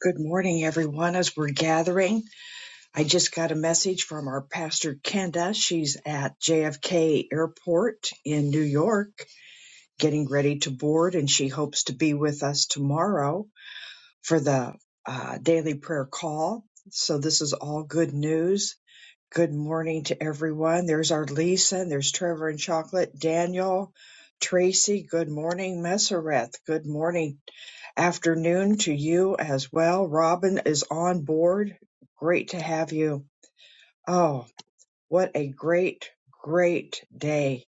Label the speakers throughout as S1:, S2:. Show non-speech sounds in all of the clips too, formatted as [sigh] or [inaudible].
S1: Good morning, everyone. As we're gathering, I just got a message from our pastor Kenda. She's at JFK Airport in New York, getting ready to board, and she hopes to be with us tomorrow for the uh, daily prayer call. So this is all good news. Good morning to everyone. There's our Lisa, and there's Trevor and Chocolate, Daniel, Tracy. Good morning, Messereth. Good morning, afternoon to you as well. Robin is on board. Great to have you. Oh, what a great, great day.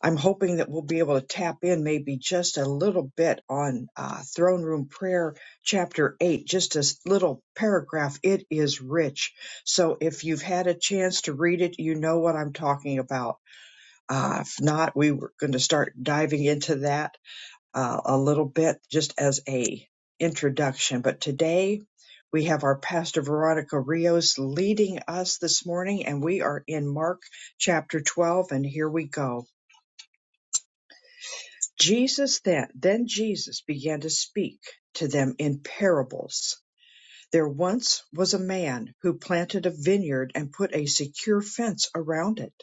S1: I'm hoping that we'll be able to tap in maybe just a little bit on uh, Throne Room Prayer, Chapter 8, just a s- little paragraph. It is rich. So if you've had a chance to read it, you know what I'm talking about. Uh, if not, we were going to start diving into that uh, a little bit just as a introduction. But today we have our Pastor Veronica Rios leading us this morning, and we are in Mark chapter 12, and here we go. Jesus then, then Jesus began to speak to them in parables. There once was a man who planted a vineyard and put a secure fence around it.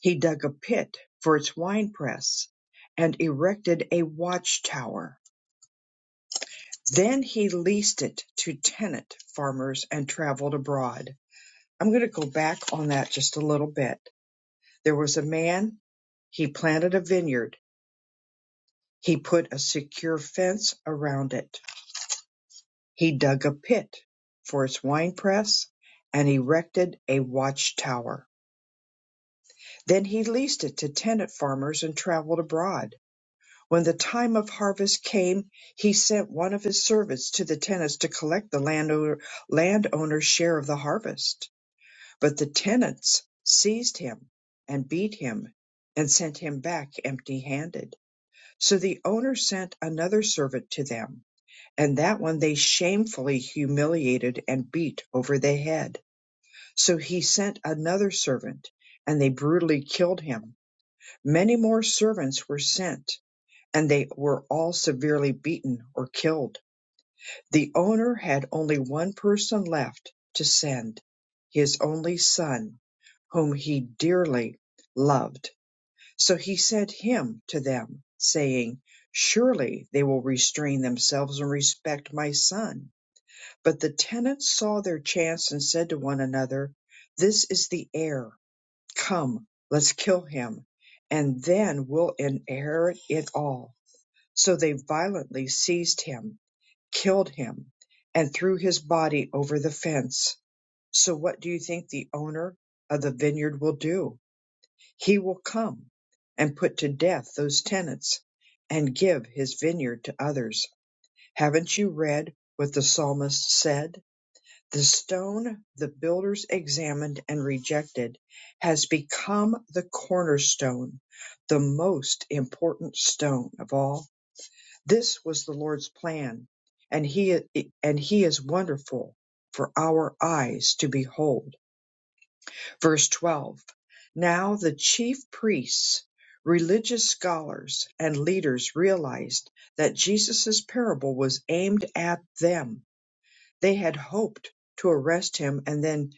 S1: He dug a pit for its winepress and erected a watchtower. Then he leased it to tenant farmers and traveled abroad. I'm going to go back on that just a little bit. There was a man, he planted a vineyard, he put a secure fence around it He dug a pit for its winepress and erected a watchtower. Then he leased it to tenant farmers and traveled abroad. When the time of harvest came, he sent one of his servants to the tenants to collect the landowner, landowner's share of the harvest. But the tenants seized him and beat him and sent him back empty handed. So the owner sent another servant to them and that one they shamefully humiliated and beat over the head. So he sent another servant, and they brutally killed him. Many more servants were sent, and they were all severely beaten or killed. The owner had only one person left to send, his only son, whom he dearly loved. So he sent him to them, saying, Surely they will restrain themselves and respect my son but the tenants saw their chance and said to one another, This is the heir. Come, let's kill him, and then we'll inherit it all. So they violently seized him, killed him, and threw his body over the fence. So what do you think the owner of the vineyard will do? He will come and put to death those tenants and give his vineyard to others. Haven't you read what the psalmist said? The stone the builders examined and rejected has become the cornerstone, the most important stone of all. This was the Lord's plan, and he and he is wonderful for our eyes to behold. Verse 12. Now the chief priests, religious scholars, and leaders realized that Jesus' parable was aimed at them they had hoped to arrest him and then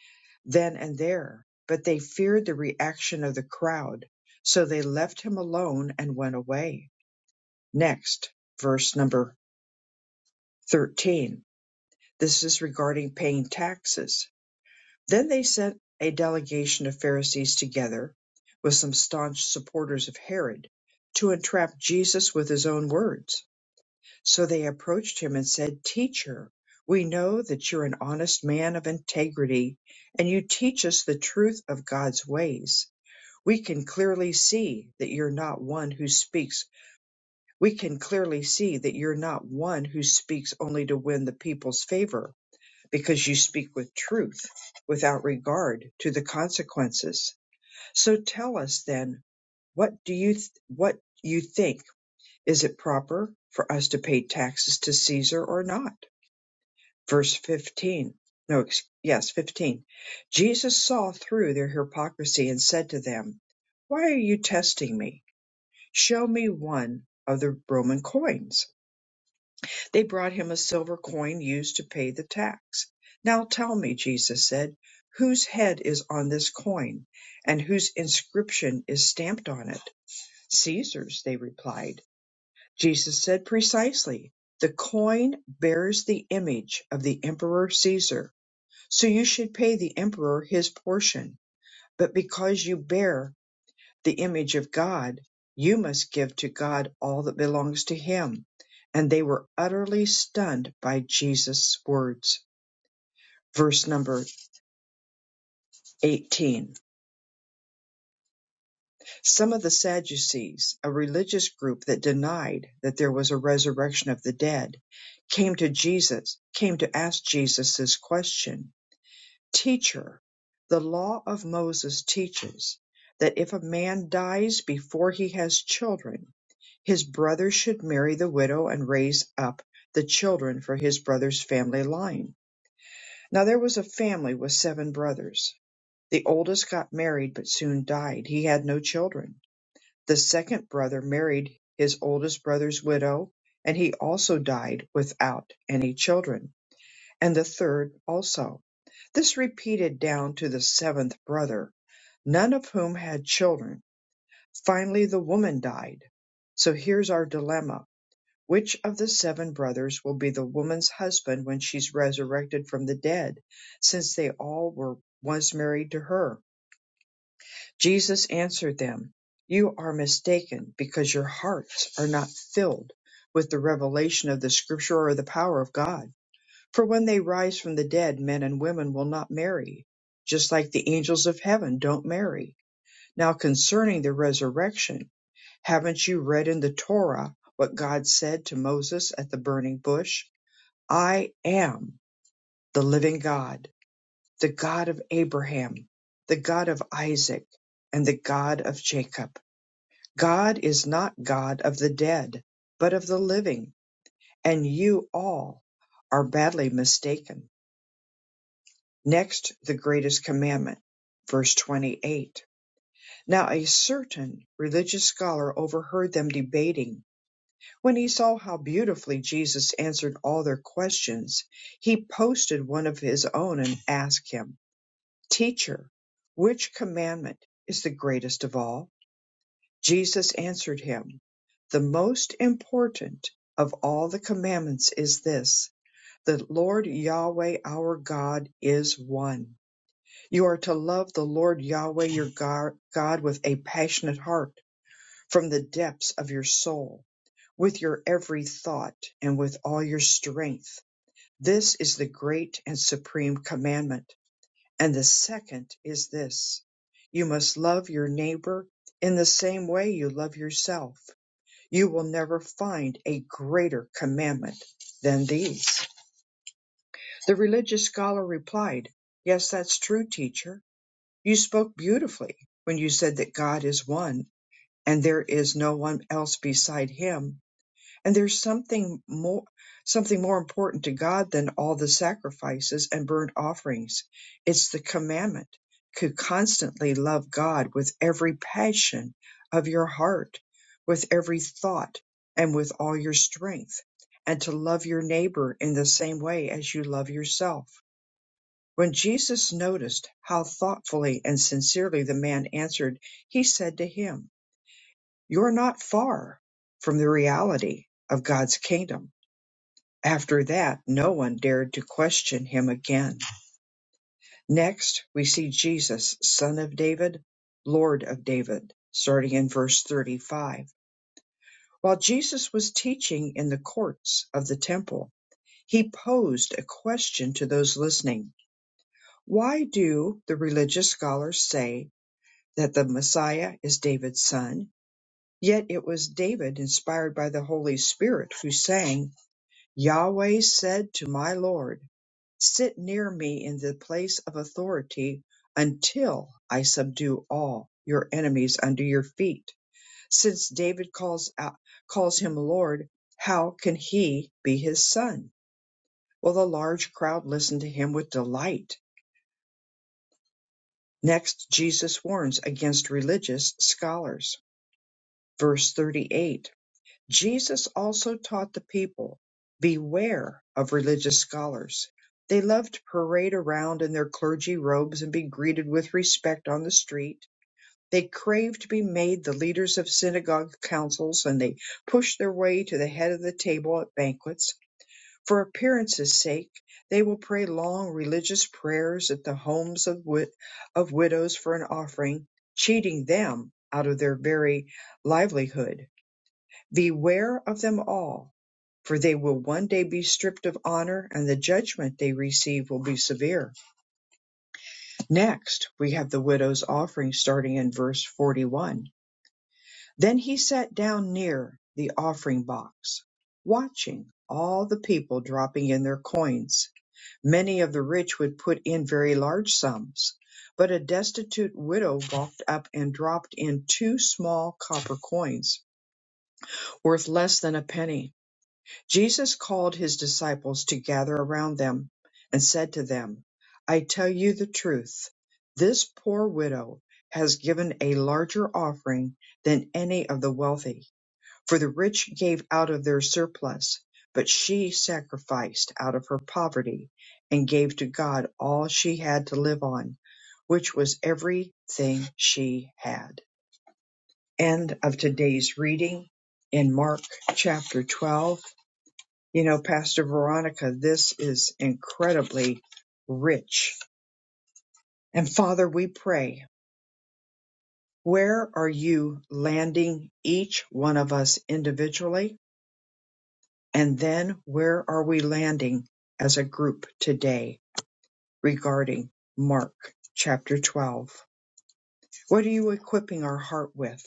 S1: then and there, but they feared the reaction of the crowd, so they left him alone and went away. Next, verse number 13. This is regarding paying taxes. Then they sent a delegation of Pharisees together with some staunch supporters of Herod to entrap Jesus with his own words. So they approached him and said, Teacher, we know that you're an honest man of integrity, and you teach us the truth of God's ways. We can clearly see that you're not one who speaks. We can clearly see that you're not one who speaks only to win the people's favor, because you speak with truth without regard to the consequences. So tell us then, what do you th- what you think? Is it proper for us to pay taxes to Caesar or not? verse 15. No, ex- yes, 15. Jesus saw through their hypocrisy and said to them, Why are you testing me? Show me one of the Roman coins. They brought him a silver coin used to pay the tax. Now tell me, Jesus said, whose head is on this coin and whose inscription is stamped on it? Caesar's, they replied. Jesus said precisely, The coin bears the image of the emperor Caesar so you should pay the emperor his portion. But because you bear the image of God, you must give to God all that belongs to him. And they were utterly stunned by Jesus' words. Verse number 18. Some of the Sadducees, a religious group that denied that there was a resurrection of the dead, came to Jesus, came to ask Jesus this question Teacher, the law of Moses teaches that if a man dies before he has children, his brother should marry the widow and raise up the children for his brother's family line. Now there was a family with seven brothers. The oldest got married but soon died. He had no children. The second brother married his oldest brother's widow, and he also died without any children and the third also. This repeated down to the seventh brother, none of whom had children. Finally, the woman died. So here's our dilemma. Which of the seven brothers will be the woman's husband when she's resurrected from the dead, since they all were once married to her? Jesus answered them, You are mistaken, because your hearts are not filled with the revelation of the scripture or the power of God for when they rise from the dead, men and women will not marry, just like the angels of heaven don't marry. Now, concerning the resurrection, haven't you read in the Torah what God said to Moses at the burning bush? I am the living God, the God of Abraham, the God of Isaac, and the God of Jacob. God is not God of the dead, but of the living, and you all are badly mistaken. Next, the greatest commandment, verse 28. Now a certain religious scholar overheard them debating. When he saw how beautifully Jesus answered all their questions, he posted one of his own and asked him, Teacher, which commandment is the greatest of all? Jesus answered him, The most important of all the commandments is this, the Lord Yahweh our God is one. You are to love the Lord Yahweh your Gar- God with a passionate heart, from the depths of your soul, with your every thought, and with all your strength. This is the great and supreme commandment. And the second is this you must love your neighbor in the same way you love yourself. You will never find a greater commandment than these. The religious scholar replied, Yes, that's true, teacher. You spoke beautifully when you said that God is one and there is no one else beside him and there's something more something more important to God than all the sacrifices and burnt offerings. It's the commandment to constantly love God with every passion of your heart, with every thought and with all your strength and to love your neighbor in the same way as you love yourself. When Jesus noticed how thoughtfully and sincerely the man answered, he said to him, You're not far from the reality of God's kingdom. After that, no one dared to question him again. Next, we see Jesus, son of David, Lord of David, starting in verse 35. While Jesus was teaching in the courts of the temple, he posed a question to those listening. Why do the religious scholars say that the Messiah is David's son. Yet it was David, inspired by the Holy Spirit, who sang, Yahweh said to my Lord, Sit near me in the place of authority until I subdue all your enemies under your feet. Since David calls, out, calls him Lord, how can he be his son? Well, the large crowd listened to him with delight. Next, Jesus warns against religious scholars. Verse 38 Jesus also taught the people, beware of religious scholars. They love to parade around in their clergy robes and be greeted with respect on the street. They crave to be made the leaders of synagogue councils and they push their way to the head of the table at banquets. For appearances' sake, they will pray long religious prayers at the homes of, wid- of widows for an offering, cheating them out of their very livelihood Beware of them all, for they will one day be stripped of honor, and the judgment they receive will be severe. Next, we have the widow's offering starting in verse 41. Then he sat down near the offering box, watching all the people dropping in their coins. Many of the rich would put in very large sums, but a destitute widow walked up and dropped in two small copper coins, worth less than a penny. Jesus called his disciples to gather around them and said to them, I tell you the truth, this poor widow has given a larger offering than any of the wealthy, for the rich gave out of their surplus, but she sacrificed out of her poverty and gave to God all she had to live on, which was everything she had. End of today's reading in Mark chapter 12 you know, Pastor Veronica, this is incredibly rich. And Father, we pray, where are you landing each one of us individually? And then where are we landing as a group today regarding Mark chapter 12? What are you equipping our heart with?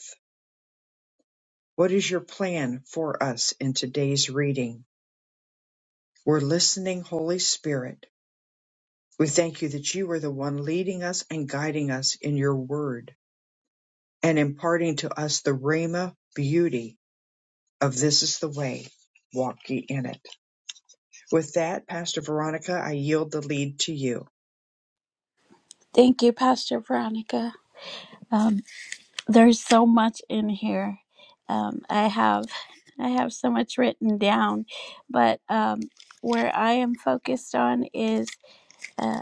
S1: What is your plan for us in today's reading? We're listening, Holy Spirit. We thank you that you are the one leading us and guiding us in your word. and imparting to us the Rhema beauty of this is the way, walk ye in it. With that, Pastor Veronica, I yield the lead to you.
S2: Thank you, Pastor Veronica. Um, there's so much in here. Um, I have, I have so much written down, but um, where I am focused on is uh,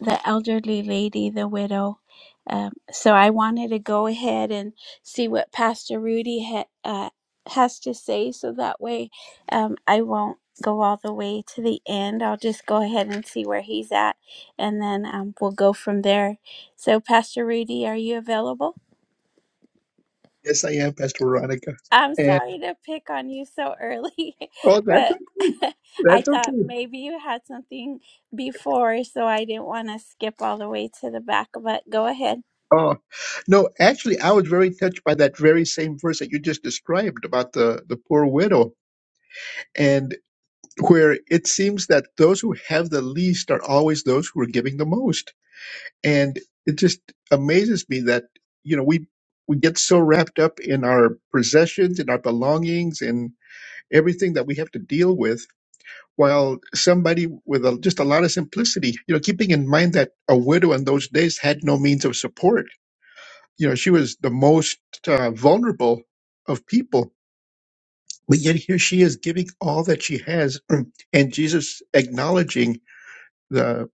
S2: the elderly lady, the widow. Um, so I wanted to go ahead and see what Pastor Rudy ha- uh, has to say, so that way um, I won't go all the way to the end. I'll just go ahead and see where he's at, and then um, we'll go from there. So, Pastor Rudy, are you available?
S3: Yes, I am, Pastor Veronica.
S2: I'm
S3: And
S2: sorry to pick on you so early,
S3: oh,
S2: [laughs]
S3: that's
S2: but
S3: okay.
S2: [laughs] I
S3: That's
S2: thought
S3: okay.
S2: maybe you had something before, so I didn't want to skip all the way to the back. But go ahead.
S3: Oh, no, actually, I was very touched by that very same verse that you just described about the, the poor widow, and where it seems that those who have the least are always those who are giving the most. And it just amazes me that, you know, we, we get so wrapped up in our possessions, in our belongings, and everything that we have to deal with while somebody with a, just a lot of simplicity, you know, keeping in mind that a widow in those days had no means of support, you know, she was the most uh, vulnerable of people. But yet here she is giving all that she has, [clears throat] and Jesus acknowledging the,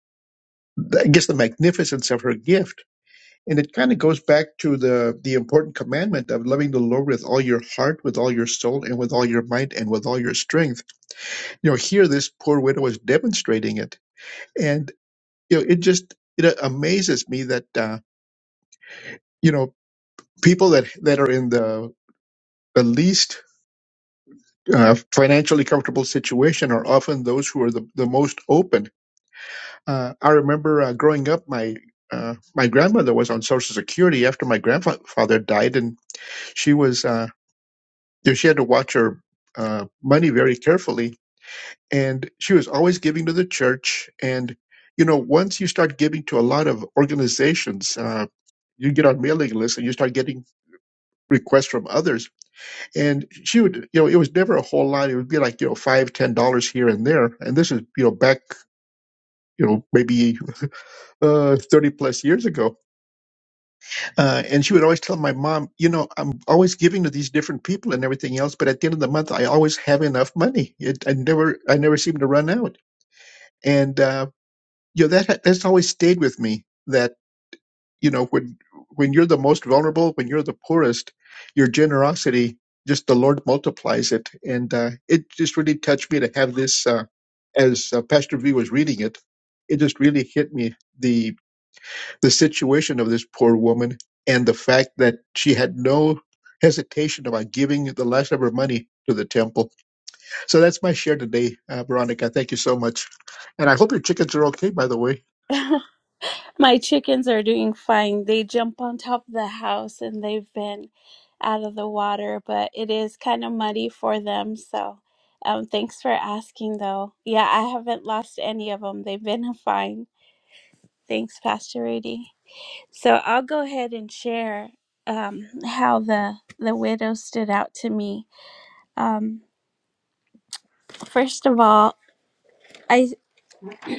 S3: the I guess, the magnificence of her gift. And it kind of goes back to the the important commandment of loving the Lord with all your heart, with all your soul, and with all your might, and with all your strength. You know, here this poor widow is demonstrating it. and. you know, it just it amazes me that uh, you know people that that are in the the least uh, financially comfortable situation are often those who are the, the most open. Uh, I remember uh, growing up, my uh, my grandmother was on Social Security after my grandfather died, and she was uh, you know, she had to watch her uh, money very carefully, and she was always giving to the church. And you know, once you start giving to a lot of organizations, uh, you get on mailing lists and you start getting requests from others. And she would, you know, it was never a whole lot. It would be like, you know, five, ten dollars here and there. And this is, you know, back, you know, maybe uh, 30 plus years ago. Uh, and she would always tell my mom, you know, I'm always giving to these different people and everything else, but at the end of the month, I always have enough money. It, I never, I never seem to run out. And, uh, you know, that, that's always stayed with me That. you know when when you're the most vulnerable when you're the poorest your generosity just the lord multiplies it and uh, it just really touched me to have this uh, as uh, pastor v was reading it it just really hit me the the situation of this poor woman and the fact that she had no hesitation about giving the last of her money to the temple so that's my share today uh, veronica thank you so much and i hope your chickens are okay by the way
S2: My chickens are doing fine. They jump on top of the house and they've been out of the water, but it is kind of muddy for them. So, um, thanks for asking, though. Yeah, I haven't lost any of them. They've been [laughs] fine. Thanks, Pastor Rudy. So I'll go ahead and share um, how the the widow stood out to me. Um, first of all, I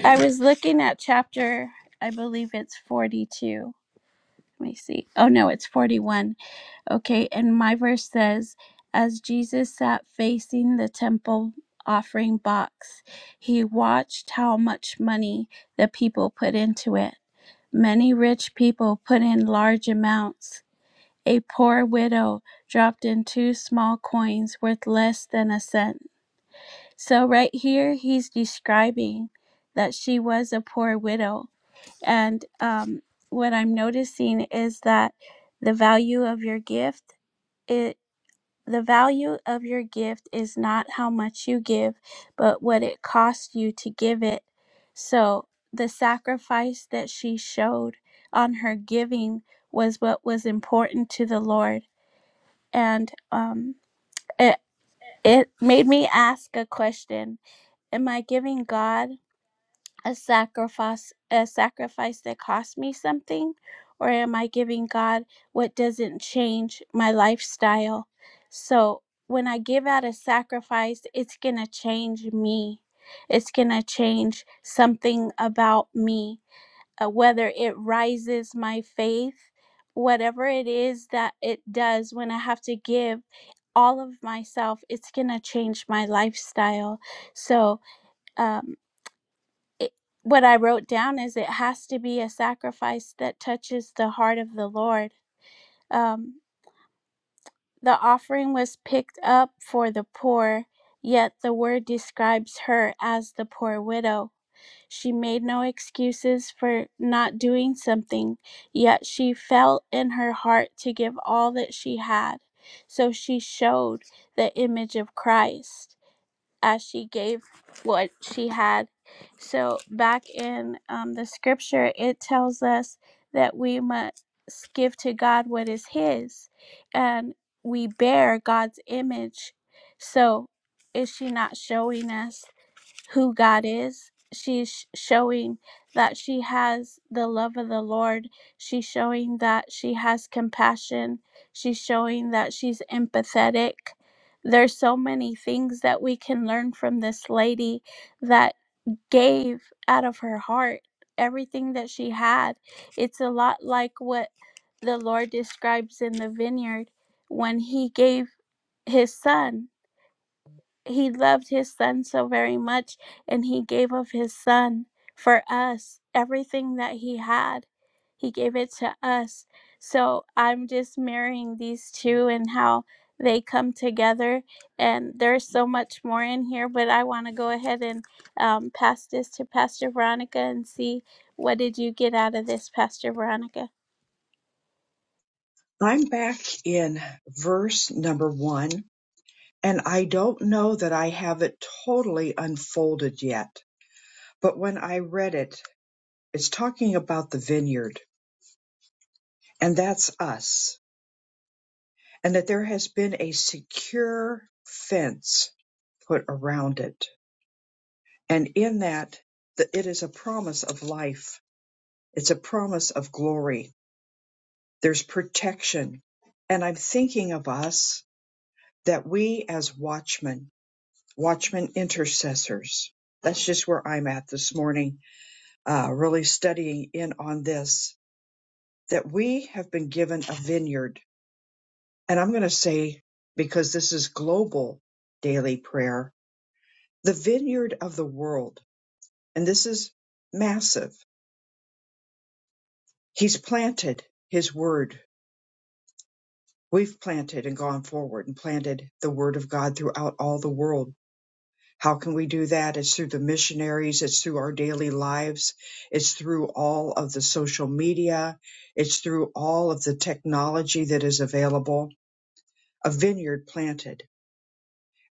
S2: I was looking at chapter, I believe it's forty two Let me see. Oh, no, it's 41. Okay, and my verse says, As Jesus sat facing the temple offering box, he watched how much money the people put into it. Many rich people put in large amounts. A poor widow dropped in two small coins worth less than a cent. So, right here, he's describing that she was a poor widow and um, what I'm noticing is that the value of your gift, it the value of your gift is not how much you give, but what it costs you to give it. So the sacrifice that she showed on her giving was what was important to the Lord, and um, it it made me ask a question: Am I giving God? a sacrifice a sacrifice that cost me something or am i giving god what doesn't change my lifestyle so when i give out a sacrifice it's going to change me it's going to change something about me uh, whether it rises my faith whatever it is that it does when i have to give all of myself it's going to change my lifestyle so um it, what I wrote down is it has to be a sacrifice that touches the heart of the Lord. Um, the offering was picked up for the poor, yet the word describes her as the poor widow. She made no excuses for not doing something, yet she felt in her heart to give all that she had. So she showed the image of Christ as she gave what she had. So, back in um, the scripture, it tells us that we must give to God what is His, and we bear God's image. So, is she not showing us who God is. She's showing that she has the love of the Lord. She's showing that she has compassion. She's showing that she's empathetic. There's so many things that we can learn from this lady that gave out of her heart everything that she had. It's a lot like what the Lord describes in the vineyard when he gave his son he loved his son so very much and he gave of his son for us everything that he had he gave it to us so i'm just marrying these two and how they come together and there's so much more in here but i want to go ahead and um, pass this to pastor veronica and see what did you get out of this pastor veronica
S1: I'm back in verse number one, and I don't know that I have it totally unfolded yet, but when I read it, it's talking about the vineyard, and that's us, and that there has been a secure fence put around it. And in that, that it is a promise of life It's a promise of glory. There's protection. And I'm thinking of us that we as watchmen, watchmen intercessors, that's just where I'm at this morning, uh, really studying in on this, that we have been given a vineyard. And I'm going to say, because this is global daily prayer, the vineyard of the world. And this is massive. He's planted his word We've planted and gone forward and planted the word of God throughout all the world. How can we do that? It's through the missionaries, it's through our daily lives, it's through all of the social media, it's through all of the technology that is available. A vineyard planted.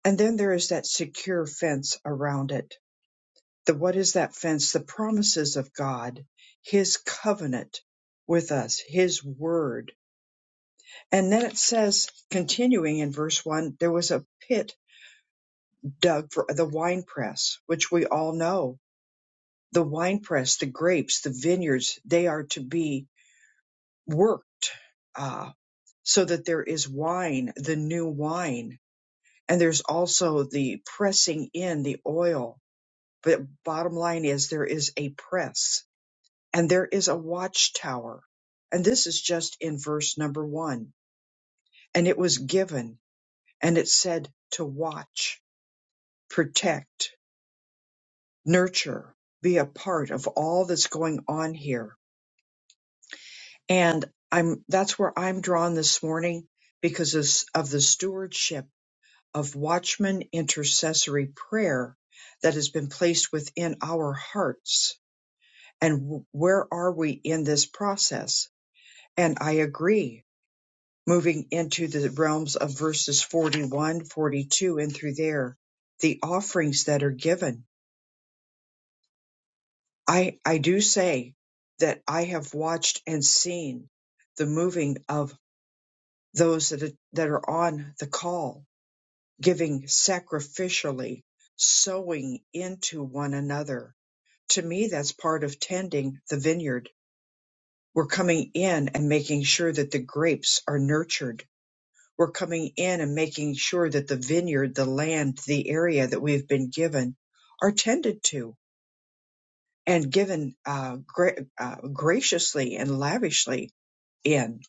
S1: And then there is that secure fence around it. The what is that fence? The promises of God, his covenant with us, his word. And then it says, continuing in verse one, there was a pit Dug for the wine press, which we all know. The wine press, the grapes, the vineyards, they are to be worked uh, so that there is wine, the new wine. And there's also the pressing in the oil. But bottom line is there is a press and there is a watchtower. And this is just in verse number one. And it was given and it said to watch, protect, nurture, be a part of all that's going on here. And I'm that's where I'm drawn this morning because of, of the stewardship of watchman intercessory prayer that has been placed within our hearts. And w- where are we in this process? And I agree, moving into the realms of verses 41, 42, and through there, the offerings that are given I, I do say that I have watched and seen the moving of those that are, that are on the call, giving sacrificially, sowing into one another. To me, that's part of tending the vineyard. We're coming in and making sure that the grapes are nurtured. We're coming in and making sure that the vineyard, the land, the area that we've been given are tended to and given uh, gra- uh, graciously and lavishly in.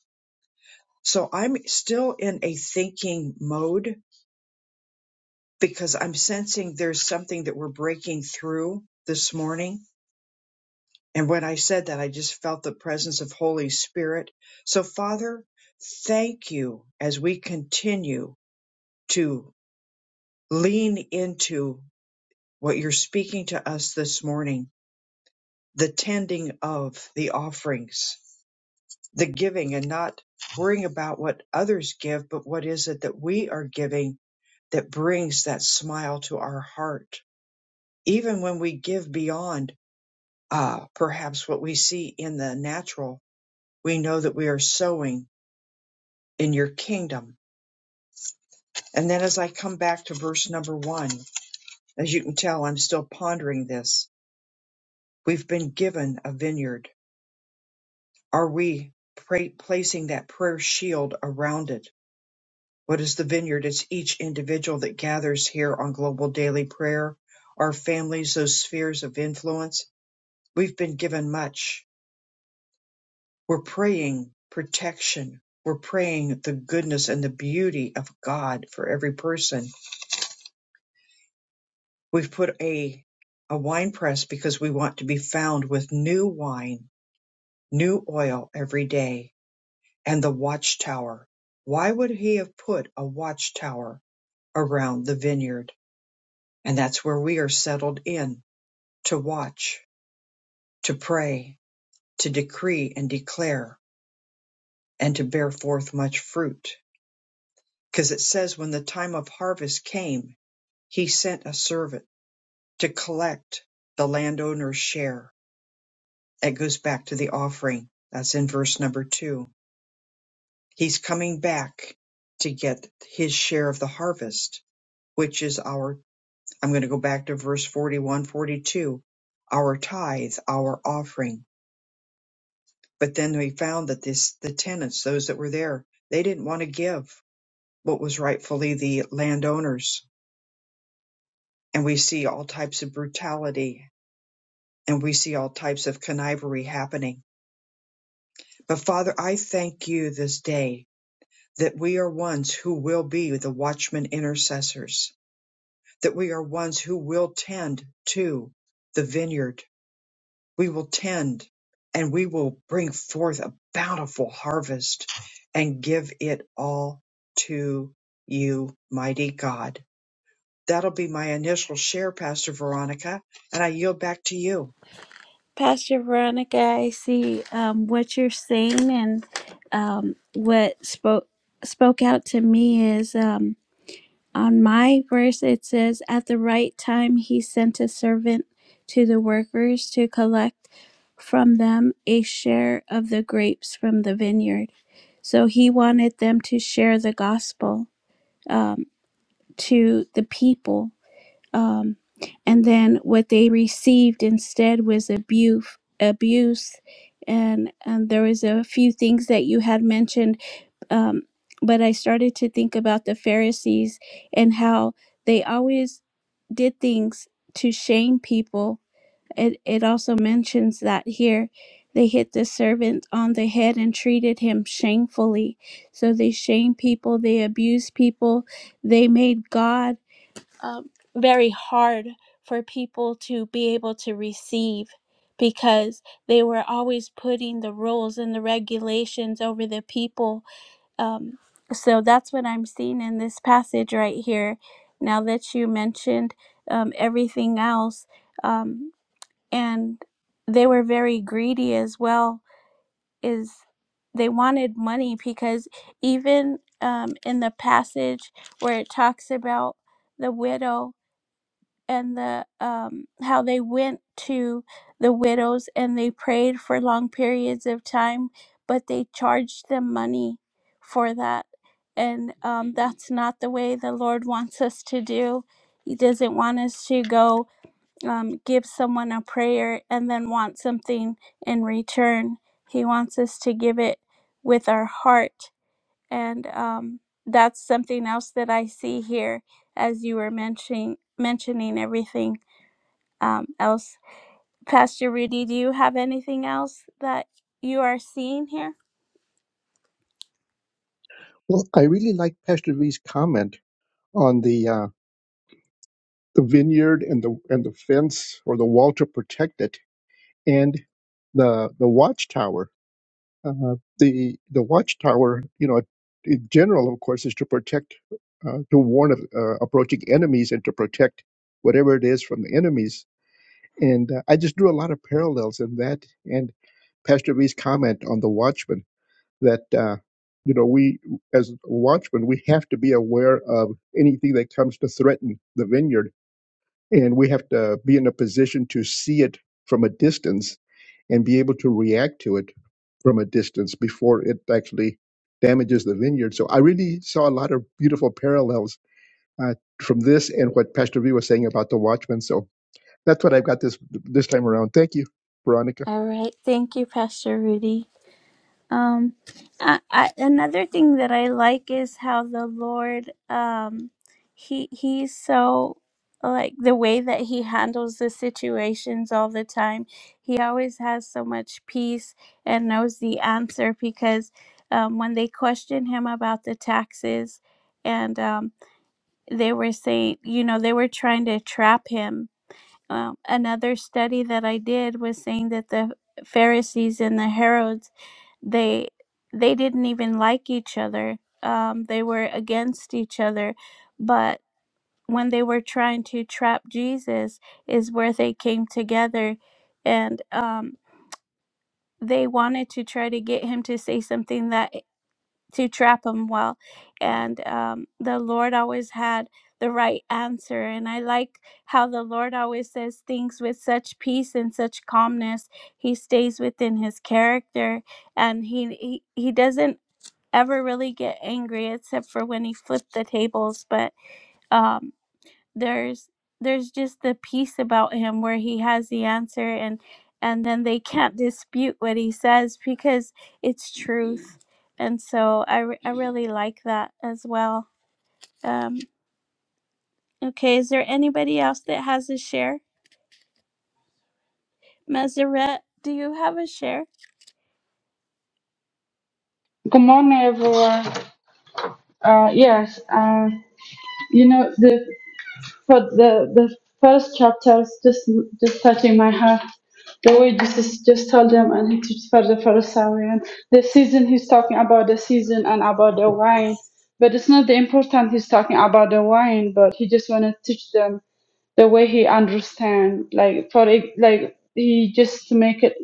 S1: So I'm still in a thinking mode because I'm sensing there's something that we're breaking through this morning. And when I said that, I just felt the presence of Holy Spirit. So, Father, thank you as we continue to lean into what you're speaking to us this morning, the tending of the offerings the giving and not worrying about what others give, but what is it that we are giving that brings that smile to our heart, even when we give beyond uh, perhaps what we see in the natural. We know that we are sowing in your kingdom. And then as I come back to verse number one, as you can tell, I'm still pondering this. We've been given a vineyard. Are we pra- placing that prayer shield around it? What is the vineyard? It's each individual that gathers here on Global Daily Prayer, our families, those spheres of influence. We've been given much. We're praying protection. We're praying the goodness and the beauty of God for every person. We've put a a wine press because we want to be found with new wine, new oil every day, and the watchtower. Why would he have put a watchtower around the vineyard? And that's where we are settled in to watch, to pray, to decree and declare, and to bear forth much fruit. Because it says, when the time of harvest came, he sent a servant to collect the landowner's share. That goes back to the offering. That's in verse number two. He's coming back to get his share of the harvest, which is our, I'm going to go back to verse 41, 42, our tithe, our offering But then we found that this, the tenants, those that were there, they didn't want to give what was rightfully the landowners. And we see all types of brutality and we see all types of connivery happening. But Father, I thank you this day that we are ones who will be the watchmen intercessors, that we are ones who will tend to the vineyard we will tend and we will bring forth a bountiful harvest and give it all to you, mighty God. That'll be my initial share, Pastor Veronica, and I yield back to you.
S2: Pastor Veronica, I see um, what you're saying, and um, what spoke spoke out to me is um, on my verse. It says, "At the right time, he sent a servant to the workers to collect from them a share of the grapes from the vineyard." So he wanted them to share the gospel um, to the people um, and then what they received instead was abuse, abuse, and and there was a few things that you had mentioned. Um, but I started to think about the Pharisees and how they always did things to shame people. It it also mentions that here. They hit the servant on the head and treated him shamefully. So they shame people, they abuse people, they made God um, very hard for people to be able to receive because they were always putting the rules and the regulations over the people. Um, so that's what I'm seeing in this passage right here. Now that you mentioned um, everything else, um, and they were very greedy as well. Is they wanted money because even um, in the passage where it talks about the widow and the um, how they went to the widows and they prayed for long periods of time, but they charged them money for that, and um, that's not the way the Lord wants us to do. He doesn't want us to go um, give someone a prayer and then want something in return. He wants us to give it with our heart, and um, that's something else that I see here as you were mentioning mentioning everything um, else. Pastor Rudy, do you have anything else that you are seeing here?
S3: well i really like pastor v's comment on the uh, the vineyard and the and the fence or the wall to protect it and the the watchtower uh, the the watchtower you know in general of course is to protect uh, to warn of uh, approaching enemies and to protect whatever it is from the enemies and uh, i just drew a lot of parallels in that and pastor v's comment on the watchman that uh, you know we as watchmen we have to be aware of anything that comes to threaten the vineyard and we have to be in a position to see it from a distance and be able to react to it from a distance before it actually damages the vineyard. So I really saw a lot of beautiful parallels uh, from this and what Pastor V was saying about the watchman. So that's what I've got this this time around. Thank you, Veronica.
S2: All right, thank you, Pastor Rudy. Um, I, I, another thing that I like is how the Lord, um, he he's so like the way that he handles the situations all the time. He always has so much peace and knows the answer because um, when they question him about the taxes and um. they were saying, you know, they were trying to trap him. Um, another study that I did was saying that the Pharisees and the Herods, they they didn't even like each other. Um, they were against each other, but when they were trying to trap Jesus, is where they came together, and um, they wanted to try to get him to say something that to trap them well. And um, the Lord always had the right answer. And I like how the Lord always says things with such peace and such calmness. He stays within his character and he, he, he doesn't ever really get angry except for when he flipped the tables. But, um there's there's just the piece about him where he has the answer and and then they can't dispute what he says because it's truth and so i, re- I really like that as well um okay is there anybody else that has a share Mazarette, do you have a share
S4: Good morning, everyone. Uh, yes, uh, you know the for the the first chapters, just just touching my heart. The way Jesus just told them and he teaches for the Pharisee the season he's talking about the season and about the wine, but it's not the important he's talking about the wine, but he just want to teach them the way he understand like for it like he just make it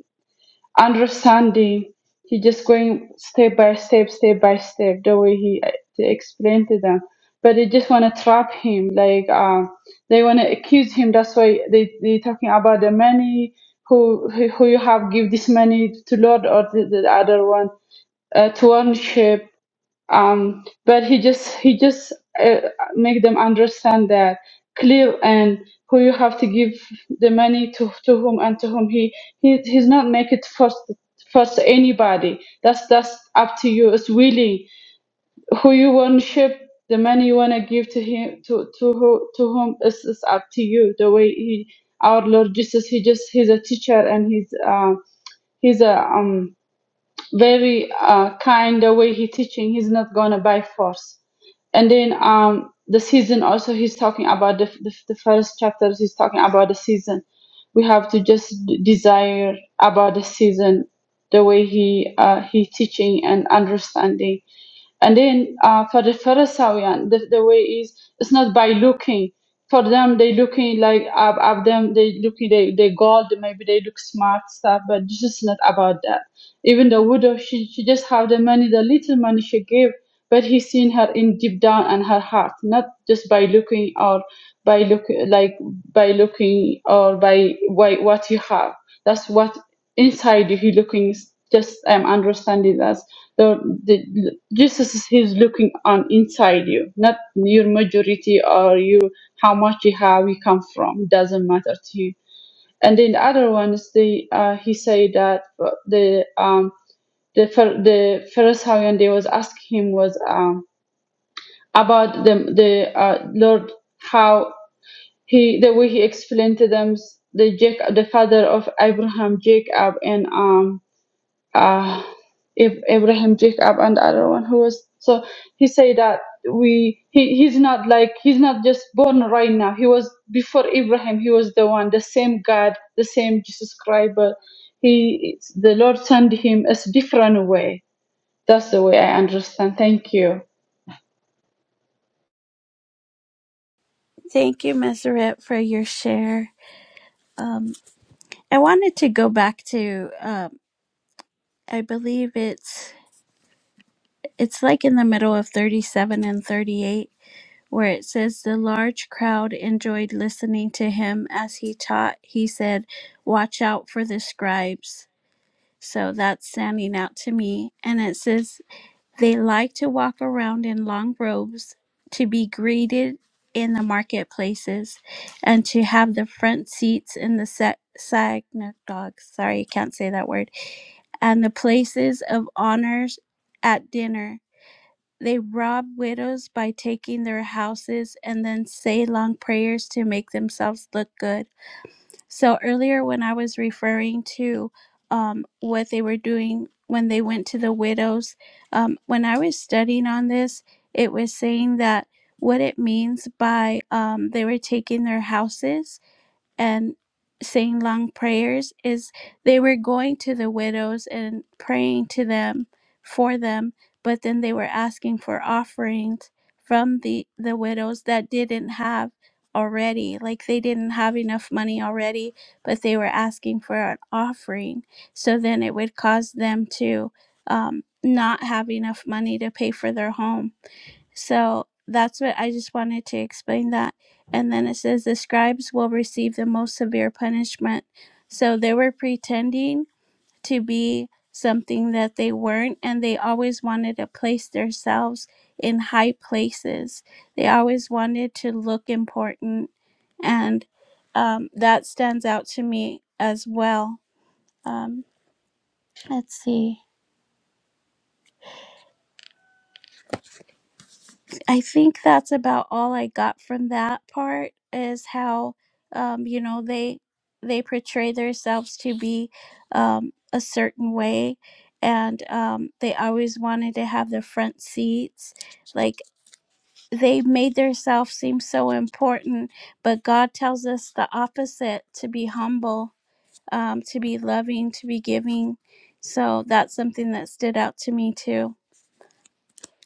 S4: understanding. He just going step by step, step by step, the way he uh, explained to them. But they just want to trap him, like um, they want to accuse him. That's why they they talking about the money. Who who who you have give this money to Lord or the, the other one uh, to worship um, but he just he just uh, make them understand that clear and who you have to give the money to to whom and to whom he, he he's not make it first first anybody that's that's up to you it's really who you want to ship the money you want to give to him to to who to whom is is up to you the way he our lord jesus he just he's a teacher and he's uh, he's a um very uh, kind the way he teaching he's not gonna by force and then um the season also he's talking about the, the, the first chapters he's talking about the season we have to just d- desire about the season the way he uh, he teaching and understanding and then uh, for the Pharisee, the, the way is it's not by looking. For them, they looking like up, up them. They looking they they gold. Maybe they look smart stuff, but this is not about that even the widow, she, she just have the money, the little money she gave, but he seen her in deep down and her heart, not just by looking or by look like by looking or by, by what you have. That's what inside you he looking is just I'm understanding that the, the Jesus is he's looking on inside you, not your majority or you how much you have you come from it doesn't matter to you. And then the other ones, is the uh, he said that uh, the um the Phar- the Pharisee and they was asking him was um, about the the uh, Lord how he the way he explained to them the Jacob the father of Abraham Jacob and um uh Ab- Abraham Jacob and other one who was so he said that we he, he's not like he's not just born right now he was before Abraham he was the one the same God the same Jesus Christ but he the Lord sent him as different way that's the way I understand. Thank you.
S2: thank you Mazarette, for your share um i wanted to go back to um i believe it's it's like in the middle of 37 and 38 where it says the large crowd enjoyed listening to him as he taught. He said, Watch out for the scribes. So that's standing out to me. And it says, They like to walk around in long robes, to be greeted in the marketplaces, and to have the front seats in the sa- synagogue. Sorry, I can't say that word. And the places of honors at dinner they rob widows by taking their houses and then say long prayers to make themselves look good. So, earlier when I was referring to um, what they were doing when they went to the widows, um, when I was studying on this, it was saying that what it means by um, they were taking their houses and saying long prayers is they were going to the widows and praying to them for them but then they were asking for offerings from the the widows that didn't have already like they didn't have enough money already but they were asking for an offering so then it would cause them to um, not have enough money to pay for their home so that's what I just wanted to explain that. And then it says the scribes will receive the most severe punishment. So they were pretending to be something that they weren't, and they always wanted to place themselves in high places. They always wanted to look important, and um, that stands out to me as well. Um, let's see. I think that's about all I got from that part is how um, you know they they portray themselves to be um, a certain way and um, they always wanted to have the front seats like they made themselves seem so important but God tells us the opposite to be humble um, to be loving to be giving so that's something that stood out to me too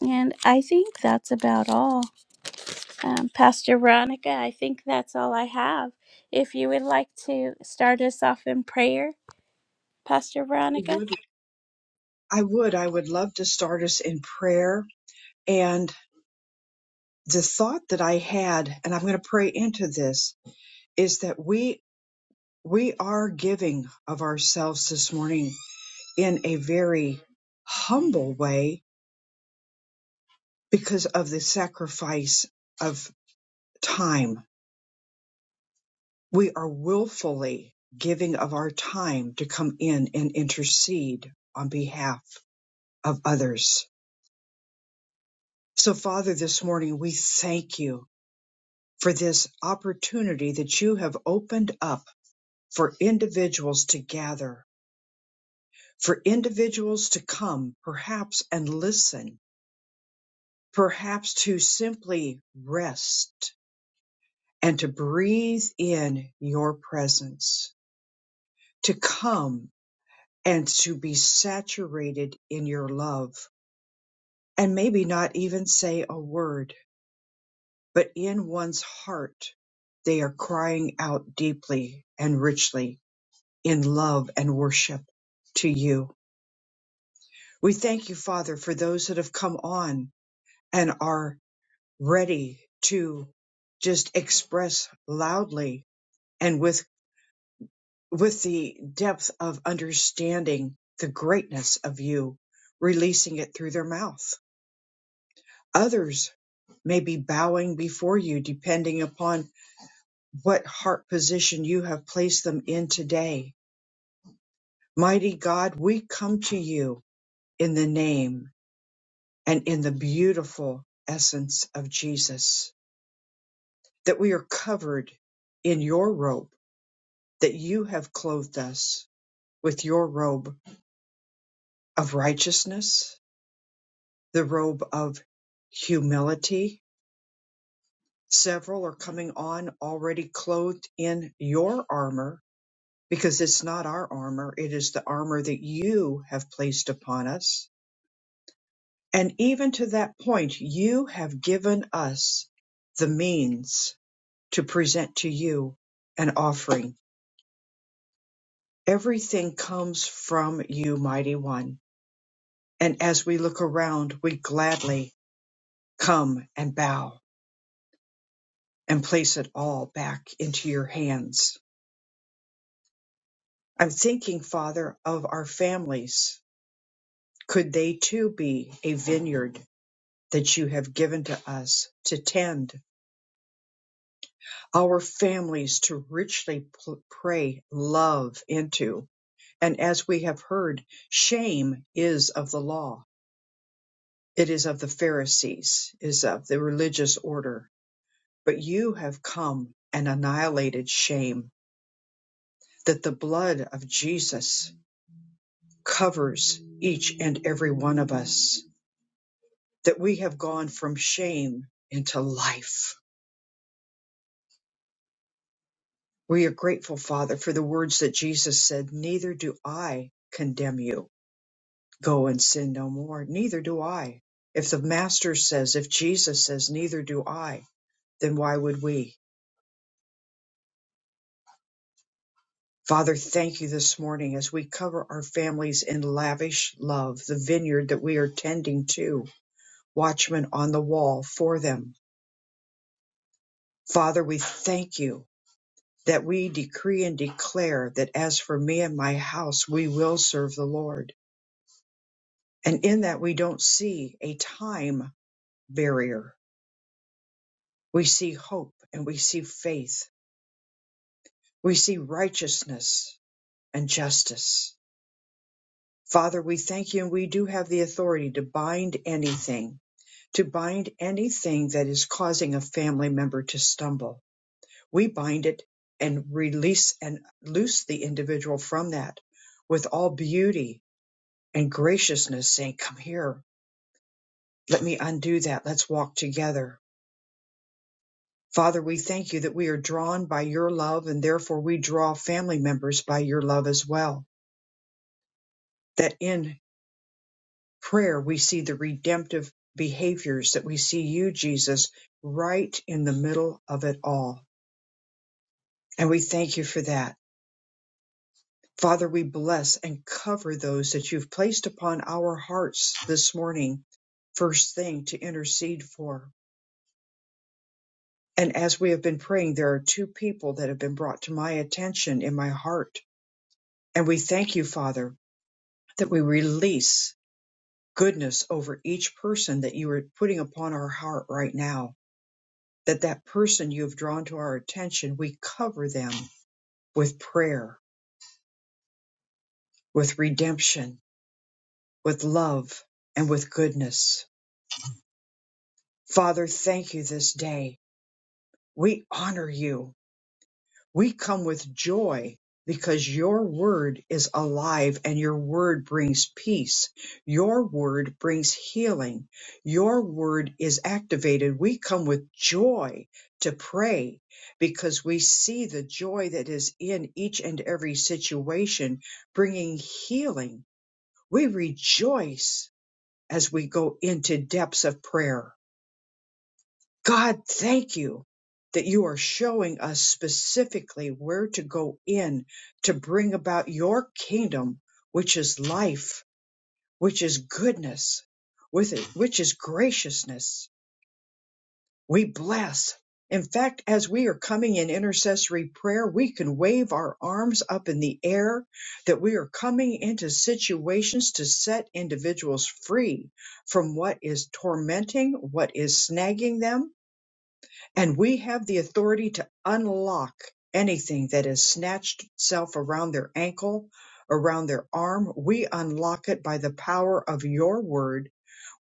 S2: and I think that's about all um, Pastor Veronica, I think that's all I have. If you would like to start us off in prayer, Pastor
S1: I
S2: Veronica.
S1: would, I would, I would love to start us in prayer. And the thought that I had, and I'm going to pray into this, is that we we are giving of ourselves this morning in a very humble way because of the sacrifice of time. We are willfully giving of our time to come in and intercede on behalf of others. So, Father, this morning we thank you for this opportunity that you have opened up for individuals to gather, for individuals to come, perhaps, and listen, perhaps to simply rest and to breathe in your presence. to come and to be saturated in your love and maybe not even say a word, but in one's heart, they are crying out deeply and richly in love and worship to you. We thank you, Father, for those that have come on and are ready to just express loudly and with with the depth of understanding the greatness of you, releasing it through their mouth. Others may be bowing before you depending upon what heart position you have placed them in today. Mighty God, we come to you in the name and in the beautiful essence of Jesus, that we are covered in your robe, that you have clothed us with your robe of righteousness, the robe of humility. Several are coming on already clothed in your armor because it's not our armor, it is the armor that you have placed upon us. And even to that point, you have given us the means to present to you an offering. Everything comes from you, mighty one. And as we look around, we gladly come and bow and place it all back into your hands. I'm thinking, Father, of our families. Could they too be a vineyard that you have given to us to tend our families to richly pl- pray love into. And as we have heard, shame is of the law. It is of the Pharisees, is of the religious order. But you have come and annihilated shame that the blood of Jesus covers each and every one of us, that we have gone from shame into life We are grateful, Father, for the words that Jesus said, Neither do I condemn you. Go and sin no more. Neither do I. If the Master says, if Jesus says, Neither do I, then why would we? Father, thank you this morning as we cover our families in lavish love, the vineyard that we are tending to, watchmen on the wall for them. Father, we thank you that we decree and declare that as for me and my house, we will serve the Lord. And in that, we don't see a time barrier. We see hope and we see faith. We see righteousness and justice. Father, we thank you and we do have the authority to bind anything, to bind anything that is causing a family member to stumble. We bind it and release and loose the individual from that with all beauty and graciousness saying, come here, let me undo that. Let's walk together Father, we thank you that we are drawn by your love and therefore we draw family members by your love as well. That in prayer we see the redemptive behaviors that we see you, Jesus, right in the middle of it all. And we thank you for that. Father, we bless and cover those that you've placed upon our hearts this morning, first thing to intercede for. And as we have been praying, there are two people that have been brought to my attention in my heart. And we thank you, Father. that we release goodness over each person that you are putting upon our heart right now. That that person you have drawn to our attention, we cover them with prayer, with redemption, with love, and with goodness. Father, thank you this day. We honor you We come with joy because your word is alive and your word brings peace. Your word brings healing. Your word is activated. We come with joy to pray because we see the joy that is in each and every situation bringing healing. We rejoice as we go into depths of prayer God, thank you that you are showing us specifically where to go in to bring about your kingdom, which is life, which is goodness, with it, which is graciousness. We bless. In fact, as we are coming in intercessory prayer, we can wave our arms up in the air that we are coming into situations to set individuals free from what is tormenting, what is snagging them, and we have the authority to unlock anything that has snatched itself around their ankle, around their arm. We unlock it by the power of your word.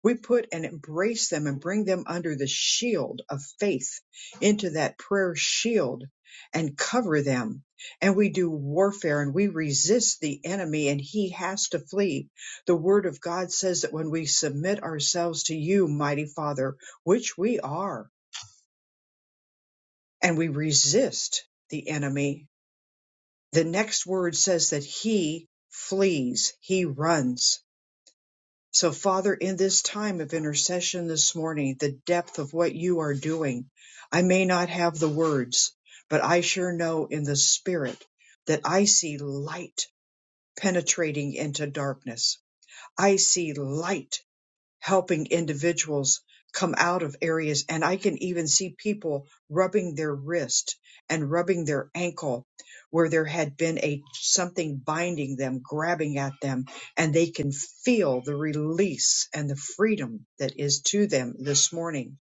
S1: We put and embrace them and bring them under the shield of faith, into that prayer shield, and cover them. And we do warfare and we resist the enemy, and he has to flee. The word of God says that when we submit ourselves to you, mighty Father, which we are, and we resist the enemy, the next word says that he flees, he runs. So, Father, in this time of intercession this morning, the depth of what you are doing, I may not have the words, but I sure know in the spirit that I see light penetrating into darkness. I see light helping individuals come out of areas. And I can even see people rubbing their wrist and rubbing their ankle where there had been a something binding them, grabbing at them, and they can feel the release and the freedom that is to them this morning.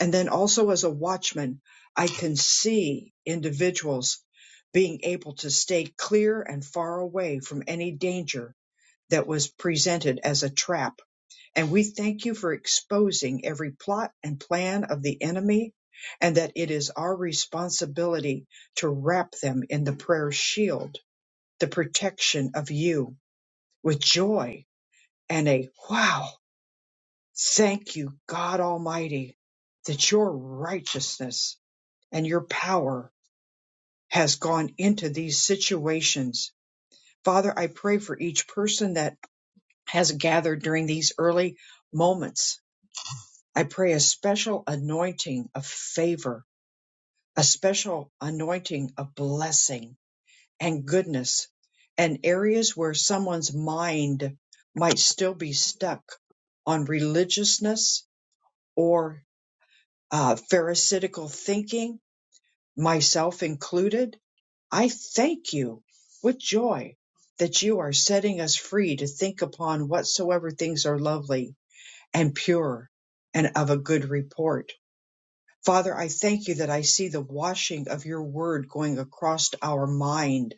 S1: And then also as a watchman, I can see individuals being able to stay clear and far away from any danger that was presented as a trap and we thank you for exposing every plot and plan of the enemy, and that it is our responsibility to wrap them in the prayer shield, the protection of you, with joy and a wow, thank you, God Almighty, that your righteousness and your power has gone into these situations. Father, I pray for each person that has gathered during these early moments I pray a special anointing of favor, a special anointing of blessing and goodness, and areas where someone's mind might still be stuck on religiousness or uh, pharisaical thinking, myself included. I thank you with joy that you are setting us free to think upon whatsoever things are lovely and pure and of a good report Father, I thank you that I see the washing of your word going across our mind,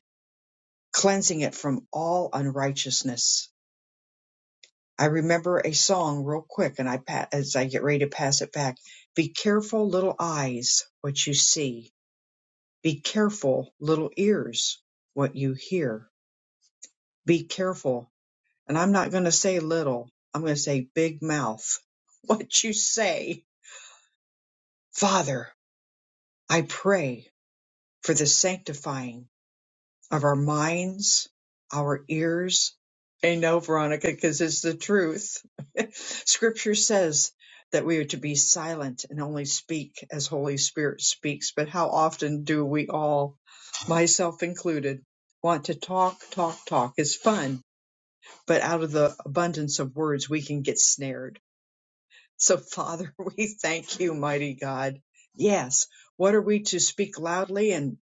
S1: cleansing it from all unrighteousness. I remember a song real quick and I pa- as I get ready to pass it back. Be careful little eyes what you see. Be careful little ears what you hear. Be careful. And I'm not going to say little. I'm going to say big mouth. [laughs] What you say. Father, I pray for the sanctifying of our minds, our ears. I know, Veronica, because it's the truth. [laughs] Scripture says that we are to be silent and only speak as Holy Spirit speaks. But how often do we all, myself included, want to talk, talk, talk? It's fun, but out of the abundance of words, we can get snared so, Father, [laughs] we thank you, mighty God. Yes, what are we to speak loudly and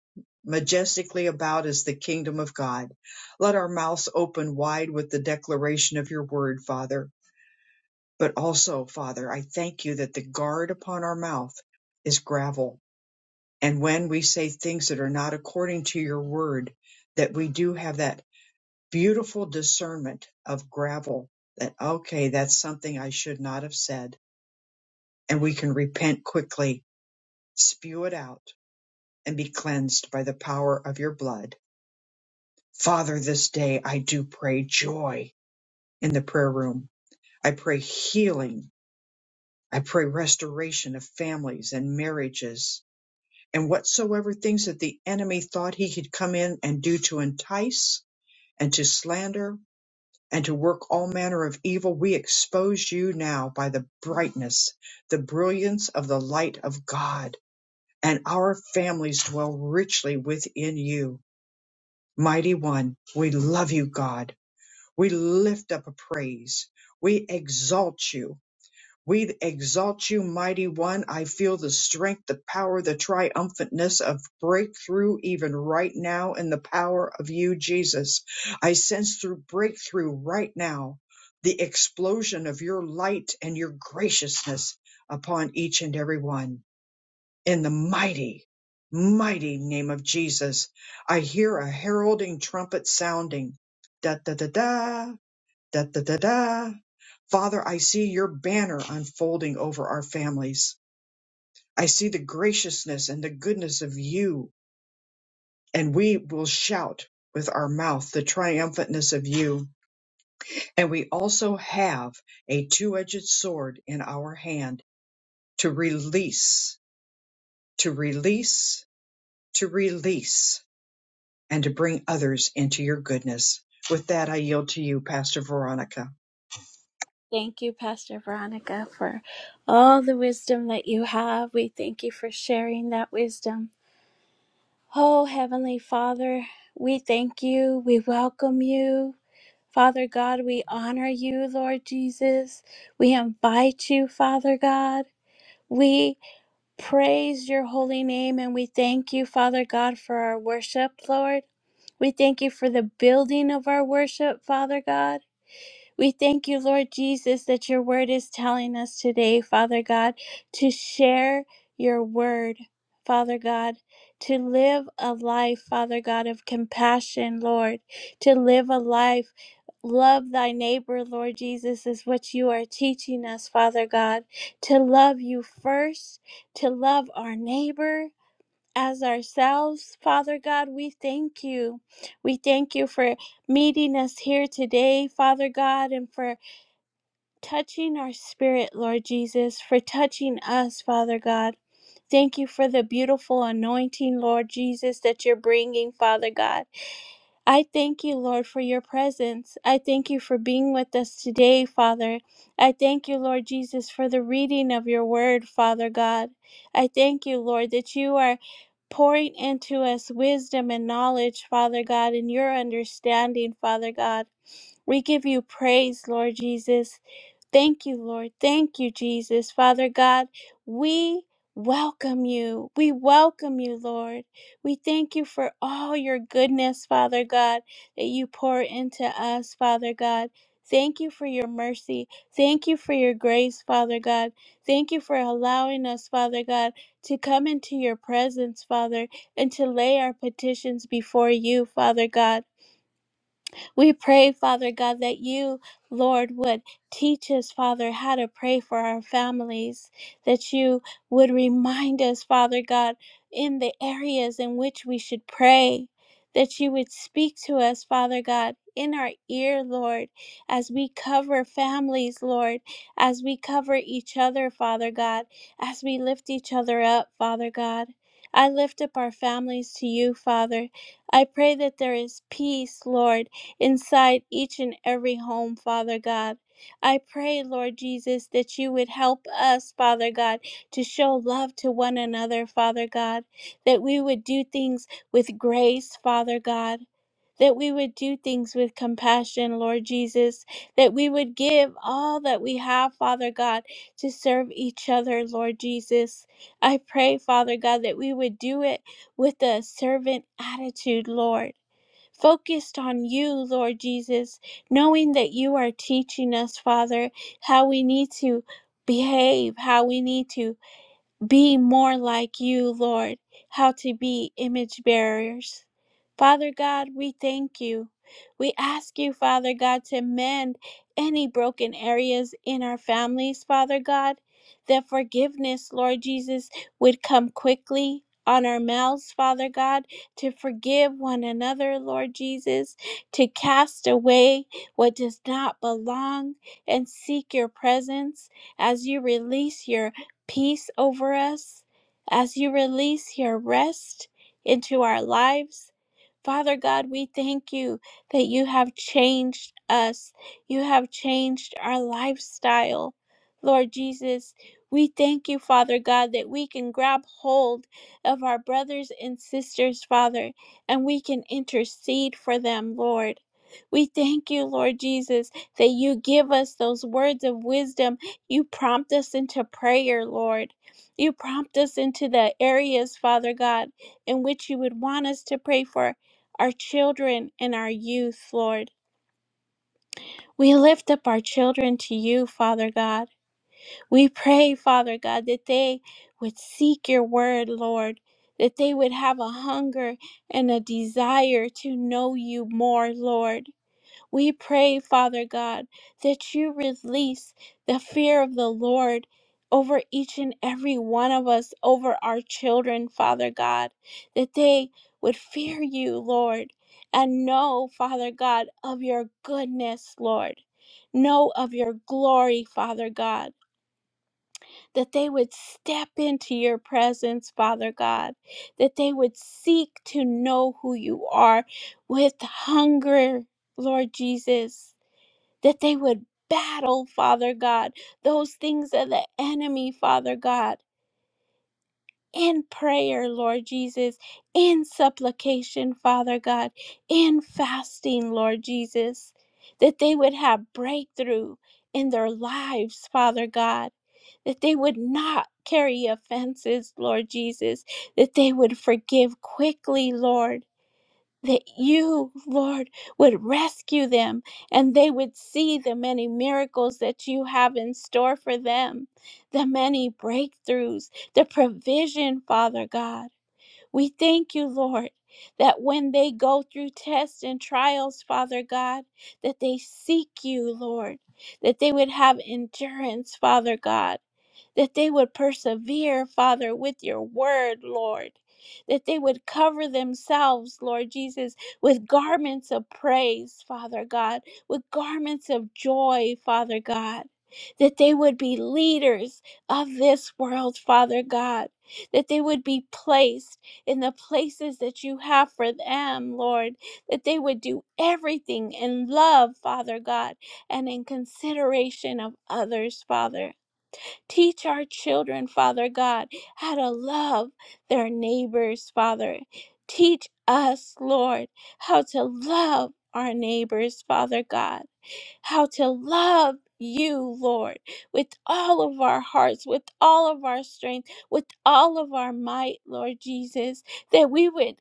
S1: majestically about is the kingdom of God. Let our mouths open wide with the declaration of your word, Father. But also, Father, I thank you that the guard upon our mouth is gravel. And when we say things that are not according to your word, that we do have that beautiful discernment of gravel that, okay, that's something I should not have said. And we can repent quickly spew it out and be cleansed by the power of your blood. Father, this day I do pray joy in the prayer room. I pray healing. I pray restoration of families and marriages and whatsoever things that the enemy thought he could come in and do to entice and to slander and to work all manner of evil. We expose you now by the brightness, the brilliance of the light of God and our families dwell richly within you Mighty One, we love you, God. We lift up a praise. We exalt you. We exalt you, Mighty One. I feel the strength, the power, the triumphantness of breakthrough even right now in the power of you, Jesus. I sense through breakthrough right now the explosion of your light and your graciousness upon each and every one in the mighty, mighty name of Jesus. I hear a heralding trumpet sounding. Da da da da, da da da da. Father, I see your banner unfolding over our families. I see the graciousness and the goodness of you, and we will shout with our mouth the triumphantness of you. And we also have a two edged sword in our hand to release, to release, to release. and to bring others into your goodness. With that, I yield to you, Pastor Veronica.
S2: Thank you, Pastor Veronica, for all the wisdom that you have. We thank you for sharing that wisdom. Oh, Heavenly Father, we thank you. We welcome you. Father God, we honor you, Lord Jesus. We invite you, Father God. We praise your holy name and we thank you, Father God, for our worship, Lord. We thank you for the building of our worship, Father God. We thank you, Lord Jesus, that your word is telling us today, Father God, to share your word, Father God, to live a life, Father God, of compassion, Lord, to live a life. Love thy neighbor, Lord Jesus, is what you are teaching us, Father God, to love you first, to love our neighbor as ourselves. Father God, we thank you. We thank you for meeting us here today, Father God, and for touching our spirit, Lord Jesus, for touching us, Father God. Thank you for the beautiful anointing, Lord Jesus, that you're bringing, Father God. I thank you, Lord, for your presence. I thank you for being with us today, Father. I thank you, Lord Jesus, for the reading of your word, Father God. I thank you, Lord, that you are pouring into us wisdom and knowledge, Father God, and your understanding, Father God. We give you praise, Lord Jesus. Thank you, Lord. Thank you, Jesus. Father God, we welcome you. We welcome you, Lord. We thank you for all your goodness, Father God, that you pour into us, Father God. Thank you for your mercy. Thank you for your grace, Father God. Thank you for allowing us, Father God, to come into your presence, Father, and to lay our petitions before you, Father God. We pray, Father God, that you, Lord, would teach us, Father, how to pray for our families, that you would remind us, Father God, in the areas in which we should pray, that you would speak to us, Father God, in our ear, Lord, as we cover families, Lord, as we cover each other, Father God, as we lift each other up, Father God. I lift up our families to you, Father. I pray that there is peace, Lord inside each and every home, Father God. I pray, Lord Jesus, that you would help us, Father God, to show love to one another, Father God, that we would do things with grace, Father God. That we would do things with compassion, Lord Jesus. That we would give all that we have, Father God, to serve each other, Lord Jesus. I pray, Father God, that we would do it with a servant attitude, Lord focused on you, Lord Jesus, knowing that you are teaching us, Father, how we need to behave, how we need to be more like you, Lord, how to be image bearers. Father God, we thank you. We ask you, Father God, to mend any broken areas in our families, Father God, that forgiveness, Lord Jesus, would come quickly on our mouths, Father God, to forgive one another, Lord Jesus, to cast away what does not belong and seek your presence as you release your peace over us as you release your rest into our lives. Father God, we thank you that you have changed us. You have changed our lifestyle. Lord Jesus, we thank you, Father God, that we can grab hold of our brothers and sisters, Father, and we can intercede for them, Lord. We thank you, Lord Jesus, that you give us those words of wisdom you prompt us into prayer, Lord. You prompt us into the areas, Father God, in which you would want us to pray for our children and our youth, Lord. We lift up our children to you, Father God. We pray, Father God, that they would seek your word, Lord, that they would have a hunger and a desire to know you more, Lord. We pray, Father God, that you release the fear of the Lord over each and every one of us, over our children, Father God, that they would fear you, Lord, and know, Father God, of your goodness, Lord. Know of your glory, Father God, that they would step into your presence, Father God, that they would seek to know who you are with hunger, Lord Jesus that they would battle, Father God, those things of the enemy, Father God. In prayer, Lord Jesus, in supplication, Father God, in fasting, Lord Jesus, that they would have breakthrough in their lives, Father God, that they would not carry offenses, Lord Jesus, that they would forgive quickly, Lord that you, Lord, would rescue them and they would see the many miracles that you have in store for them, the many breakthroughs, the provision, Father God. We thank you, Lord, that when they go through tests and trials, Father God, that they seek you, Lord, that they would have endurance, Father God that they would persevere, Father, with your word, Lord, that they would cover themselves, Lord Jesus, with garments of praise, Father God, with garments of joy, Father God. That they would be leaders of this world, Father God. That they would be placed in the places that you have for them, Lord. That they would do everything in love, Father God, and in consideration of others, Father Teach our children, Father God, how to love their neighbors, Father. Teach us, Lord, how to love our neighbors, Father God, how to love you, Lord, with all of our hearts, with all of our strength, with all of our might, Lord Jesus, that we would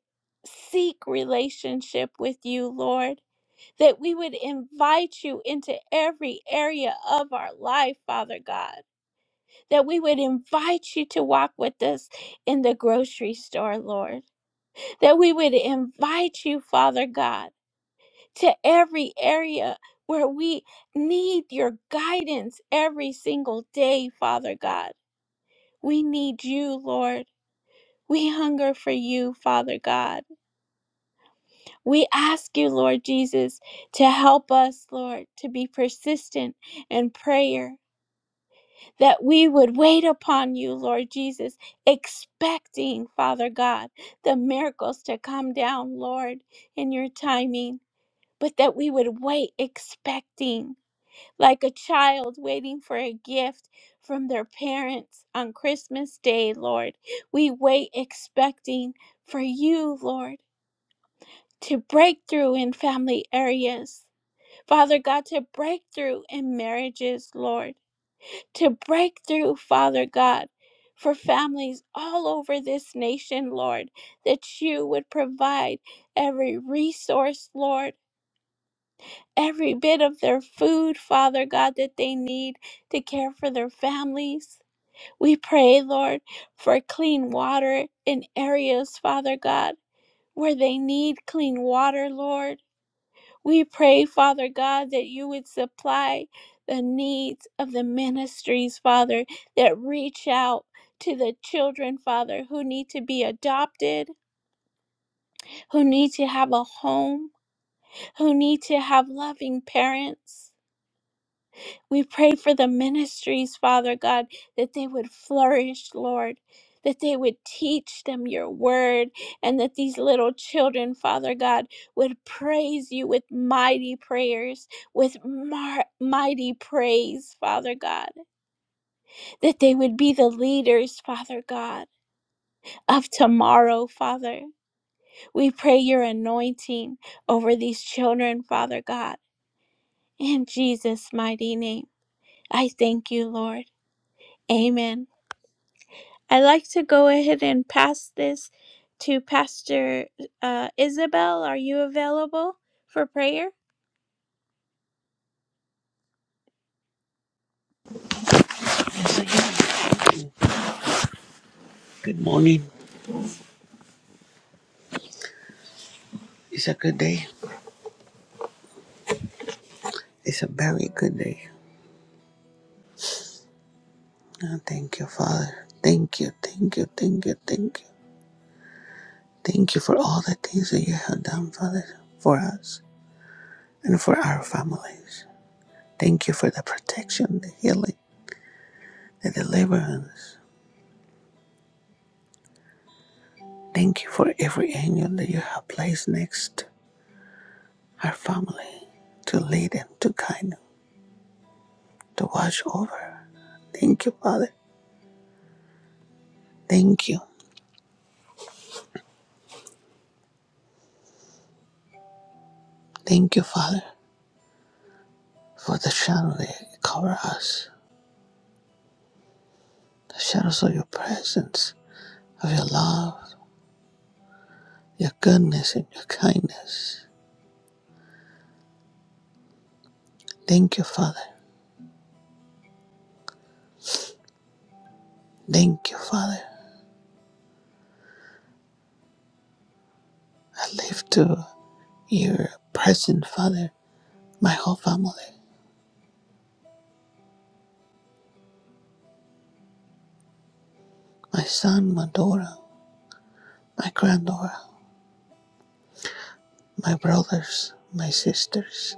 S2: seek relationship with you, Lord that we would invite you into every area of our life, Father God that we would invite you to walk with us in the grocery store, Lord. That we would invite you, Father God, to every area where we need your guidance every single day, Father God. We need you, Lord. We hunger for you, Father God. We ask you, Lord Jesus, to help us, Lord, to be persistent in prayer that we would wait upon you, Lord Jesus, expecting, Father God, the miracles to come down, Lord, in your timing, but that we would wait expecting, like a child waiting for a gift from their parents on Christmas Day, Lord. We wait expecting for you, Lord, to break through in family areas. Father God, to break through in marriages, Lord to break through, Father God, for families all over this nation, Lord, that you would provide every resource, Lord. Every bit of their food, Father God, that they need to care for their families. We pray, Lord, for clean water in areas, Father God, where they need clean water, Lord. We pray, Father God, that you would supply the needs of the ministries, Father, that reach out to the children, Father, who need to be adopted, who need to have a home, who need to have loving parents. We pray for the ministries, Father God, that they would flourish, Lord, that they would teach them your word, and that these little children, Father God, would praise you with mighty prayers, with mar- mighty praise, Father God, that they would be the leaders, Father God, of tomorrow, Father. We pray your anointing over these children, Father God, in Jesus' mighty name. I thank you, Lord. Amen. I'd like to go ahead and pass this to Pastor uh, Isabel. Are you available for prayer?
S5: Good morning. It's a good day. It's a very good day. Oh, thank you, Father. Thank you, thank you, thank you, thank you. Thank you for all the things that you have done, Father, for us and for our families. Thank you for the protection, the healing, the deliverance. Thank you for every angel that you have placed next our family to lead and to guide to watch over. Thank you, Father. Thank you. Thank you, Father, for the shadow that cover us the shadows of your presence, of your love, your goodness, and your kindness. Thank you, Father. Thank you, Father. I live to your present, Father, my whole family, my son, my daughter, my granddaughter, my brothers, my sisters,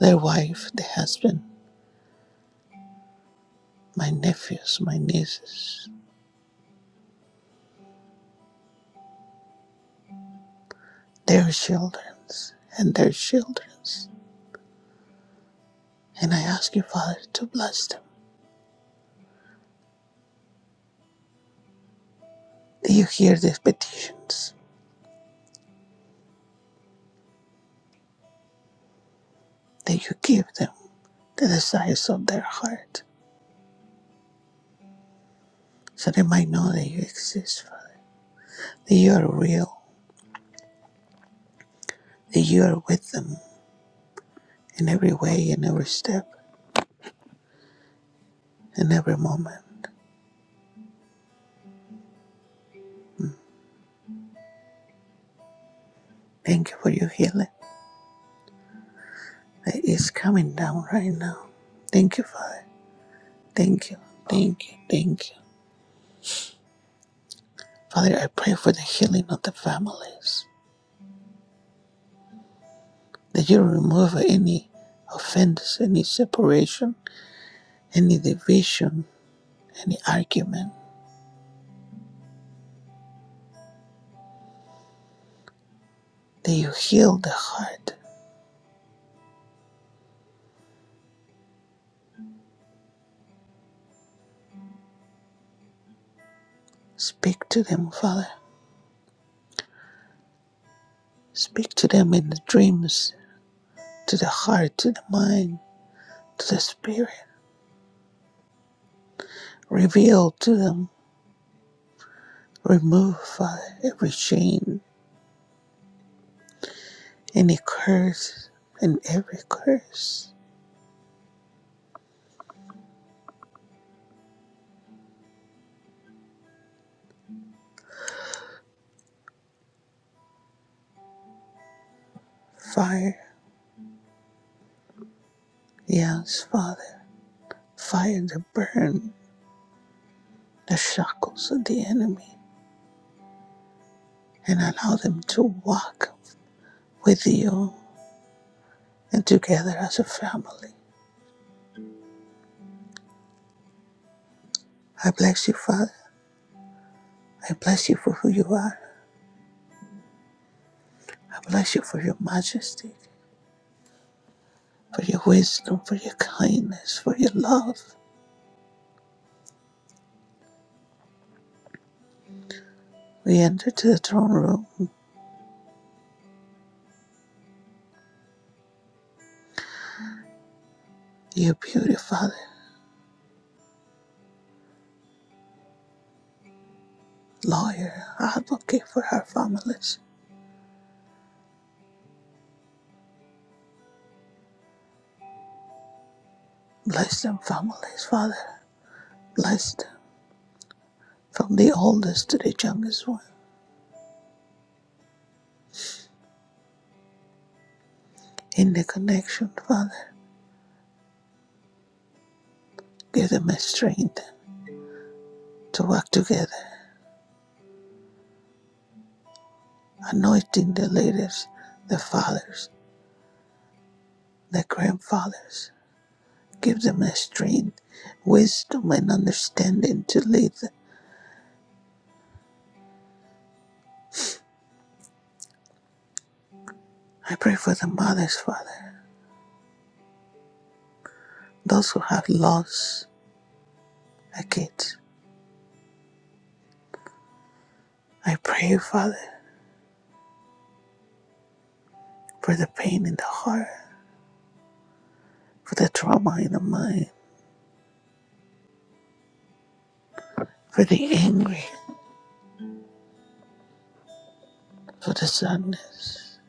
S5: their wife, their husband, my nephews, my nieces, their children, and their children. And I ask you, Father, to bless them. That you hear these petitions, that you give them the desires of their heart, so they might know that you exist, Father, that you are real, that you are with them in every way, in every step, in every moment. Thank you for your healing that is coming down right now. Thank you, Father. Thank you, thank you, thank you. Father, I pray for the healing of the families, that you remove any offense, any separation, any division, any argument, that you heal the heart. Speak to them, Father. Speak to them in the dreams, to the heart, to the mind, to the spirit. Reveal to them, remove Father, every shame, any curse, and every curse. Fire, yes, Father, fire to burn the shackles of the enemy and allow them to walk with you and together as a family. I bless you, Father. I bless you for who you are. I bless you for your majesty. for your wisdom, for your kindness, for your love. We enter to the throne room. You beauty, Father, lawyer, advocate for our families. Bless them families, Father. Bless them from the oldest to the youngest one. In the connection, Father, give them a strength to work together, anointing the leaders, the fathers, the grandfathers. Give them a strength, wisdom, and understanding to lead them. I pray for the mothers, Father. those who have lost a kid. I pray, Father, for the pain in the heart, for the trauma in the mind, for the anger, for the sadness.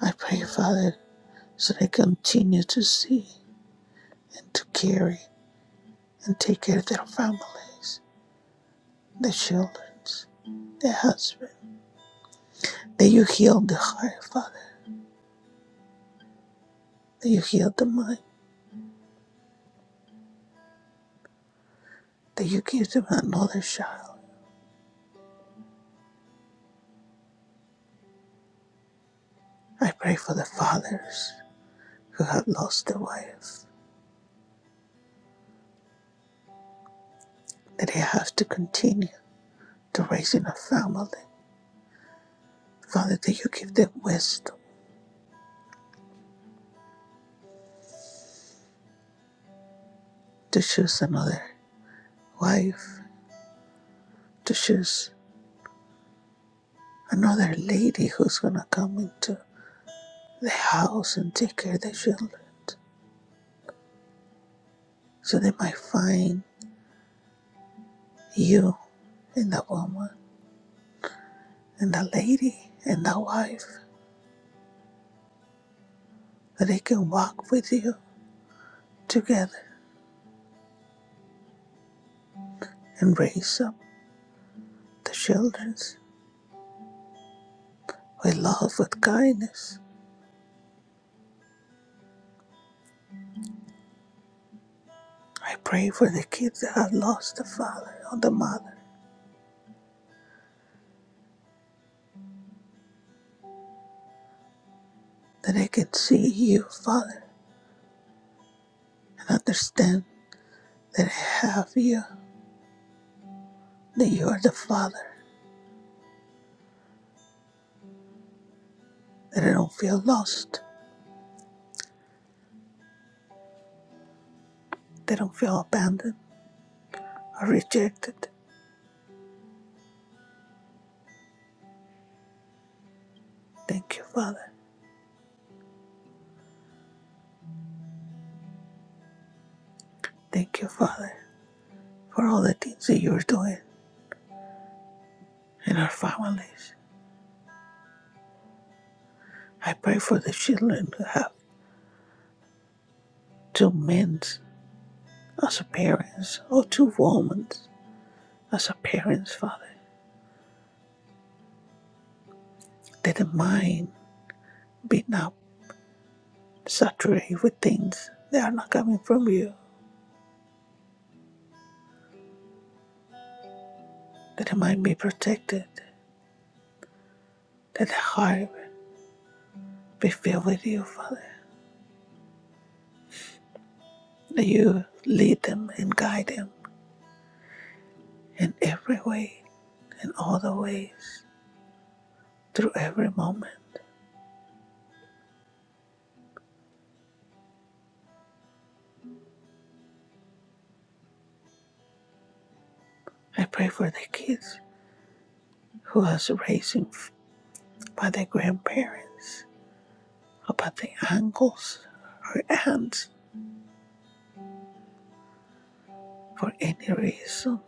S5: I pray, Father, so they continue to see and to carry and take care of their families, their children, their husband. That you heal the heart, Father, that you heal the mind, that you give them another child. I pray for the fathers who have lost their wife, that they have to continue. to raising a family. Father, that you give them wisdom to choose another wife, to choose another lady who's going to come into the house and take care of the children. So they might find you and the woman and the lady and the wife that they can walk with you together and raise up the children with love, with kindness. I pray for the kids that have lost the father or the mother that I can see you, Father, and understand that I have you, that you are the Father, that I don't feel lost, that I don't feel abandoned or rejected. Thank you, Father. Thank you, Father, for all the things that you're doing in our families. I pray for the children who have two men as a parents or two women as a parents, Father, that the mind be not saturated with things that are not coming from you, that the mind be protected That their heart be filled with you, Father. That you lead them and guide them in every way, in all the ways, through every moment. I pray for the kids who are raised by their grandparents, about the uncles or aunts, for any reason,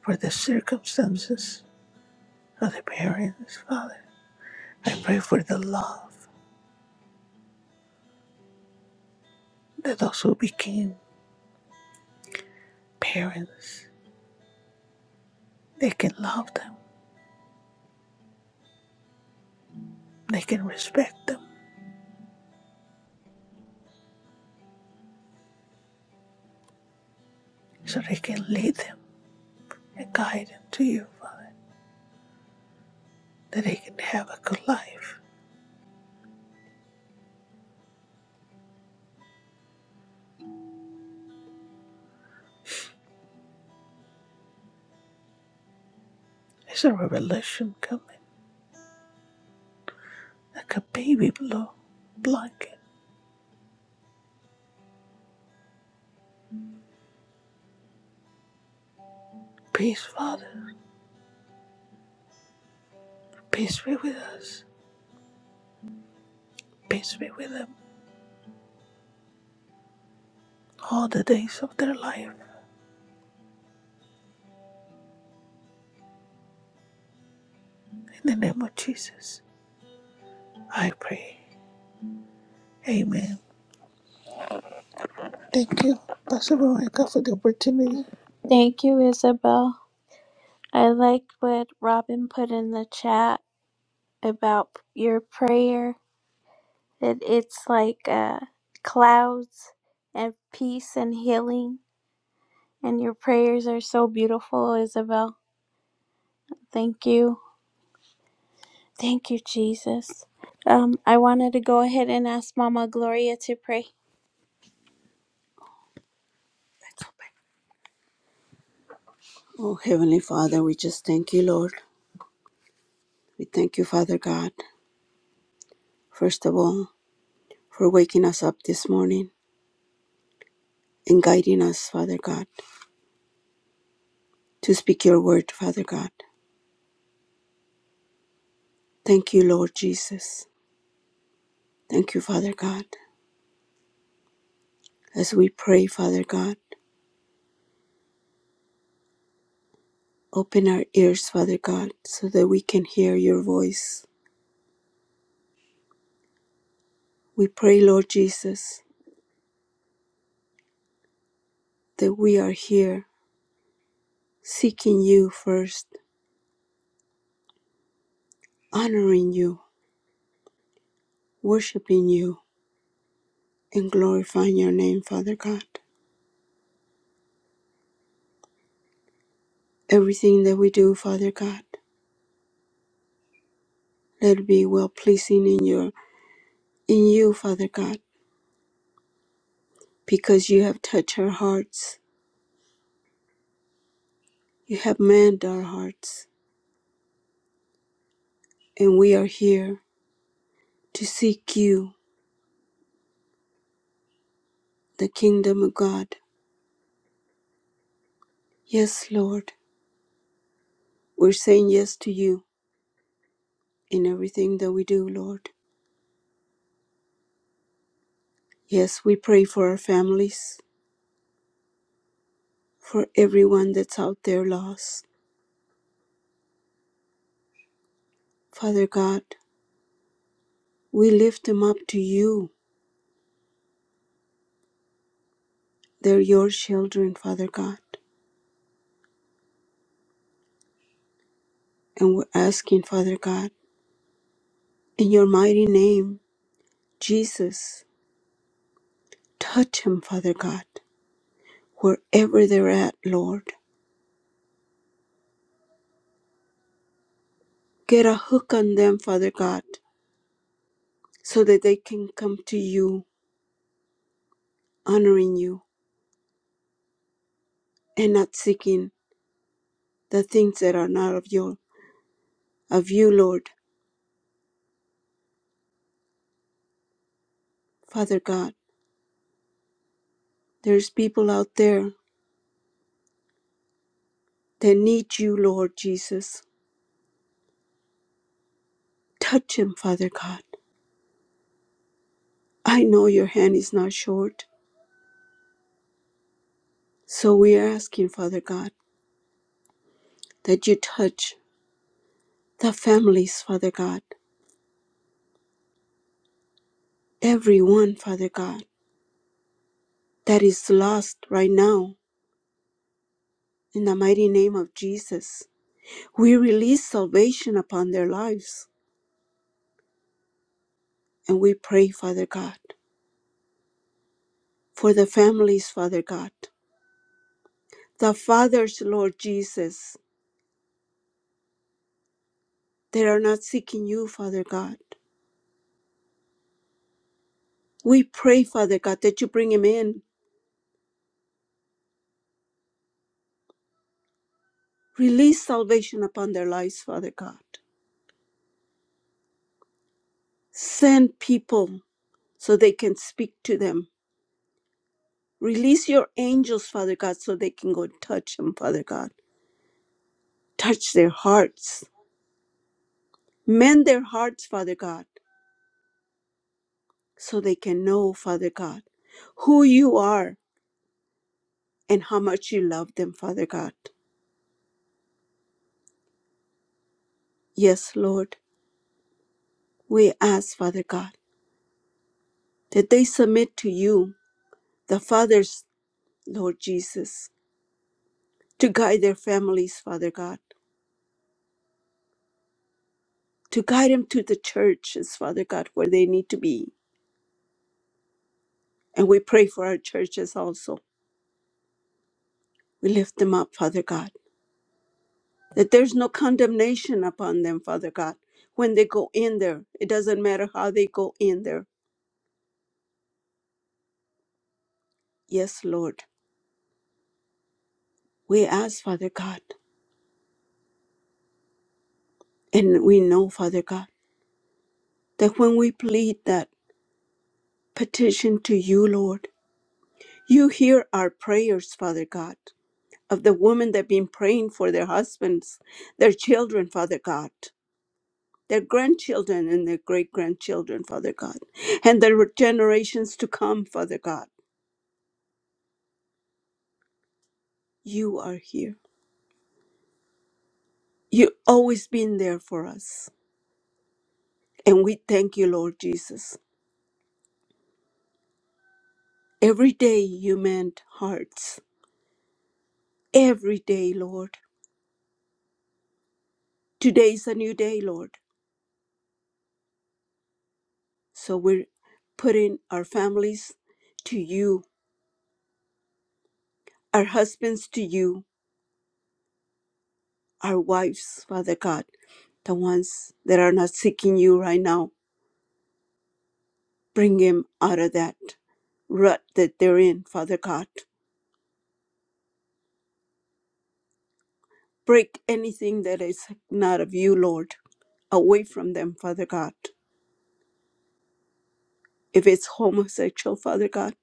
S5: for the circumstances of the parents, Father. I pray for the love that those who became parents, they can love them, they can respect them so they can lead them and guide them to you, Father, that they can have a good life. Is there a revelation coming? Like a baby below a blanket. Peace, Father. Peace be with us. Peace be with them all the days of their life. In the name of Jesus, I pray. Amen. Thank you, Pastor Veronica, for the opportunity.
S2: Thank you, Isabel. I like what Robin put in the chat about your prayer, that it's like uh, clouds and peace and healing. And your prayers are so beautiful, Isabel. Thank you. Thank you, Jesus. Um, I wanted to go ahead and ask Mama Gloria to pray. Oh, Heavenly Father, we just thank you, Lord. We thank you, Father God, first of all, for waking us up this morning and guiding us, Father God, to speak your word, Father God. Thank you, Lord Jesus. Thank you, Father God. As we pray, Father God, open our ears, Father God, so that we can hear your voice. We pray, Lord Jesus, that we are here seeking you first, honoring you, worshiping you, and glorifying your name, Father God. Everything that we do, Father God, let it be well pleasing in your in you, Father God, because you have touched our hearts. You have manned our hearts. And we are here to seek you, the kingdom of God. Yes, Lord. We're saying yes to you in everything that we do, Lord. Yes, we pray for our families, for everyone that's out there lost. Father God, we lift them up to you. They're your children, Father God. And we're asking, Father God, in your mighty name, Jesus, touch him, Father God, wherever they're at, Lord. Get a hook on them, Father God, so that they can come to you, honoring you, and not seeking the things that are not of your of you, Lord. Father God, there's people out there that need you, Lord Jesus. Touch him, Father God. I know your hand is not short. So we are asking, Father God, that you touch the families, Father God, everyone, Father God, that is lost right now. In the mighty name of Jesus, we release salvation upon their lives. And we pray, Father God, for the families, Father God, the fathers, Lord Jesus, that are not seeking you, Father God. We pray, Father God, that you bring them in. Release salvation upon their lives, Father God. Send people so they can speak to them Release your angels, Father God, so they can go touch them, Father God. Touch their hearts. Mend their hearts, Father God, so they can know, Father God, who you are and how much you love them, Father God. Yes, Lord, we ask, Father God, that they submit to you, the fathers, Lord Jesus, to guide their families, Father God, to guide them to the churches, Father God, where they need to be. And we pray for our churches also. We lift them up, Father God. that there's no condemnation upon them, Father God, when they go in there. It doesn't matter how they go in there. Yes, Lord. We ask, Father God, and we know, Father God, that when we plead that petition to you, Lord, you hear our prayers, Father God, of the women that have been praying for their husbands, their children, Father God, their grandchildren and their great grandchildren, Father God, and their generations to come, Father God. You are here. You've always been there for us, and we thank you, Lord Jesus. Every day you mend hearts. Every day, Lord. Today's a new day, Lord. So we're putting our families to you, our husbands to you, our wives, Father God, the ones that are not seeking you right now. Bring them out of that rut that they're in, Father God. Break anything that is not of you, Lord, away from them, Father God. if it's homosexual, Father God.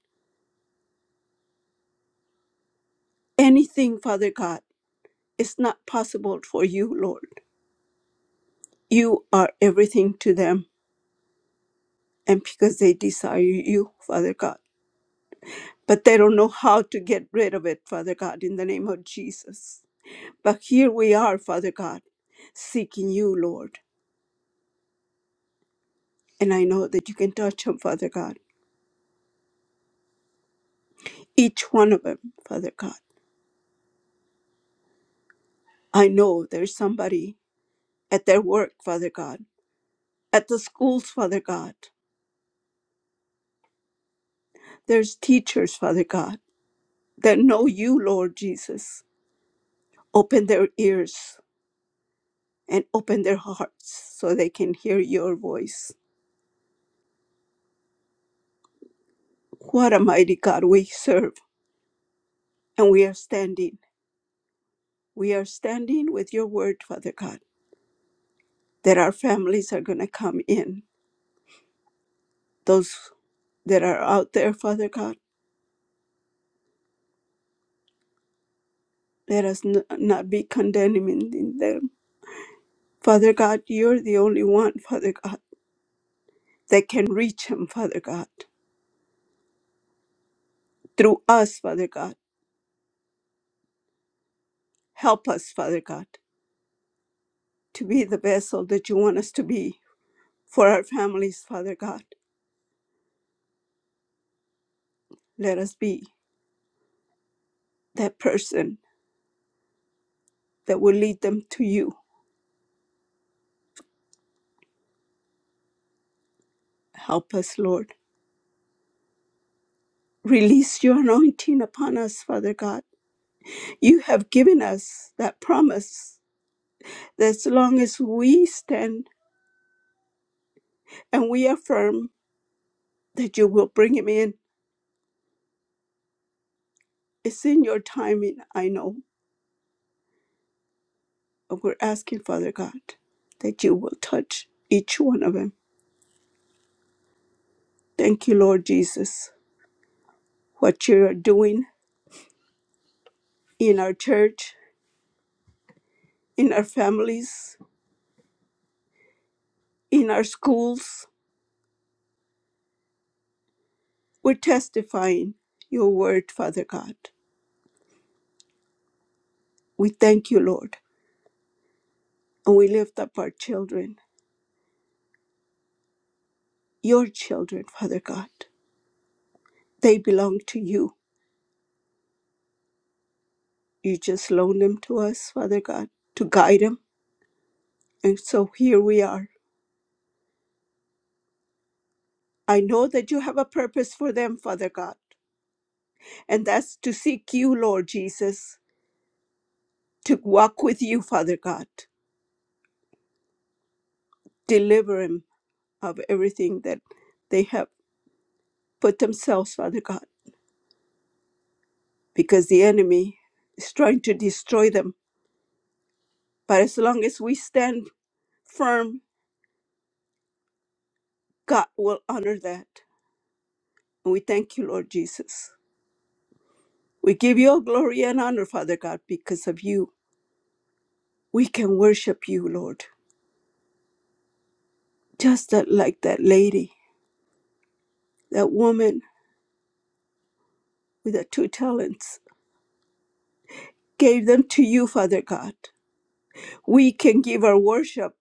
S2: Anything, Father God, is not possible for you, Lord. You are everything to them, and because they desire you, Father God. But they don't know how to get rid of it, Father God, in the name of Jesus. But here we are, Father God, seeking you, Lord. And I know that you can touch them, Father God. Each one of them, Father God. I know there's somebody at their work, Father God, at the schools, Father God. There's teachers, Father God that know you, Lord Jesus. Open their ears and open their hearts so they can hear your voice. What a mighty God we serve. And we are standing. We are standing with your word, Father God, that our families are going to come in. Those that are out there, Father God, let us n- not be condemning them. Father God, you're the only one, Father God, that can reach them, Father God. Through us, Father God. Help us, Father God. to be the vessel that you want us to be for our families, Father God. Let us be that person that will lead them to you. Help us, Lord. Release your anointing upon us, Father God. You have given us that promise that as long as we stand and we affirm that you will bring him in, it's in your timing, I know. But we're asking, Father God, that you will touch each one of them. Thank you, Lord Jesus, what you are doing in our church, in our families, in our schools. We're testifying your word, Father God. We thank you, Lord, and we lift up our children, your children, Father God. They belong to you. You just loan them to us, Father God, to guide them. And so here we are. I know that you have a purpose for them, Father God, and that's to seek you, Lord Jesus, to walk with you, Father God. Deliver them of everything that they have for themselves, Father God, because the enemy is trying to destroy them. But as long as we stand firm, God will honor that. And we thank you, Lord Jesus. We give you all glory and honor, Father God, because of you. We can worship you, Lord. Just that, like that lady, that woman with the two talents, gave them to you, Father God. We can give our worship,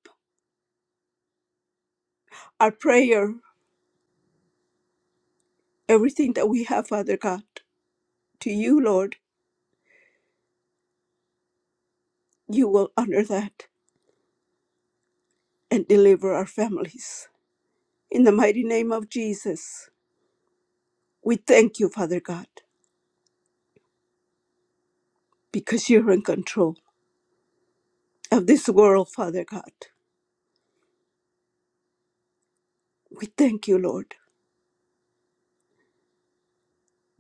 S2: our prayer, everything that we have, Father God, to you, Lord. You will honor that. and deliver our families. In the mighty name of Jesus, we thank you, Father God, because you're in control of this world, Father God. We thank you, Lord,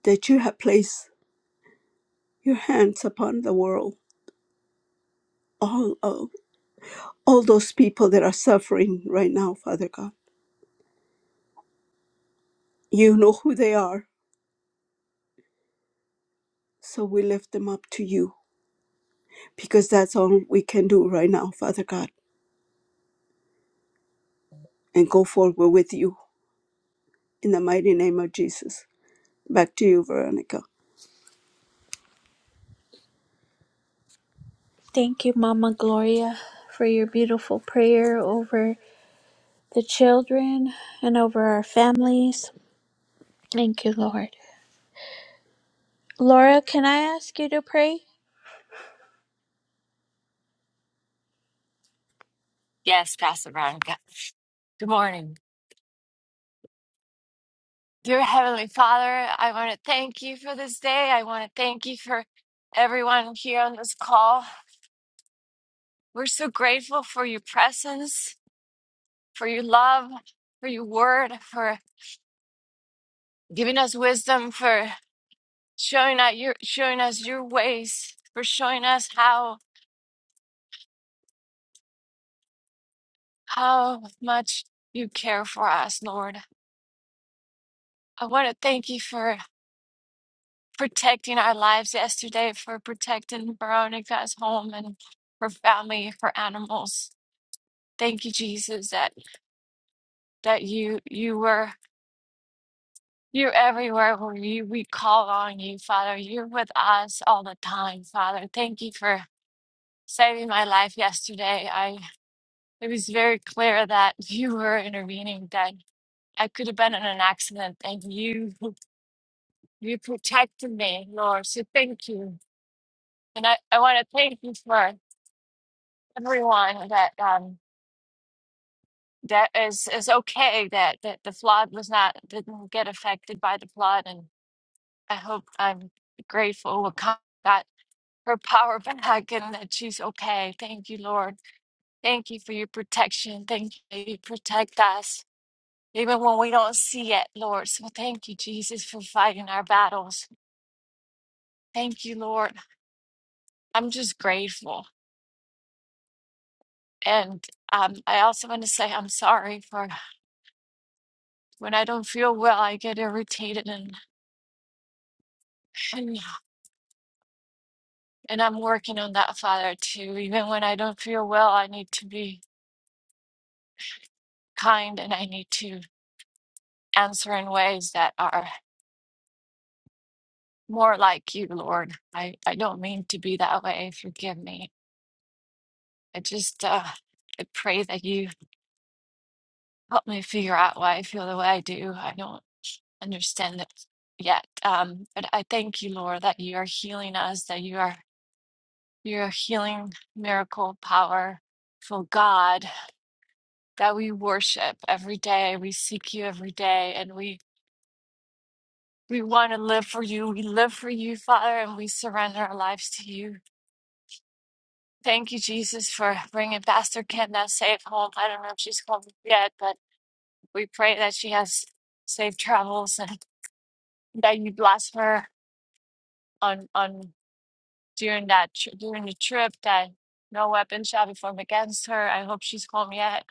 S2: that you have placed your hands upon the world, all of all those people that are suffering right now, Father God. You know who they are, so we lift them up to you because that's all we can do right now, Father God, and go forward with you in the mighty name of Jesus. Back to you, Veronica. Thank you, Mama Gloria, for your beautiful prayer over the children and over our families. Thank you, Lord. Laura, can I ask you to pray?
S6: Yes, Pastor Veronica. Good morning. Dear Heavenly Father, I want to thank you for this day. I want to thank you for everyone here on this call. We're so grateful for your presence, for your love, for your word, for giving us wisdom, for showing us your showing us your ways, for showing us how how much you care for us, Lord. I want to thank you for protecting our lives yesterday, for protecting Veronica's home and her family, her animals. Thank you, Jesus, that that you you were you're everywhere where you we call on you, Father. You're with us all the time, Father. Thank you for saving my life yesterday. I it was very clear that you were intervening, that I could have been in an accident and you you protected me, Lord. So thank you. And I, I want to thank you for everyone that um that is is okay that that the flood was not didn't get affected by the flood and I hope I'm grateful with got her power [laughs] back and that she's okay. Thank you, Lord. Thank you for your protection. Thank you that you protect us even when we don't see it, Lord. So thank you, Jesus, for fighting our battles. Thank you, Lord. I'm just grateful. And um, I also want to say I'm sorry for when I don't feel well, I get irritated and. [clears throat] And, and I'm working on that, Father, too. Even when I don't feel well, I need to be kind and I need to answer in ways that are more like you, Lord. I, I don't mean to be that way. Forgive me. I just uh, I pray that you help me figure out why I feel the way I do. I don't understand it yet. Um, but I thank you, Lord, that you are healing us, that you are you're a healing miracle powerful God that we worship every day. We seek you every day and we we want to live for you. We live for you, Father, and we surrender our lives to you. Thank you, Jesus, for bringing Pastor Kenda safe home. I don't know if she's home yet, but we pray that she has safe travels and [laughs] that you bless her on on during that tri- during the trip. That no weapon shall be formed against her. I hope she's home yet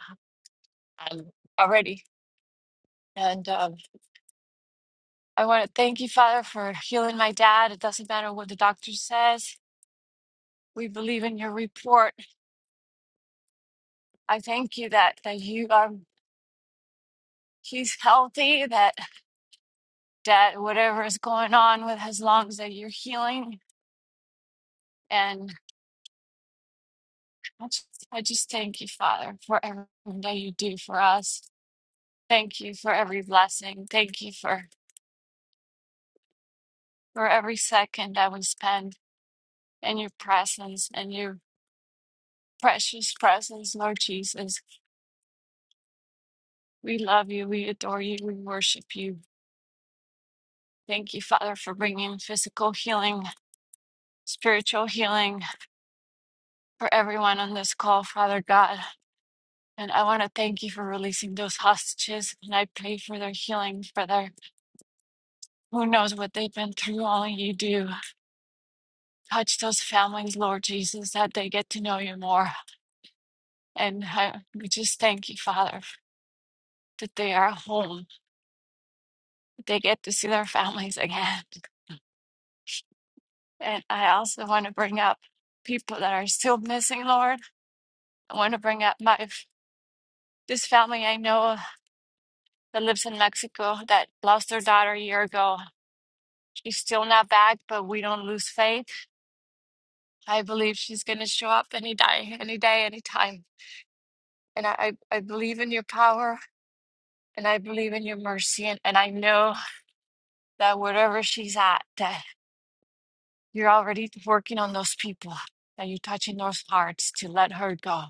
S6: um, already, and um, I want to thank you, Father, for healing my dad. It doesn't matter what the doctor says. We believe in your report. I thank you that that you um he's healthy, that that whatever is going on with his lungs, that you're healing. And I just, I just thank you, Father, for everything that you do for us. Thank you for every blessing. Thank you for for every second that we spend in your presence and your precious presence, Lord Jesus. We love you. We adore you. We worship you. Thank you, Father, for bringing physical healing, spiritual healing for everyone on this call, Father God. And I want to thank you for releasing those hostages. And I pray for their healing, for their who knows what they've been through. Only you do. Touch those families, Lord Jesus, that they get to know you more. And I, we just thank you, Father, that they are home, that they get to see their families again. And I also want to bring up people that are still missing, Lord. I want to bring up my This family I know that lives in Mexico that lost their daughter a year ago. She's still not back, but we don't lose faith. I believe she's going to show up any day, any day, any time. And I, I I believe in your power and I believe in your mercy. And, and I know that wherever she's at, that you're already working on those people, that you're touching those hearts to let her go,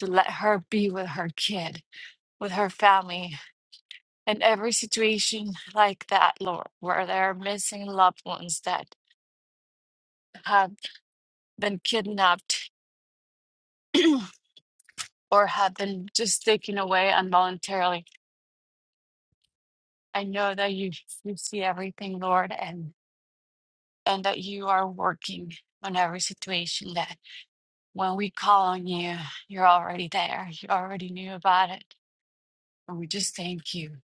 S6: to let her be with her kid, with her family, in every situation like that, Lord, where there are missing loved ones that have been kidnapped [clears throat] or have been just taken away involuntarily. I know that you you see everything, Lord, and and that you are working on every situation that when we call on you, you're already there. You already knew about it. And we just thank you.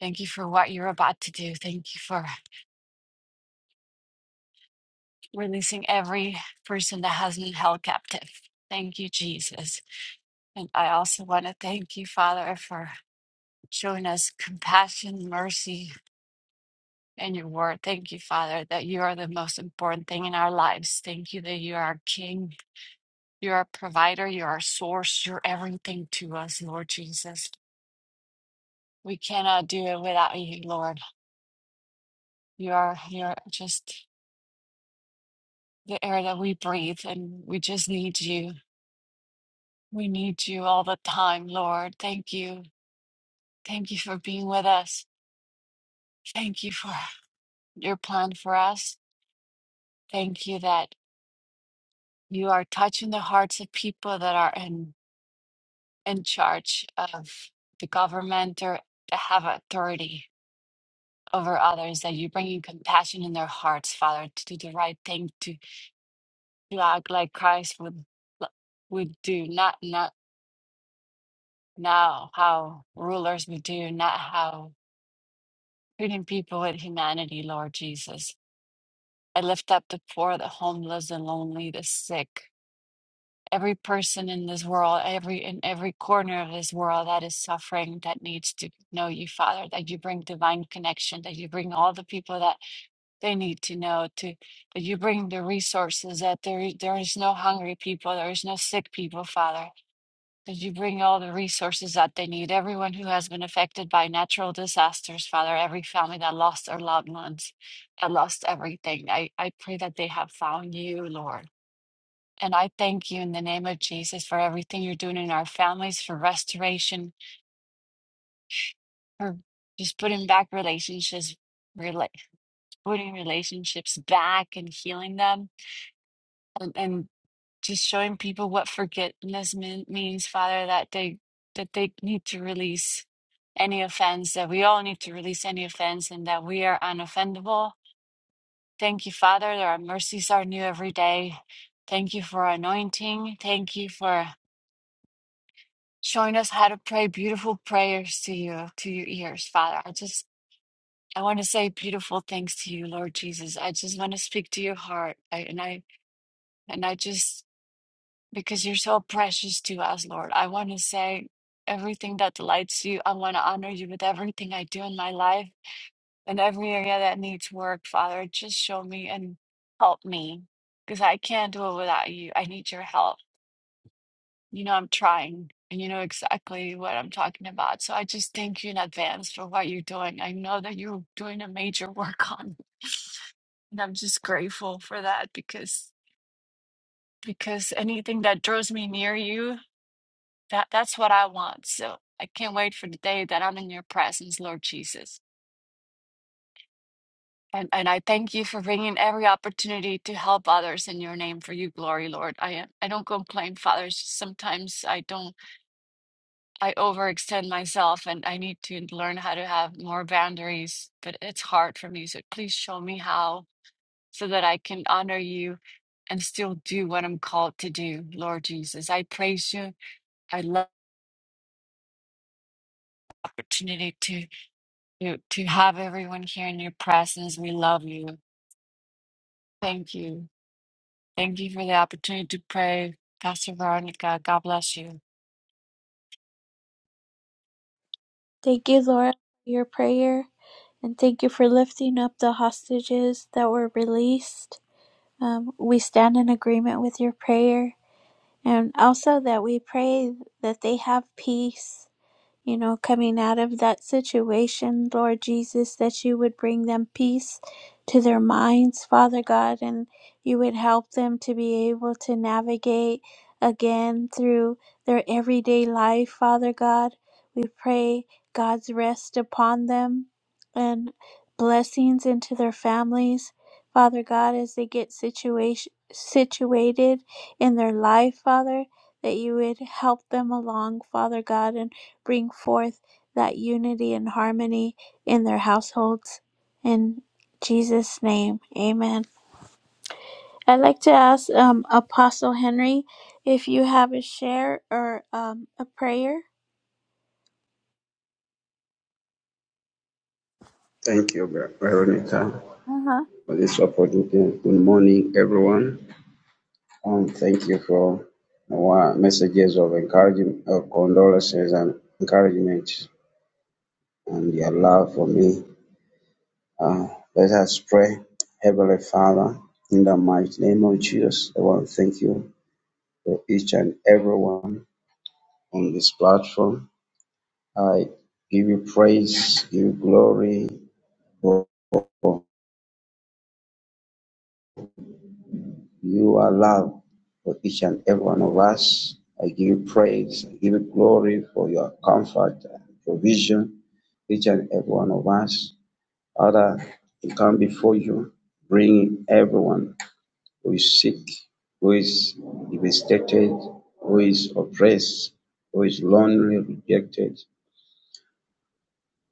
S6: Thank you for what you're about to do. Thank you for releasing every person that has been held captive. Thank you, Jesus. And I also want to thank you, Father, for showing us compassion, mercy, and your word. Thank you, Father, that you are the most important thing in our lives. Thank you that you are our King, you're our provider, you're our source, you're everything to us, Lord Jesus. We cannot do it without you, Lord. You are you're just the air that we breathe, and we just need you. We need you all the time, Lord. Thank you. Thank you for being with us. Thank you for your plan for us. Thank you that you are touching the hearts of people that are in, in charge of the government or that have authority over others, that you're bringing compassion in their hearts, Father, to do the right thing, to, to act like Christ would l- would do, not not now how rulers would do, not how treating people with humanity, Lord Jesus. I lift up the poor, the homeless, the lonely, the sick. every person in this world, every in every corner of this world that is suffering, that needs to know you, Father, that you bring divine connection, that you bring all the people that they need to know, to that you bring the resources, that there is- there is no hungry people, there is no sick people, Father. That you bring all the resources that they need. Everyone who has been affected by natural disasters, Father, every family that lost their loved ones, that lost everything. I, I pray that they have found you, Lord and I thank you in the name of Jesus for everything you're doing in our families, for restoration, for just putting back relationships, rela- putting relationships back and healing them, and, and just showing people what forgiveness mean, means, Father, that they that they need to release any offense, that we all need to release any offense, and that we are unoffendable. Thank you, Father, that our mercies are new every day. Thank you for anointing. Thank you for showing us how to pray beautiful prayers to you, to your ears, Father. I just, I want to say beautiful things to you, Lord Jesus. I just want to speak to your heart. I, and I, and I just, because you're so precious to us, Lord, I want to say everything that delights you. I want to honor you with everything I do in my life and every area that needs work, Father. Just show me and help me because I can't do it without you. I need your help. You know, I'm trying and you know exactly what I'm talking about. So I just thank you in advance for what you're doing. I know that you're doing a major [laughs] work on it. [laughs] And I'm just grateful for that because because anything that draws me near you, that that's what I want. So I can't wait for the day that I'm in your presence, Lord Jesus. And and I thank you for bringing every opportunity to help others in your name for your glory, Lord. I I don't complain, Father. Sometimes I don't. I overextend myself and I need to learn how to have more boundaries, but it's hard for me. So please show me how so that I can honor you and still do what I'm called to do, Lord Jesus. I praise you. I love the opportunity to to, to have everyone here in your presence. We love you. Thank you. Thank you for the opportunity to pray. Pastor Veronica, God bless you.
S2: Thank you, Laura, for your prayer. And thank you for lifting up the hostages that were released. Um, we stand in agreement with your prayer. And also that we pray that they have peace you know, coming out of that situation, Lord Jesus, that you would bring them peace to their minds, Father God, and you would help them to be able to navigate again through their everyday life, Father God. We pray God's rest upon them and blessings into their families, Father God, as they get situation situated in their life, Father, that you would help them along, Father God, and bring forth that unity and harmony in their households. In Jesus' name, amen. I'd like to ask um, Apostle Henry if you have a share or um, a prayer.
S7: Thank you, Veronica,
S2: Uh-huh.
S7: for this opportunity. Good morning, everyone, and thank you for our messages of encouragement, of condolences, and encouragement, and your love for me. Uh, let us pray, Heavenly Father, in the mighty name of Jesus. I want to thank you for each and everyone on this platform. I give you praise, give you glory. for your love for each and every one of us. I give you praise, I give you glory for your comfort and provision, each and every one of us. Father, we come before you, bring everyone who is sick, who is devastated, who is oppressed, who is lonely, rejected,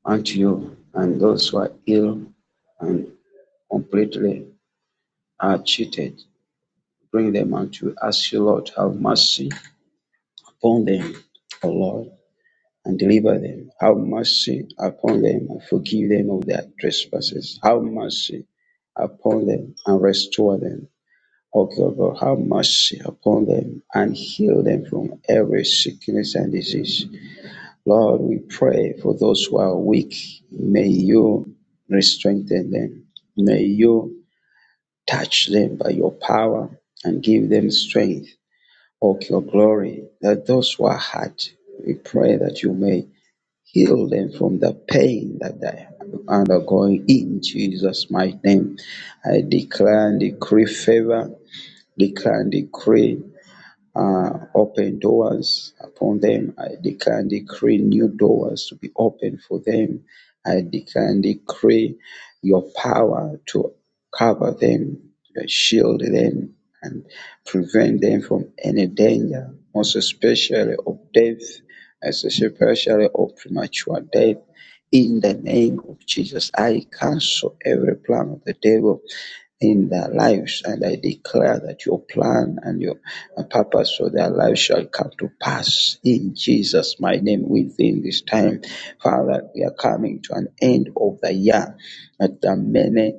S7: unto you, and those who are ill and completely are cheated. Bring them unto you. Ask you, Lord, have mercy upon them, O Lord, and deliver them. Have mercy upon them and forgive them of their trespasses. Have mercy upon them and restore them. O God, God, have mercy upon them and heal them from every sickness and disease. Lord, we pray for those who are weak. May you strengthen them. May you touch them by your power and give them strength of your glory, that those who are hurt, we pray that you may heal them from the pain that they are undergoing in Jesus' mighty name. I declare and decree favor, declare and decree uh, open doors upon them. I declare and decree new doors to be open for them. I declare and decree your power to cover them, to shield them, and prevent them from any danger, most especially of death, as especially of premature death. In the name of Jesus, I cancel every plan of the devil in their lives. And I declare that your plan and your uh, purpose for their lives shall come to pass in Jesus' my name within this time. Father, we are coming to an end of the year. That there are many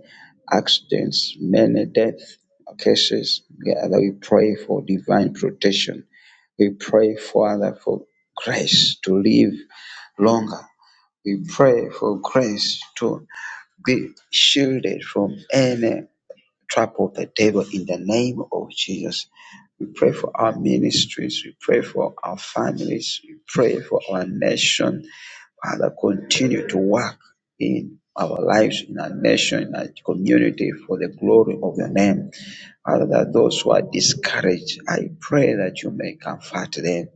S7: accidents, many death cases. Yeah, that we pray for divine protection. We pray, Father, for grace to live longer. We pray for grace to be shielded from any Trample the devil in the name of Jesus. We pray for our ministries. We pray for our families. We pray for our nation. Father, continue to work in our lives, in our nation, in our community for the glory of your name. Father, that those who are discouraged, I pray that you may comfort them.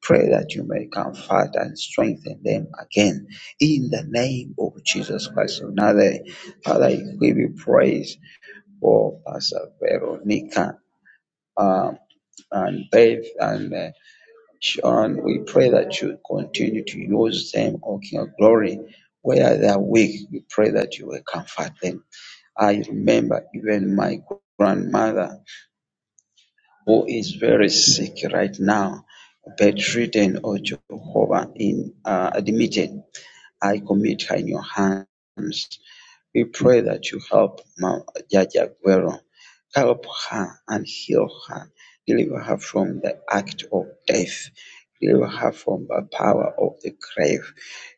S7: Pray that you may comfort and strengthen them again in the name of Jesus Christ. Another, Father, we give you praise for Pastor Veronica um, and Dave and uh, Sean. We pray that you continue to use them, O King of Glory. Where they are weak, we pray that you will comfort them. I remember even my grandmother who is very sick right now, bedridden, O Jehovah, in, uh, admitted. I commit her in your hands. We pray that you help Mama Jaja Guerrero. Help her and heal her. Deliver her from the act of death. Deliver her from the power of the grave.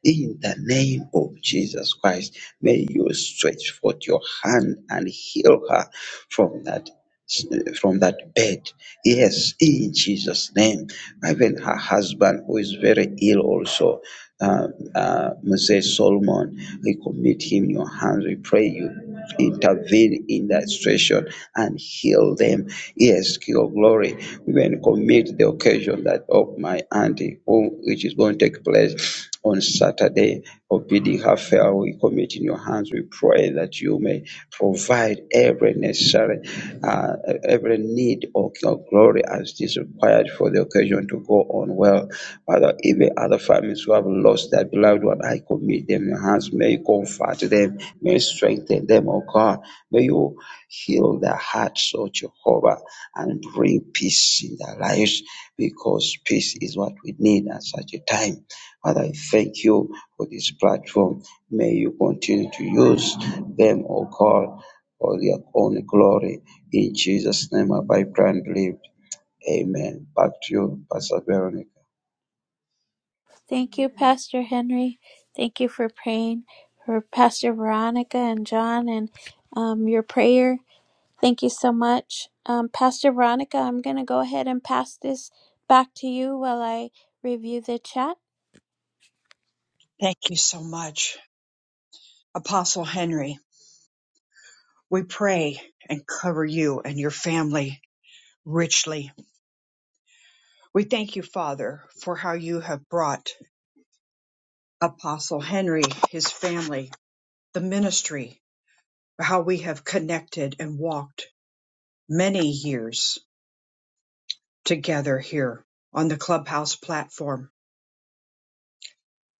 S7: In the name of Jesus Christ, may you stretch forth your hand and heal her from that from that bed Yes, in Jesus' name. Even her husband, who is very ill also, uh, uh, Moses Solomon, we commit him in your hands. We pray you intervene in that situation and heal them. Yes, to your glory. We then commit the occasion that of my auntie, who, which is going to take place on Saturday of bidding her farewell, we commit in your hands. We pray that you may provide every necessary, uh, every need of your glory as is required for the occasion to go on well. Father, even other families who have lost their beloved one, I commit them in your hands. May you comfort them, may you strengthen them, oh God. May you heal their hearts, oh Jehovah, and bring peace in their lives because peace is what we need at such a time. Father, I thank you for this platform. May you continue to use them, O God, for your own glory. In Jesus' name, I pray and believe. Amen. Back to you, Pastor Veronica.
S2: Thank you, Pastor Henry. Thank you for praying for Pastor Veronica and John and um, your prayer. Thank you so much. Um, Pastor Veronica, I'm going to go ahead and pass this back to you while I review the chat.
S1: Thank you so much. Apostle Henry, we pray and cover you and your family richly. We thank you, Father, for how you have brought Apostle Henry, his family, the ministry, how we have connected and walked many years together here on the Clubhouse platform.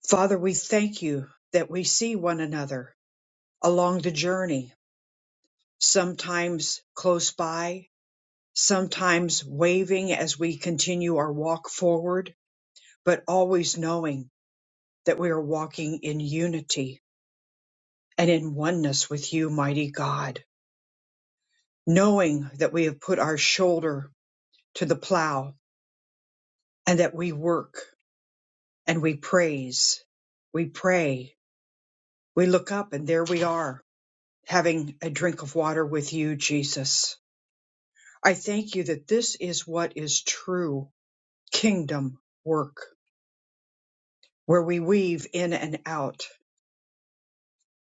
S1: Father, we thank you that we see one another along the journey sometimes close by, sometimes waving as we continue our walk forward, but always knowing that we are walking in unity and in oneness with you, mighty God, knowing that we have put our shoulder to the plow and that we work and we praise, we pray, we look up, and there we are having a drink of water with you, Jesus. I thank you that this is what is true kingdom work where we weave in and out,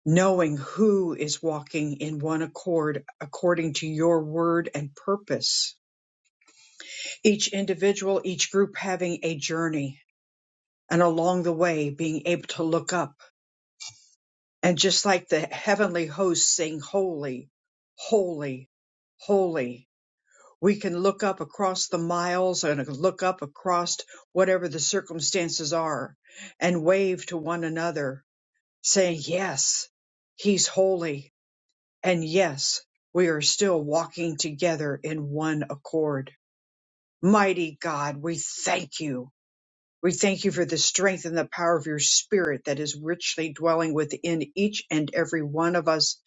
S1: knowing who is walking in one accord according to your word and purpose. Each individual, each group having a journey, and along the way being able to look up. And just like the heavenly hosts sing, Holy, Holy, Holy. We can look up across the miles and look up across whatever the circumstances are and wave to one another, saying, Yes, He's holy. And yes, we are still walking together in one accord. Mighty God, we thank you. We thank you for the strength and the power of your spirit that is richly dwelling within each and every one of us.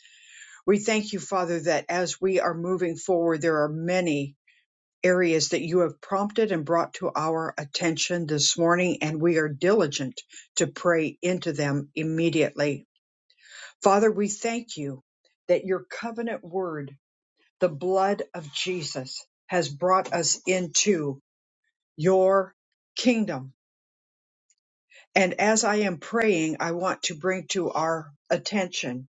S1: We thank you, Father, that as we are moving forward, there are many areas that you have prompted and brought to our attention this morning, and we are diligent to pray into them immediately. Father, we thank you that your covenant word the blood of Jesus has brought us into your kingdom. And as I am praying, I want to bring to our attention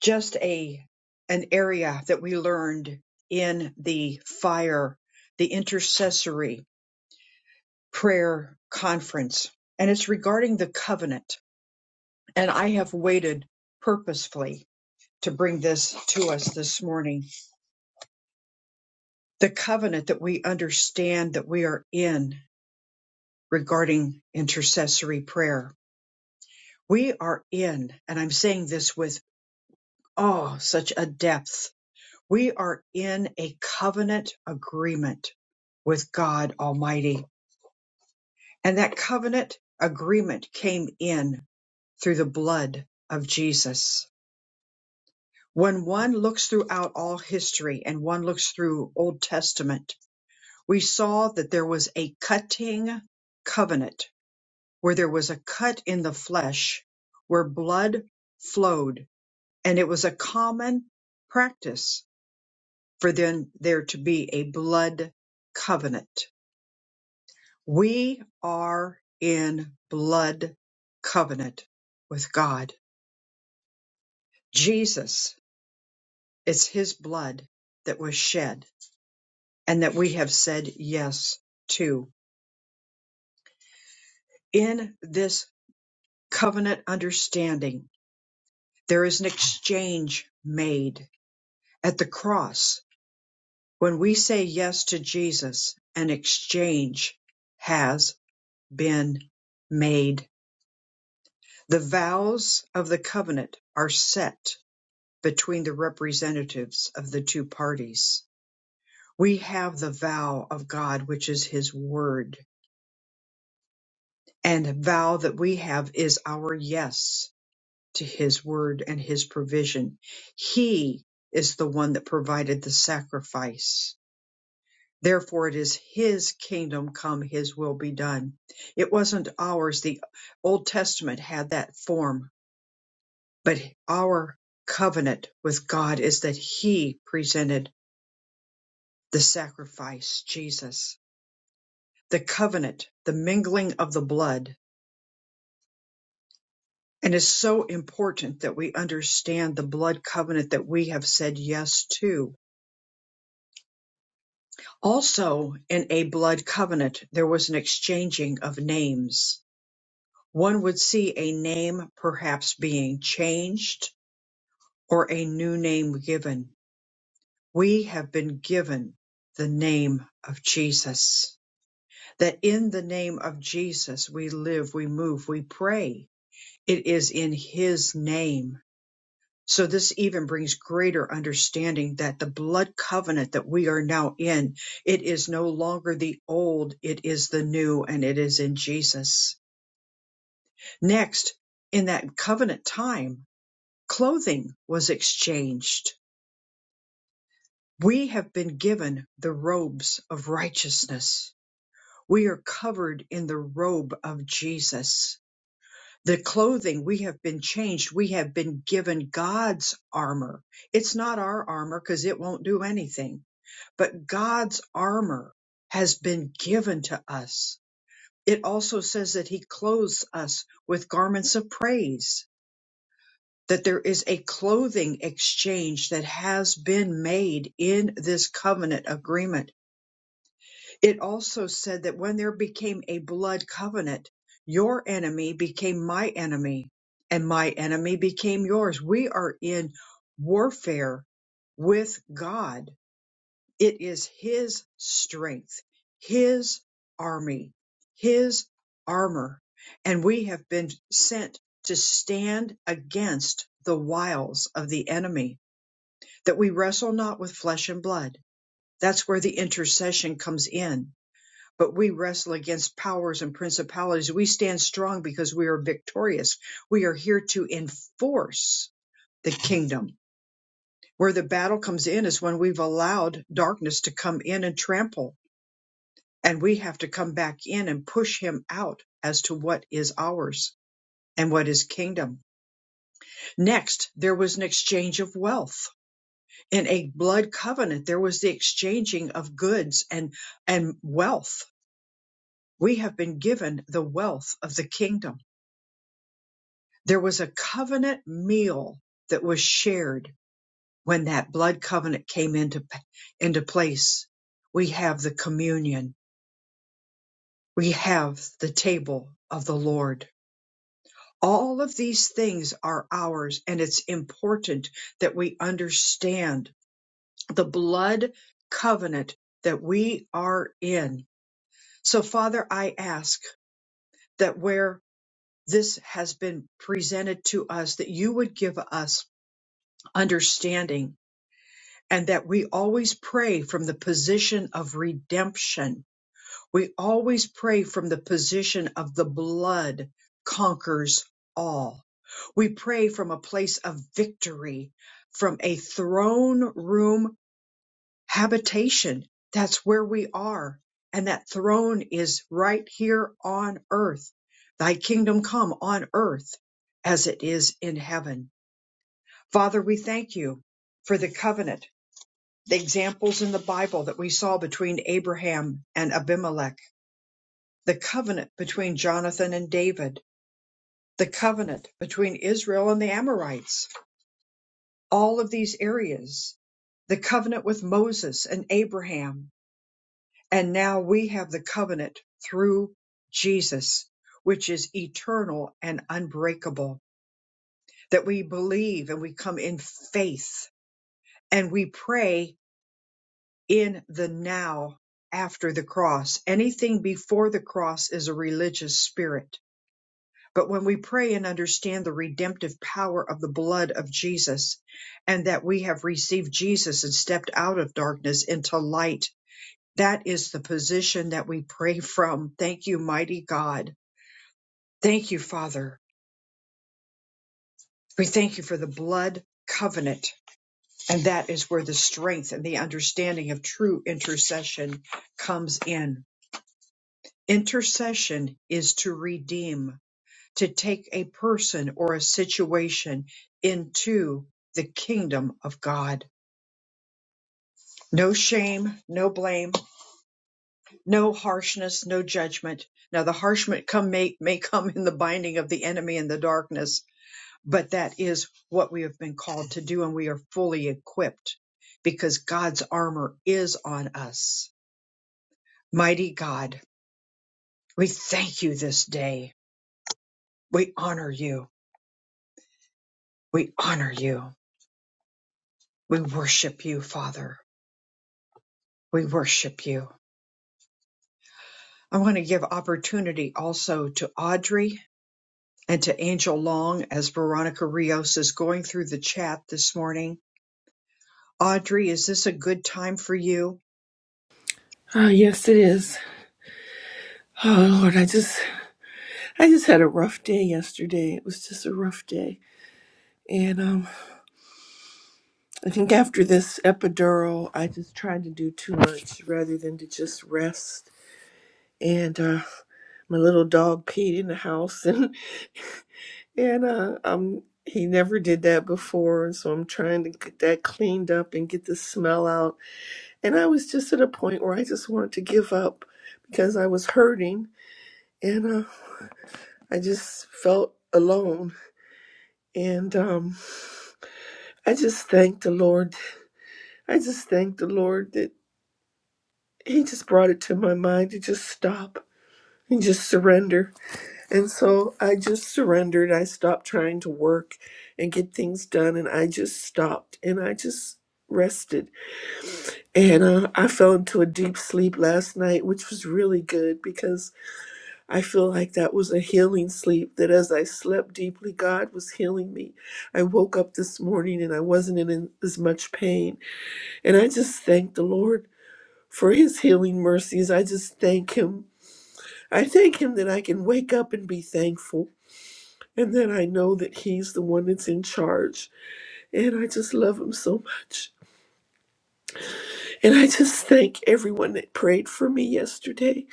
S1: just a an area that we learned in the fire, the intercessory prayer conference. And it's regarding the covenant. And I have waited purposefully to bring this to us this morning. The covenant that we understand that we are in regarding intercessory prayer. We are in, and I'm saying this with, oh, such a depth. We are in a covenant agreement with God Almighty. And that covenant agreement came in through the blood of Jesus. When one looks throughout all history and one looks through Old Testament, we saw that there was a cutting covenant where there was a cut in the flesh where blood flowed, and it was a common practice for then there to be a blood covenant. We are in blood covenant with God. Jesus, it's his blood that was shed and that we have said yes to. In this covenant understanding, there is an exchange made at the cross When we say yes to Jesus, an exchange has been made. The vows of the covenant are set between the representatives of the two parties. We have the vow of God, which is His word, and the vow that we have is our yes to His word and His provision. He is the one that provided the sacrifice Therefore, it is his kingdom come, his will be done. It wasn't ours. The Old Testament had that form, but our covenant with God is that he presented the sacrifice, Jesus, the covenant, the mingling of the blood. And it's so important that we understand the blood covenant that we have said yes to. Also, in a blood covenant, there was an exchanging of names One would see a name perhaps being changed or a new name given. We have been given the name of Jesus. That in the name of Jesus we live, we move, we pray. It is in his name. So this even brings greater understanding that the blood covenant that we are now in, it is no longer the old, it is the new, and it is in Jesus. Next, in that covenant time, Clothing was exchanged. We have been given the robes of righteousness. We are covered in the robe of Jesus. The clothing we have been changed. We have been given God's armor. It's not our armor because it won't do anything, but God's armor has been given to us. It also says that he clothes us with garments of praise that there is a clothing exchange that has been made in this covenant agreement. It also said that when there became a blood covenant, your enemy became my enemy, and my enemy became yours. We are in warfare with God it is his strength, his army, his armor. And we have been sent to stand against the wiles of the enemy, that we wrestle not with flesh and blood. That's where the intercession comes in. But we wrestle against powers and principalities. We stand strong because we are victorious. We are here to enforce the kingdom. Where the battle comes in is when we've allowed darkness to come in and trample and we have to come back in and push him out as to what is ours and what is kingdom. Next, there was an exchange of wealth. In a blood covenant, there was the exchanging of goods and, and wealth. We have been given the wealth of the kingdom. There was a covenant meal that was shared when that blood covenant came into, into place. We have the communion. We have the table of the Lord All of these things are ours, and it's important that we understand the blood covenant that we are in. So, Father, I ask that where this has been presented to us, that you would give us understanding and that we always pray from the position of redemption We always pray from the position of the blood conquers all. We pray from a place of victory, from a throne room habitation. That's where we are. And that throne is right here on earth. Thy kingdom come on earth as it is in heaven. Father, we thank you for the covenant, the examples in the Bible that we saw between Abraham and Abimelech the covenant between Jonathan and David, the covenant between Israel and the Amorites, all of these areas, the covenant with Moses and Abraham. And now we have the covenant through Jesus, which is eternal and unbreakable, that we believe and we come in faith and we pray in the now after the cross. Anything before the cross is a religious spirit But when we pray and understand the redemptive power of the blood of Jesus and that we have received Jesus and stepped out of darkness into light, that is the position that we pray from. Thank you, mighty God. Thank you, Father. We thank you for the blood covenant. And that is where the strength and the understanding of true intercession comes in. Intercession is to redeem to take a person or a situation into the kingdom of God. No shame, no blame, no harshness, no judgment. Now the harshment come may, may come in the binding of the enemy in the darkness, but that is what we have been called to do and we are fully equipped because God's armor is on us. Mighty God, we thank you this day. We honor you. We honor you. We worship you, Father. We worship you. I want to give opportunity also to Audrey and to Angel Long as Veronica Rios is going through the chat this morning. Audrey, is this a good time for you?
S8: Ah, yes, it is. Oh Lord, I just, I just had a rough day yesterday. It was just a rough day, and um, I think after this epidural, I just tried to do too much rather than to just rest. And uh, my little dog peed in the house, [laughs] and and uh, um, he never did that before, and so I'm trying to get that cleaned up and get the smell out. And I was just at a point where I just wanted to give up because I was hurting, and uh, I just felt alone And um, I just thank the Lord. I just thank the Lord that He just brought it to my mind to just stop and just surrender. And so I just surrendered. I stopped trying to work and get things done, and I just stopped and I just rested. And uh, I fell into a deep sleep last night, which was really good because I feel like that was a healing sleep. That as I slept deeply, God was healing me. I woke up this morning and I wasn't in as much pain. And I just thank the Lord for his healing mercies. I just thank him. I thank him that I can wake up and be thankful and that I know that he's the one that's in charge. And I just love him so much. And I just thank everyone that prayed for me yesterday.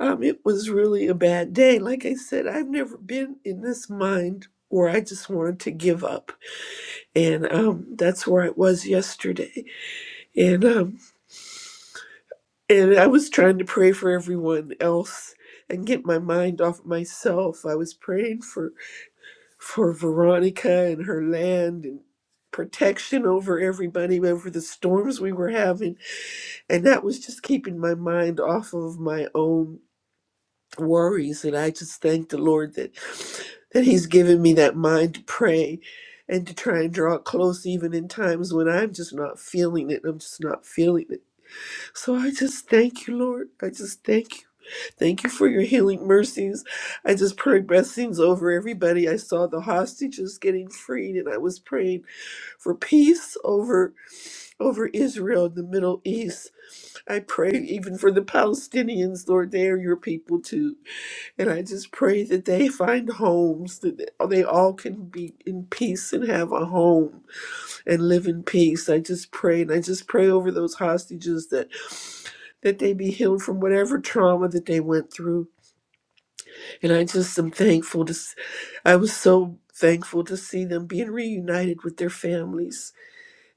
S8: Um, it was really a bad day. Like I said, I've never been in this mind where I just wanted to give up. And um, that's where I was yesterday. And um, And I was trying to pray for everyone else and get my mind off myself. I was praying for for Veronica and her land and protection over everybody over the storms we were having and that was just keeping my mind off of my own worries and I just thank the Lord that that he's given me that mind to pray and to try and draw it close even in times when I'm just not feeling it. I'm just not feeling it. So I just thank you, Lord. I just thank you. Thank you for your healing mercies. I just prayed blessings over everybody. I saw the hostages getting freed, and I was praying for peace over over Israel and the Middle East. I pray even for the Palestinians, Lord, they are your people too. And I just pray that they find homes, that they all can be in peace and have a home and live in peace. I just pray, and I just pray over those hostages that that they be healed from whatever trauma that they went through and I just am thankful to, s- I was so thankful to see them being reunited with their families.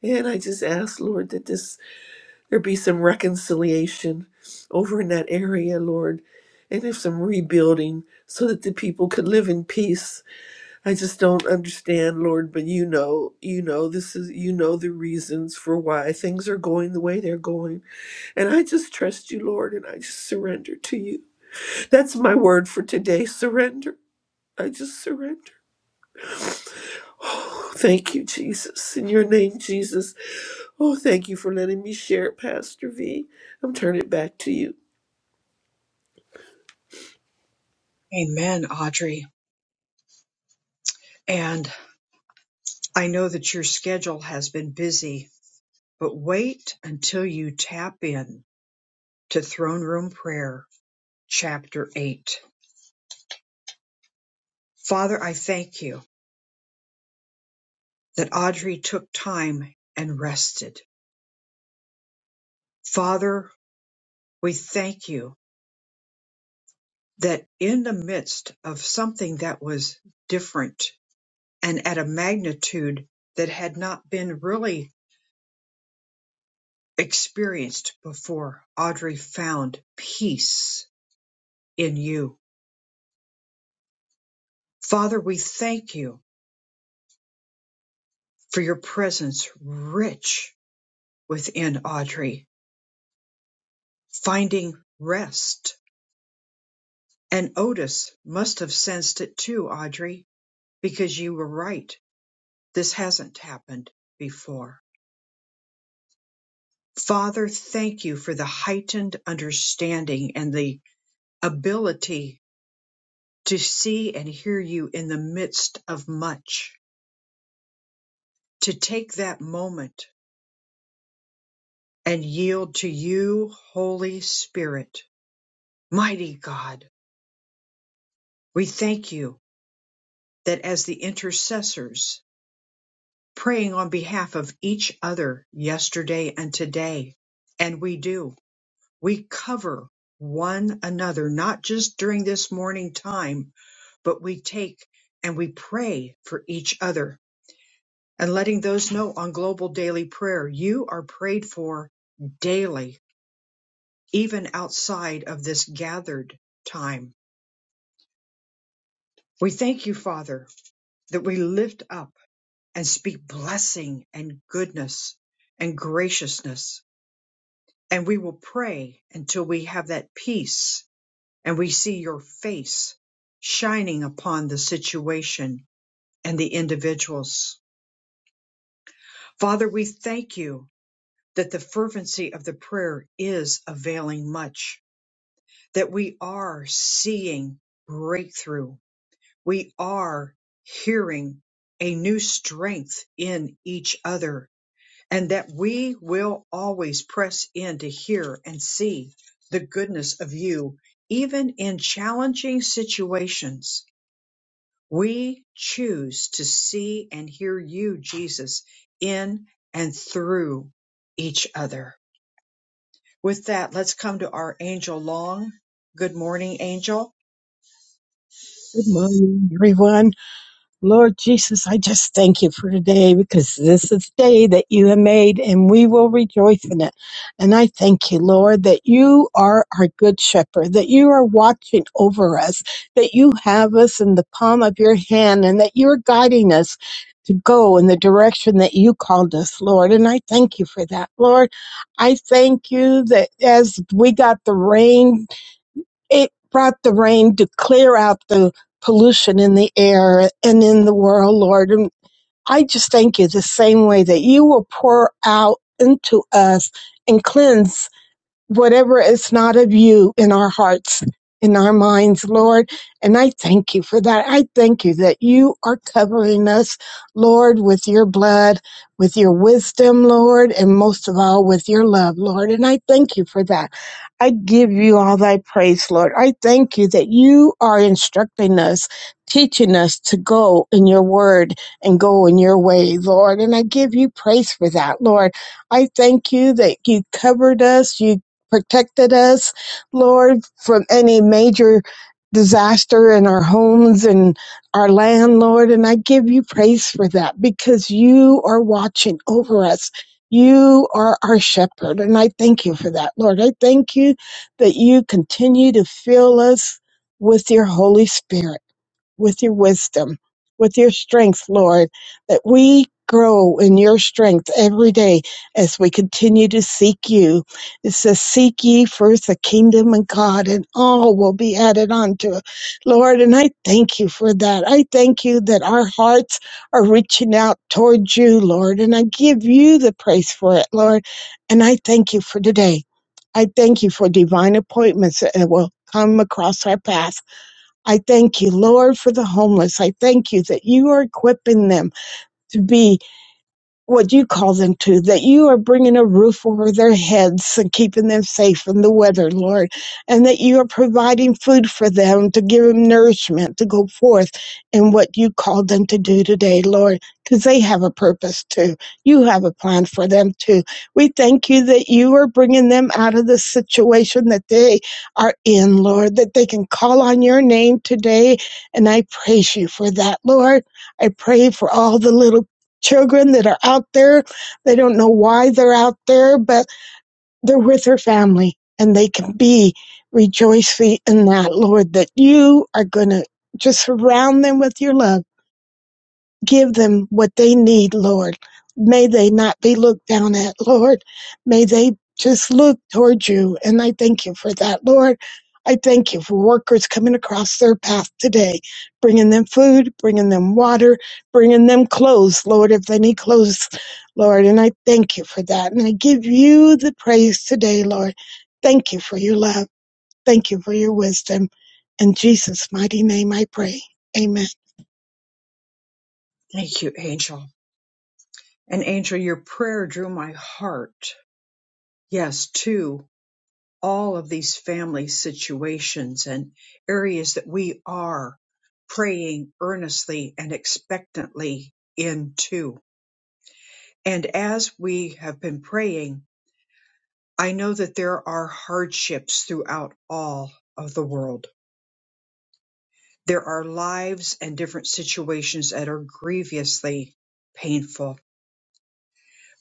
S8: And I just ask, Lord, that this, there be some reconciliation over in that area, Lord, and if some rebuilding so that the people could live in peace. I just don't understand, Lord, but you know, you know, this is, you know, the reasons for why things are going the way they're going. And I just trust you, Lord, and I just surrender to you. That's my word for today surrender. I just surrender. Oh, thank you, Jesus. In your name, Jesus. Oh, thank you for letting me share it, Pastor V. I'm turning it back to you.
S1: Amen, Audrey. And I know that your schedule has been busy, but wait until you tap in to Throne Room Prayer, Chapter 8. Father, I thank you that Audrey took time and rested. Father, we thank you that in the midst of something that was different and at a magnitude that had not been really experienced before, Audrey found peace in you. Father, we thank you for your presence rich within Audrey, finding rest. And Otis must have sensed it too, Audrey, because you were right. This hasn't happened before. Father, thank you for the heightened understanding and the ability to see and hear you in the midst of much, to take that moment and yield to you, Holy Spirit. Mighty God, we thank you that as the intercessors praying on behalf of each other yesterday and today, and we do, we cover one another, not just during this morning time, but we take and we pray for each other and letting those know on global daily prayer, you are prayed for daily, even outside of this gathered time. We thank you, Father, that we lift up and speak blessing and goodness and graciousness. And we will pray until we have that peace and we see your face shining upon the situation and the individuals. Father, we thank you that the fervency of the prayer is availing much, that we are seeing breakthrough. We are hearing a new strength in each other, and that we will always press in to hear and see the goodness of you, even in challenging situations. We choose to see and hear you, Jesus, in and through each other. With that, let's come to our Angel Long. Good morning, Angel.
S9: Good morning, everyone. Lord Jesus, I just thank you for today because this is the day that you have made and we will rejoice in it. And I thank you, Lord, that you are our good shepherd, that you are watching over us, that you have us in the palm of your hand and that you're guiding us to go in the direction that you called us, Lord. And I thank you for that, Lord. I thank you that as we got the rain it brought the rain to clear out the pollution in the air and in the world, Lord. And I just thank you the same way that you will pour out into us and cleanse whatever is not of you in our hearts, in our minds, Lord. And I thank you for that. I thank you that you are covering us, Lord, with your blood, with your wisdom, Lord, and most of all with your love, Lord. And I thank you for that. I give you all thy praise, Lord. I thank you that you are instructing us, teaching us to go in your word and go in your way, Lord. And I give you praise for that, Lord. I thank you that you covered us. you protected us, Lord, from any major disaster in our homes and our land, Lord. And I give you praise for that because you are watching over us. You are our shepherd. And I thank you for that, Lord. I thank you that you continue to fill us with your Holy Spirit with your wisdom, with your strength, Lord, that we grow in your strength every day as we continue to seek you. It says, Seek ye first the kingdom of God, and all will be added unto it. Lord, and I thank you for that. I thank you that our hearts are reaching out towards you, Lord, and I give you the praise for it, Lord. And I thank you for today. I thank you for divine appointments that will come across our path. I thank you, Lord, for the homeless. I thank you that you are equipping them to be what you call them to, that you are bringing a roof over their heads and keeping them safe from the weather, Lord, and that you are providing food for them to give them nourishment to go forth in what you called them to do today, Lord, because they have a purpose too. You have a plan for them too. We thank you that you are bringing them out of the situation that they are in, Lord, that they can call on your name today, and I praise you for that, Lord. I pray for all the little children that are out there. They don't know why they're out there, but they're with their family and they can be rejoicing in that, Lord, that you are going to just surround them with your love Give them what they need, Lord. May they not be looked down at, Lord. May they just look toward you. And I thank you for that, Lord. I thank you for workers coming across their path today, bringing them food, bringing them water, bringing them clothes, Lord, if they need clothes, Lord. And I thank you for that. And I give you the praise today, Lord. Thank you for your love. Thank you for your wisdom. In Jesus' mighty name I pray. Amen.
S1: Thank you, Angel. And Angel, your prayer drew my heart. Yes, to all of these family situations and areas that we are praying earnestly and expectantly into. And as we have been praying, I know that there are hardships throughout all of the world There are lives and different situations that are grievously painful.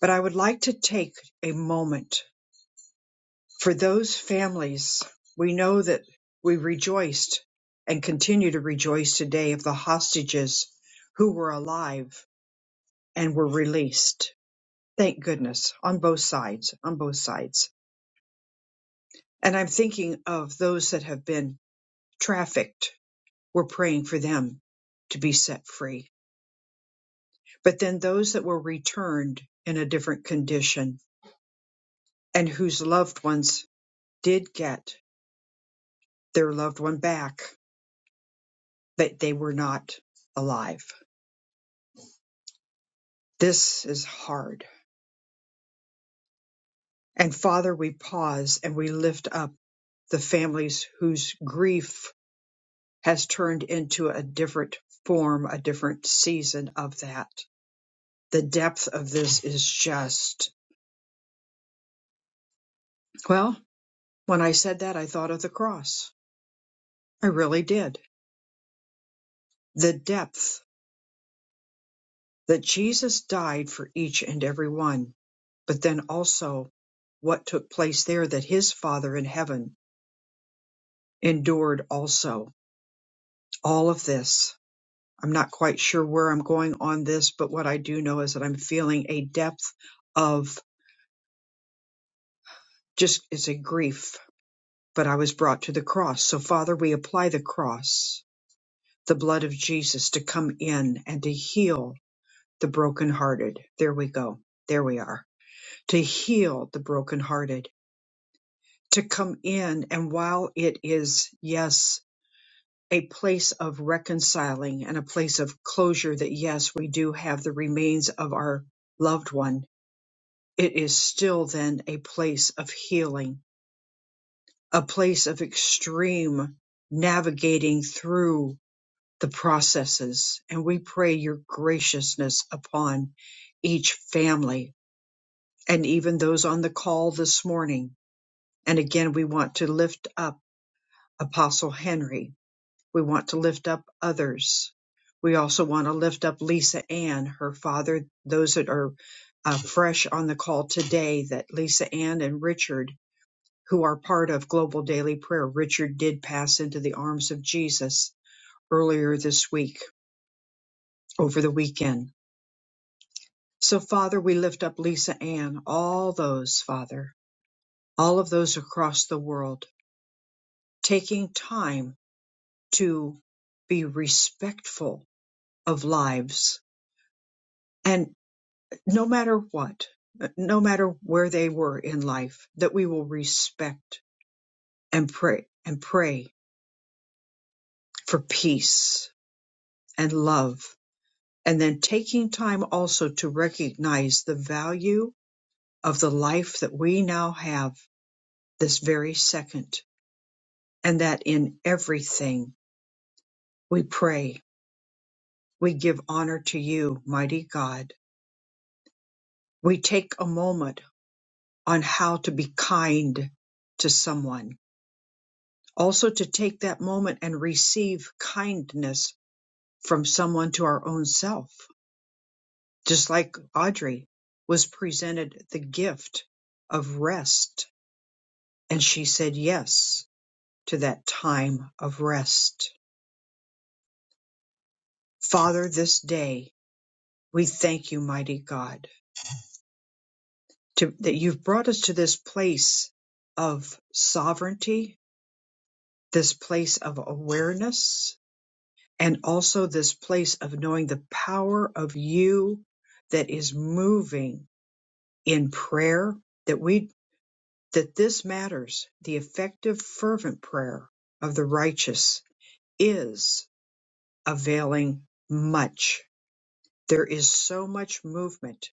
S1: But I would like to take a moment for those families. We know that we rejoiced and continue to rejoice today of the hostages who were alive and were released. Thank goodness on both sides, on both sides. And I'm thinking of those that have been trafficked. We're praying for them to be set free but then those that were returned in a different condition and whose loved ones did get their loved one back, but they were not alive. This is hard. And Father, we pause and we lift up the families whose grief has turned into a different form, a different season of that. The depth of this is just, well, when I said that, I thought of the cross. I really did. The depth that Jesus died for each and every one, but then also what took place there that his Father in heaven endured also. All of this. I'm not quite sure where I'm going on this, but what I do know is that I'm feeling a depth of just, it's a grief, but I was brought to the cross. So, Father, we apply the cross, the blood of Jesus to come in and to heal the brokenhearted. There we go. There we are. To heal the brokenhearted to come in. And while it is, yes, a place of reconciling and a place of closure that, yes, we do have the remains of our loved one, it is still then a place of healing, a place of extreme navigating through the processes. And we pray your graciousness upon each family and even those on the call this morning. And again, we want to lift up Apostle Henry We want to lift up others. We also want to lift up Lisa Ann, her father, those that are uh, fresh on the call today that Lisa Ann and Richard, who are part of Global Daily Prayer, Richard did pass into the arms of Jesus earlier this week, over the weekend. So, Father, we lift up Lisa Ann, all those, Father, all of those across the world, taking time to be respectful of lives. and. no matter what, no matter where they were in life, that we will respect and pray and pray for peace and love. And then taking time also to recognize the value of the life that we now have this very second. And that in everything we pray, we give honor to you, mighty God. We take a moment on how to be kind to someone Also to take that moment and receive kindness from someone to our own self. Just like Audrey was presented the gift of rest and she said yes to that time of rest. Father, this day we thank you, mighty God, to, that you've brought us to this place of sovereignty, this place of awareness, and also this place of knowing the power of you that is moving in prayer that we that this matters the effective fervent prayer of the righteous is availing much there is so much movement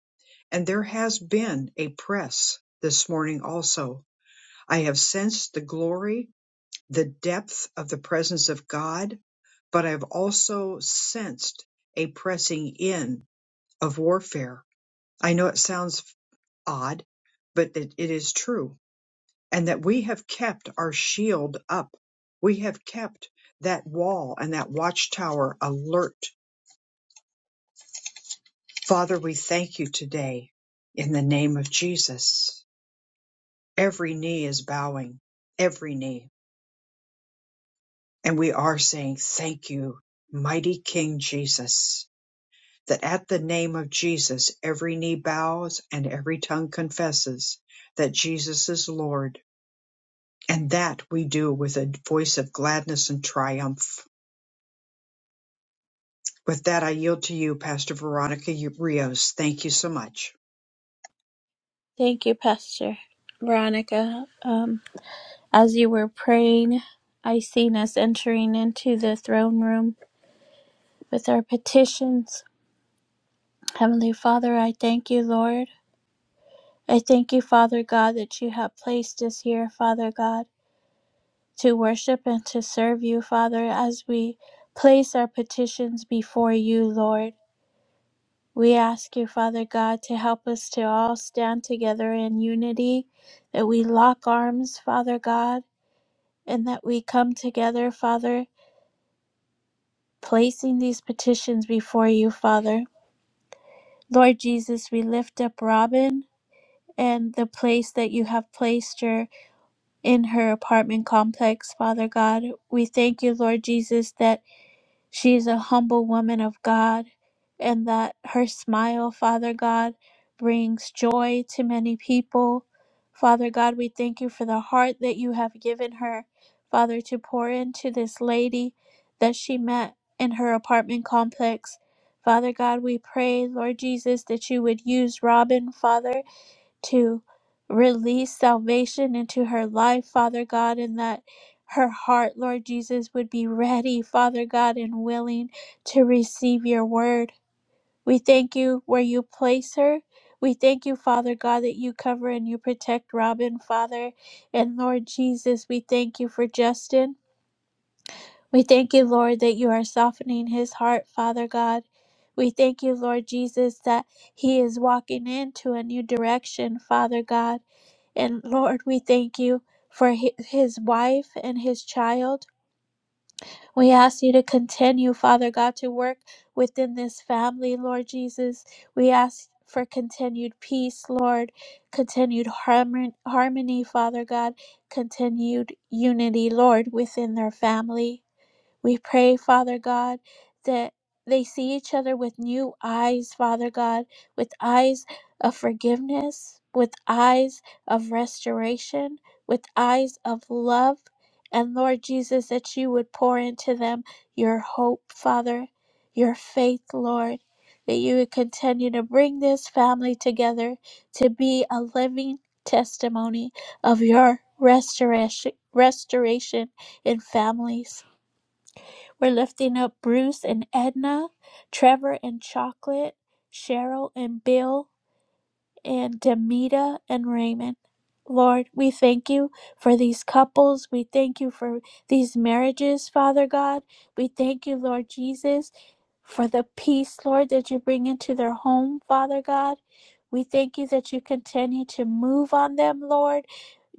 S1: and there has been a press this morning also i have sensed the glory the depth of the presence of god but i've also sensed a pressing in of warfare. I know it sounds odd, but it, it is true. And that we have kept our shield up. We have kept that wall and that watchtower alert. Father, we thank you today in the name of Jesus. Every knee is bowing, every knee. And we are saying, Thank you, mighty King Jesus, that at the name of Jesus, every knee bows and every tongue confesses that Jesus is Lord And that we do with a voice of gladness and triumph. With that, I yield to you, Pastor Veronica Rios. Thank you so much.
S2: Thank you, Pastor Veronica. Um, as you were praying, I seen us entering into the throne room with our petitions. Heavenly Father, I thank you, Lord. I thank you, Father God, that you have placed us here, Father God, to worship and to serve you, Father, as we place our petitions before you, Lord. We ask you, Father God, to help us to all stand together in unity, that we lock arms, Father God and that we come together, Father, placing these petitions before you, Father. Lord Jesus, we lift up Robin and the place that you have placed her in her apartment complex, Father God. We thank you, Lord Jesus, that She's a humble woman of God, and that her smile, Father God, brings joy to many people. Father God, we thank you for the heart that you have given her, Father, to pour into this lady that she met in her apartment complex. Father God, we pray, Lord Jesus, that you would use Robin, Father to release salvation into her life, Father God, and that her heart, Lord Jesus, would be ready, Father God, and willing to receive your word. We thank you where you place her. We thank you, Father God, that you cover and you protect Robin, Father. And Lord Jesus, we thank you for Justin. We thank you, Lord, that you are softening his heart, Father God. We thank you, Lord Jesus, that he is walking into a new direction, Father God. And Lord, we thank you for hi- his wife and his child. We ask you to continue, Father God, to work within this family, Lord Jesus. We ask for continued peace, Lord, continued harmon- harmony, Father God, continued unity, Lord, within their family. We pray, Father God, that they see each other with new eyes, Father God, with eyes of forgiveness, with eyes of restoration, with eyes of love. And Lord Jesus, that you would pour into them your hope, Father, your faith, Lord, that you would continue to bring this family together to be a living testimony of your restoration, restoration in families. We're lifting up Bruce and Edna, Trevor and Chocolate, Cheryl and Bill, and Demita and Raymond. Lord, we thank you for these couples. We thank you for these marriages, Father God. We thank you, Lord Jesus, for the peace, Lord, that you bring into their home, Father God. We thank you that you continue to move on them, Lord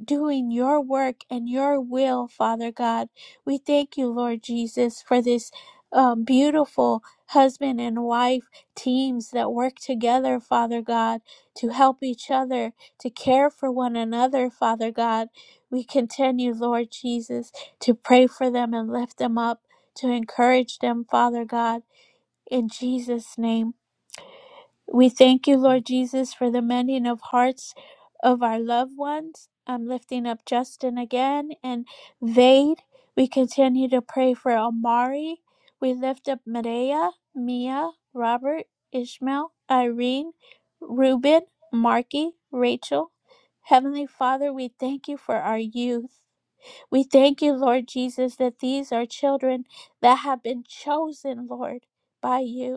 S2: doing your work and your will, Father God. We thank you, Lord Jesus, for this um, beautiful husband and wife teams that work together, Father God, to help each other, to care for one another, Father God. We continue, Lord Jesus, to pray for them and lift them up, to encourage them, Father God, in Jesus' name. We thank you, Lord Jesus, for the mending of hearts of our loved ones. I'm lifting up Justin again and Vade. We continue to pray for Amari. We lift up Maria, Mia, Robert, Ishmael, Irene, Ruben, Marky, Rachel. Heavenly Father, we thank you for our youth. We thank you, Lord Jesus, that these are children that have been chosen, Lord, by you.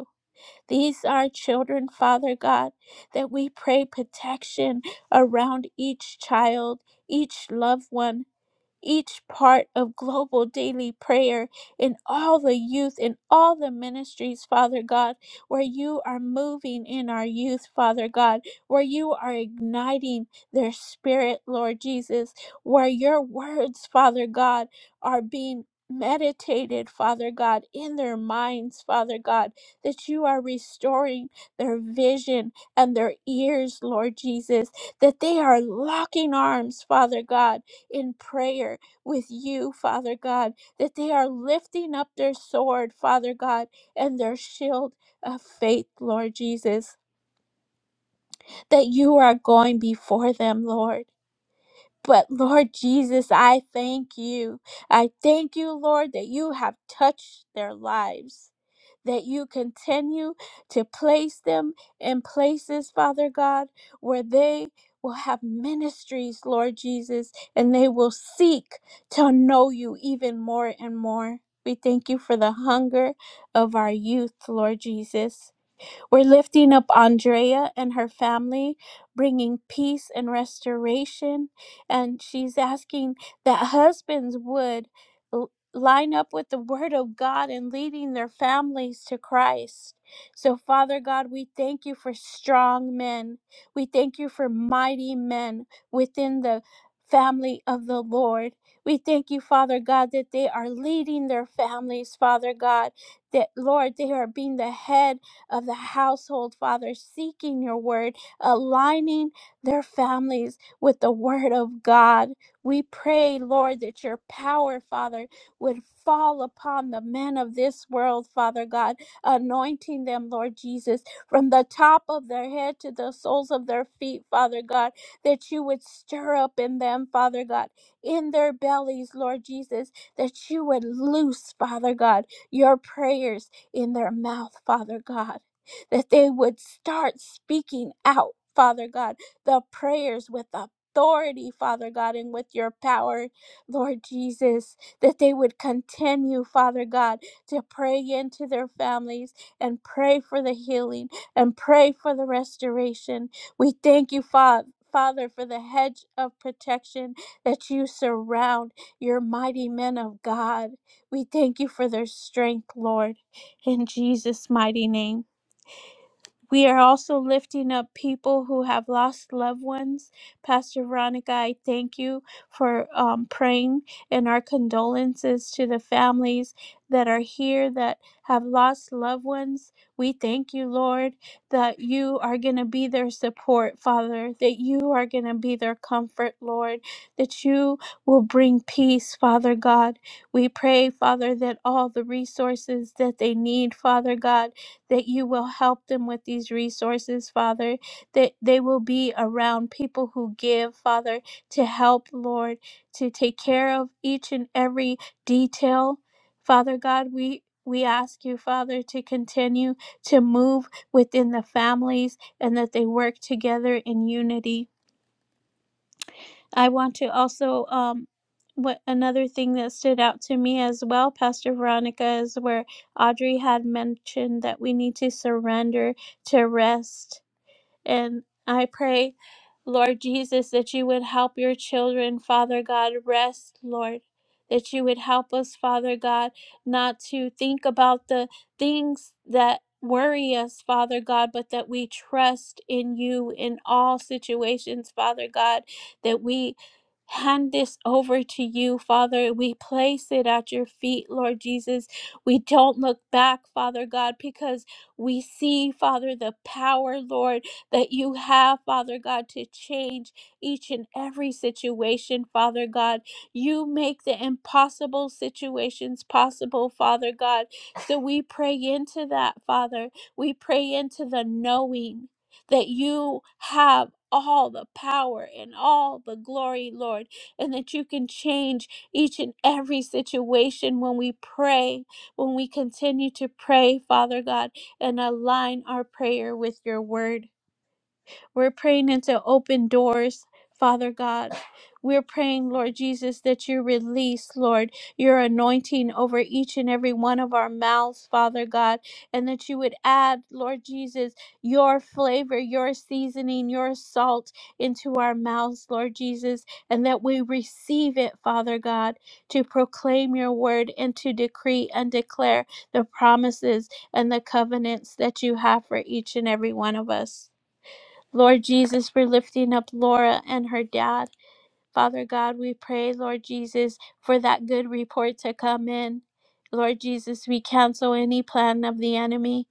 S2: These are children, Father God, that we pray protection around each child, each loved one each part of global daily prayer in all the youth in all the ministries father god where you are moving in our youth father god where you are igniting their spirit lord jesus where your words father god are being meditated father god in their minds father god that you are restoring their vision and their ears lord jesus that they are locking arms father god in prayer with you, Father God, that they are lifting up their sword, Father God, and their shield of faith, Lord Jesus, that you are going before them, Lord. But Lord Jesus, I thank you. I thank you, Lord, that you have touched their lives that you continue to place them in places, Father God, where they will have ministries, Lord Jesus, and they will seek to know you even more and more. We thank you for the hunger of our youth, Lord Jesus. We're lifting up Andrea and her family, bringing peace and restoration. And she's asking that husbands would l- line up with the word of God and leading their families to Christ. So, Father God, we thank you for strong men. We thank you for mighty men within the family of the Lord. We thank you, Father God, that they are leading their families, Father God, that, Lord, they are being the head of the household, Father, seeking your word, aligning their families with the word of God. We pray, Lord, that your power, Father, would fall upon the men of this world, Father God, anointing them, Lord Jesus, from the top of their head to the soles of their feet, Father God, that you would stir up in them, Father God, in their bellies, Lord Jesus, that you would loose, Father God, your prayers in their mouth, Father God, that they would start speaking out, Father God, the prayers with authority, Father God, and with your power, Lord Jesus, that they would continue, Father God, to pray into their families and pray for the healing and pray for the restoration. We thank you, Father. Father, for the hedge of protection that you surround your mighty men of God. We thank you for their strength, Lord. In Jesus' mighty name. We are also lifting up people who have lost loved ones. Pastor Veronica, I thank you for um, praying and our condolences to the families that are here that have lost loved ones. We thank you, Lord, that you are going to be their support, Father, that you are going to be their comfort, Lord, that you will bring peace, Father God. We pray, Father, that all the resources that they need, Father God, that you will help them with these resources, Father, that they will be around people who give, Father, to help, Lord, to take care of each and every detail. Father God, we we ask you, Father, to continue to move within the families and that they work together in unity. I want to also um what another thing that stood out to me as well, Pastor Veronica, is where Audrey had mentioned that we need to surrender to rest and I pray, Lord Jesus, that you would help your children, Father God, rest, Lord. That you would help us, Father God, not to think about the things that worry us, Father God, but that we trust in you in all situations, Father God, that we hand this over to you, Father. We place it at your feet, Lord Jesus. We don't look back, Father God, because we see, Father, the power, Lord that you have, Father God, to change each and every situation, Father God. You make the impossible situations possible, Father God. So we pray into that, Father. We pray into the knowing that you have all the power and all the glory, Lord, and that you can change each and every situation when we pray, when we continue to pray, Father God, and align our prayer with your word. We're praying into open doors, Father God. We're praying, Lord Jesus, that you release, Lord, your anointing over each and every one of our mouths, Father God, and that you would add, Lord Jesus, your flavor, your seasoning, your salt into our mouths, Lord Jesus, and that we receive it, Father God, to proclaim your word and to decree and declare the promises and the covenants that you have for each and every one of us. Lord Jesus, for lifting up Laura and her dad. Father God, we pray, Lord Jesus, for that good report to come in. Lord Jesus, we cancel any plan of the enemy.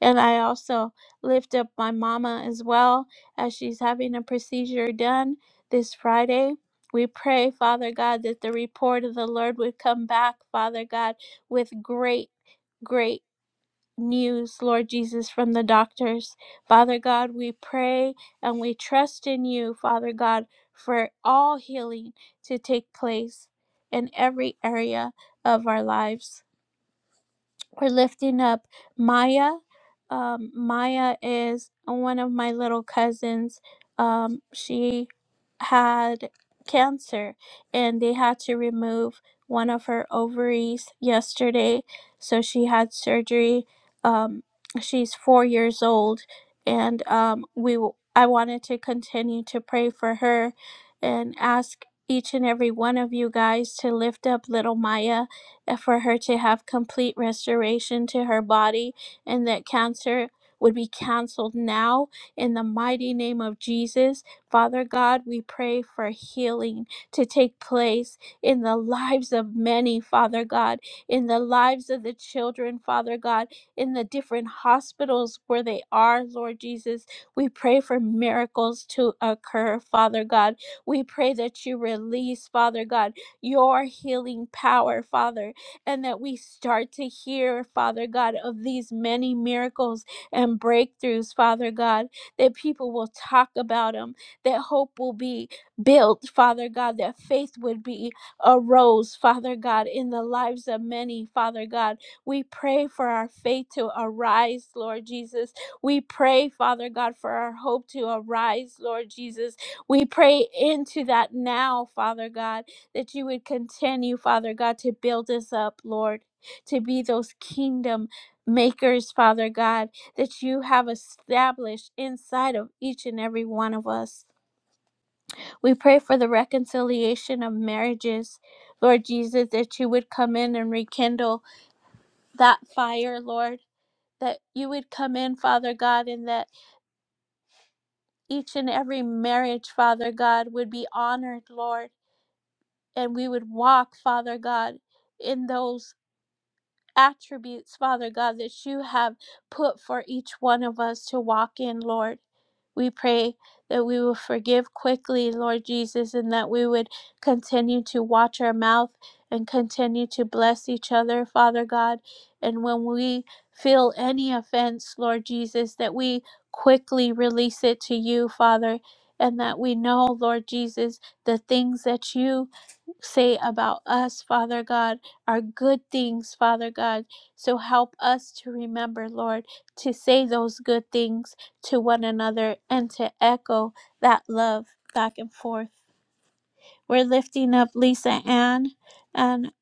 S2: And I also lift up my mama as well as she's having a procedure done this Friday. We pray, Father God, that the report of the Lord would come back, Father God, with great, great news, Lord Jesus, from the doctors. Father God, we pray and we trust in you, Father God, for all healing to take place in every area of our lives. We're lifting up Maya. Um, Maya is one of my little cousins. Um, she had cancer and they had to remove one of her ovaries yesterday. So she had surgery. Um, she's four years old and um, we w- I wanted to continue to pray for her and ask each and every one of you guys to lift up little Maya for her to have complete restoration to her body and that cancer would be canceled now in the mighty name of Jesus. Father God, we pray for healing to take place in the lives of many, Father God, in the lives of the children, Father God, in the different hospitals where they are, Lord Jesus. We pray for miracles to occur, Father God. We pray that you release, Father God, your healing power, Father and that we start to hear, Father God, of these many miracles and breakthroughs, Father God, that people will talk about them, that hope will be built, Father God, that faith would be arose, Father God, in the lives of many, Father God. We pray for our faith to arise, Lord Jesus. We pray, Father God, for our hope to arise, Lord Jesus. We pray into that now, Father God that you would continue, Father God, to build us up, Lord, to be those kingdom makers, Father God, that you have established inside of each and every one of us. We pray for the reconciliation of marriages, Lord Jesus, that you would come in and rekindle that fire, Lord. That you would come in, Father God, and that each and every marriage, Father God, would be honored, Lord. And we would walk, Father God, in those attributes, Father God, that you have put for each one of us to walk in, Lord. We pray that we will forgive quickly, Lord Jesus, and that we would continue to watch our mouth and continue to bless each other, Father God. And when we feel any offense, Lord Jesus, that we quickly release it to you, Father, and that we know, Lord Jesus, the things that you say about us, Father God, are good things, Father God. So help us to remember, Lord, to say those good things to one another and to echo that love back and forth. We're lifting up Lisa Ann, and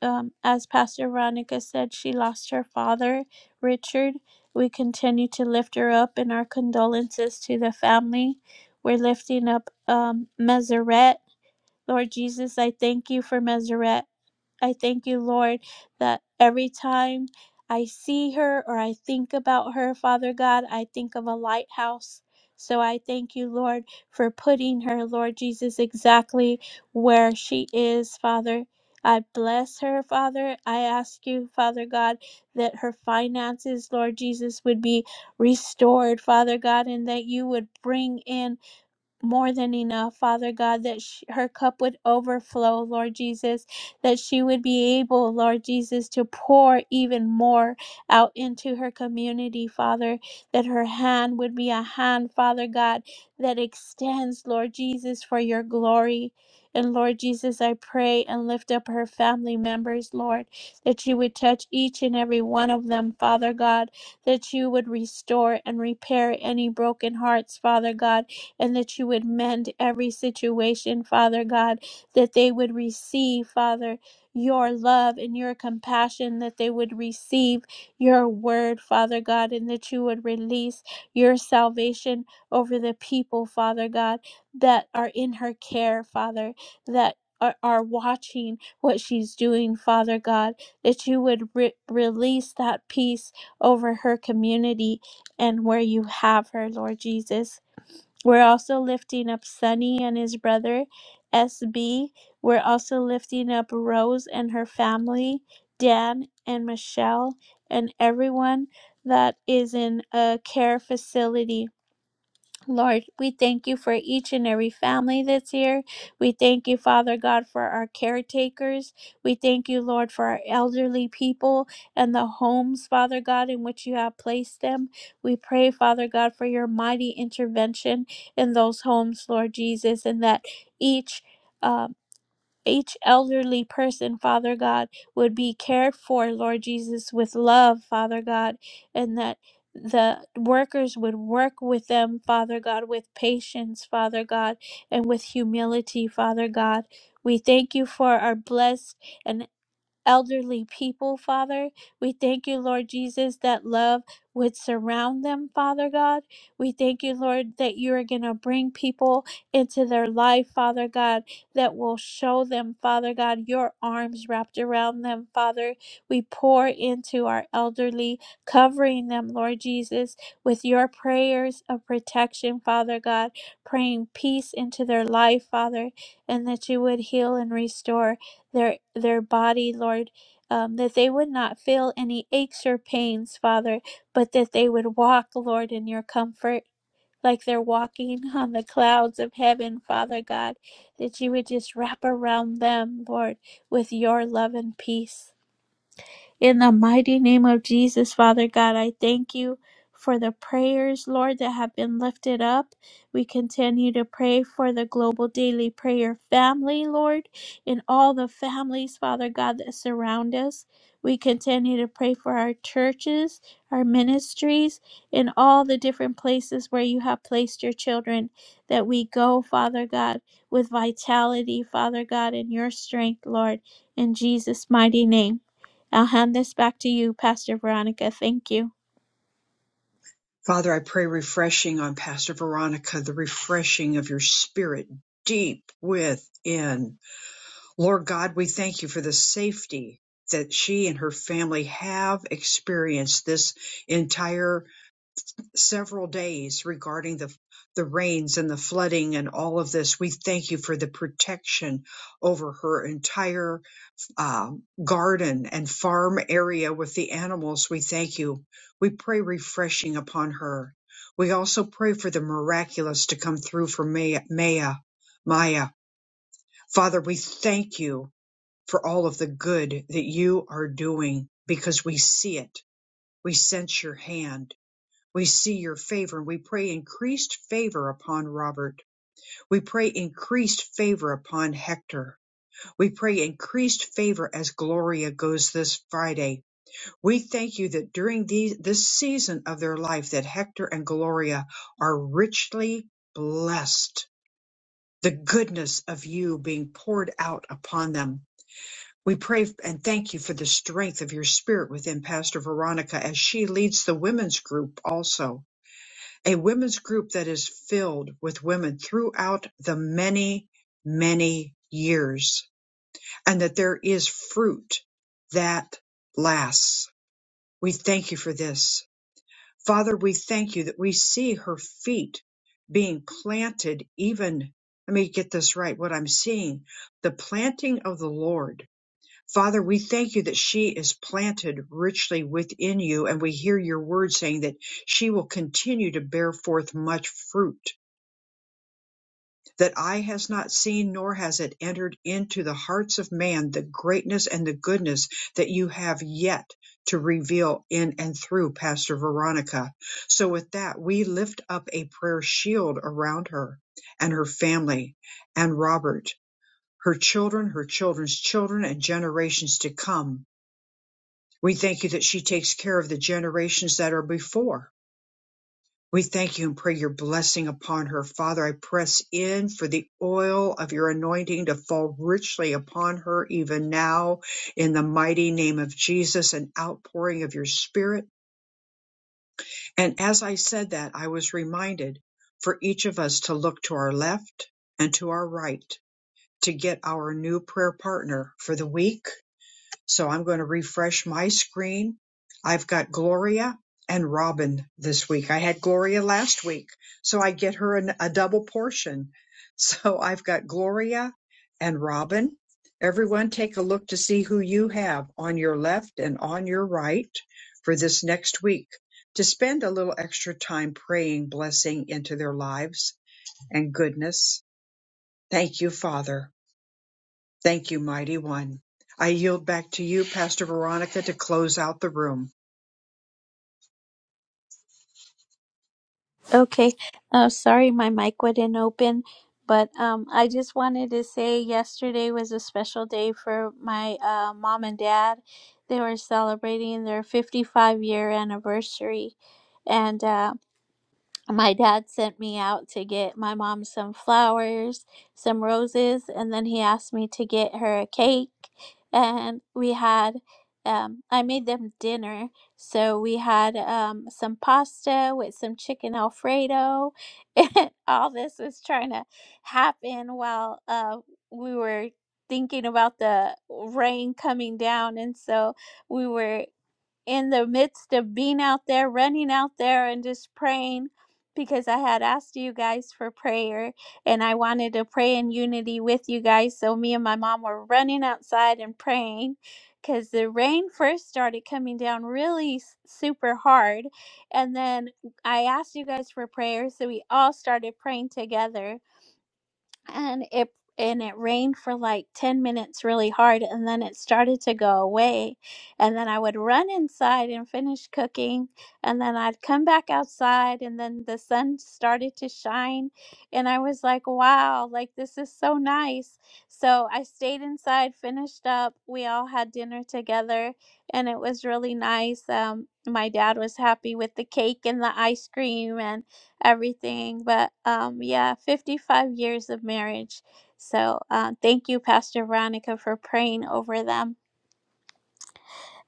S2: um, as Pastor Veronica said, she lost her father, Richard. We continue to lift her up in our condolences to the family. We're lifting up um, Meseret. Lord Jesus, I thank you for Meseret. I thank you, Lord, that every time I see her or I think about her, Father God, I think of a lighthouse. So I thank you, Lord, for putting her, Lord Jesus, exactly where she is, Father. I bless her, Father. I ask you, Father God, that her finances, Lord Jesus, would be restored, Father God, and that you would bring in more than enough, Father God, that sh her cup would overflow, Lord Jesus, that she would be able, Lord Jesus, to pour even more out into her community, Father, that her hand would be a hand, Father God, that extends, Lord Jesus, for your glory. And Lord Jesus, I pray and lift up her family members, Lord, that you would touch each and every one of them, Father God, that you would restore and repair any broken hearts, Father God and that you would mend every situation, Father God, that they would receive, Father, your love and your compassion, that they would receive your word, Father God, and that you would release your salvation over the people, Father God, that are in her care, Father, that are, are watching what she's doing, Father God, that you would re- release that peace over her community and where you have her, Lord Jesus. We're also lifting up Sonny and his brother, SB. We're also lifting up Rose and her family, Dan and Michelle, and everyone that is in a care facility Lord, we thank you for each and every family that's here. We thank you, Father God, for our caretakers. We thank you, Lord, for our elderly people and the homes, Father God, in which you have placed them. We pray, Father God, for your mighty intervention in those homes, Lord Jesus, and that each. um each elderly person, Father God, would be cared for, Lord Jesus, with love, Father God, and that the workers would work with them, Father God, with patience, Father God, and with humility, Father God. We thank you for our blessed and elderly people, Father. We thank you, Lord Jesus, that love would surround them, Father God. We thank you, Lord, that you are going to bring people into their life, Father God, that will show them, Father God, your arms wrapped around them, Father. We pour into our elderly, covering them, Lord Jesus, with your prayers of protection, Father God, praying peace into their life, Father, and that you would heal and restore their their body, Lord, um, that they would not feel any aches or pains, Father, but that they would walk, Lord, in your comfort, like they're walking [laughs] on the clouds of heaven, Father God, that you would just wrap around them, Lord, with your love and peace. In the mighty name of Jesus, Father God, I thank you for the prayers, Lord, that have been lifted up. We continue to pray for the global daily prayer family, Lord, and all the families, Father God, that surround us. We continue to pray for our churches, our ministries, and all the different places where you have placed your children, that we go, Father God, with vitality, Father God, in your strength, Lord, in Jesus' mighty name. I'll hand this back to you, Pastor Veronica. Thank you.
S1: Father, I pray refreshing on Pastor Veronica, the refreshing of your spirit deep within. Lord God, we thank you for the safety that she and her family have experienced this entire several days regarding the, the rains and the flooding and all of this. We thank you for the protection over her entire uh, garden and farm area with the animals. We thank you. We pray refreshing upon her. We also pray for the miraculous to come through for Maya. Maya. Maya. Father, we thank you for all of the good that you are doing because we see it. We sense your hand we see your favor and we pray increased favor upon Robert. We pray increased favor upon Hector. We pray increased favor as Gloria goes this Friday. We thank you that during these, this season of their life that Hector and Gloria are richly blessed. The goodness of you being poured out upon them. We pray and thank you for the strength of your spirit within Pastor Veronica as she leads the women's group also a women's group that is filled with women throughout the many, many years, and that there is fruit that lasts. We thank you for this. Father, we thank you that we see her feet being planted even, let me get this right, what I'm seeing, the planting of the Lord. Father, we thank you that she is planted richly within you, and we hear your word saying that she will continue to bear forth much fruit that eye has not seen, nor has it entered into the hearts of man the greatness and the goodness that you have yet to reveal in and through Pastor Veronica. So, with that, we lift up a prayer shield around her and her family and Robert, her children, her children's children, and generations to come. We thank you that she takes care of the generations that are before we thank you and pray your blessing upon her. Father, I press in for the oil of your anointing to fall richly upon her even now in the mighty name of Jesus, an outpouring of your spirit. And as I said that, I was reminded for each of us to look to our left and to our right to get our new prayer partner for the week so I'm going to refresh my screen. I've got Gloria and Robin this week. I had Gloria last week, so I get her an, a double portion. [laughs] So I've got Gloria and Robin. Everyone take a look to see who you have on your left and on your right for this next week to spend a little extra time praying blessing into their lives and goodness. Thank you, Father. Thank you, mighty one. I yield back to you, Pastor Veronica, to close out the room.
S2: Okay. Uh, sorry, my mic wouldn't open, but um, I just wanted to say yesterday was a special day for my uh, mom and dad. They were celebrating their 55 year anniversary. And uh, my dad sent me out to get my mom some flowers, some roses, and then he asked me to get her a cake. And we had, um, I made them dinner. So we had um, some pasta with some chicken Alfredo. [laughs] And all this was trying to happen while uh, we were thinking about the rain coming down. And so we were in the midst of being out there, running out there, and just praying because I had asked you guys for prayer and I wanted to pray in unity with you guys. So me and my mom were running outside and praying because the rain first started coming down really s- super hard. And then I asked you guys for prayer. So we all started praying together and it and it rained for like 10 minutes really hard and then it started to go away and then i would run inside and finish cooking and then i'd come back outside and then the sun started to shine and i was like wow like this is so nice so i stayed inside finished up we all had dinner together and it was really nice um my dad was happy with the cake and the ice cream and everything. But um, yeah, 55 years of marriage. So uh, thank you, Pastor Veronica, for praying over them.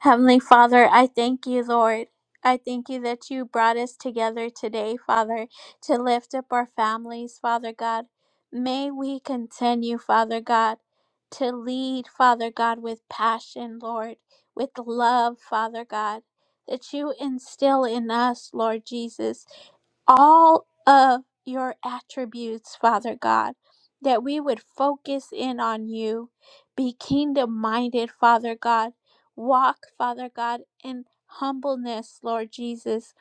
S2: Heavenly Father, I thank you, Lord. I thank you that you brought us together today, Father, to lift up our families, Father God. May we continue, Father God, to lead, Father God, with passion, Lord, with love, Father God, that you instill in us, Lord Jesus all of your attributes, Father God, that we would focus in on you, be kingdom minded, Father God, walk, Father God, in humbleness, Lord Jesus,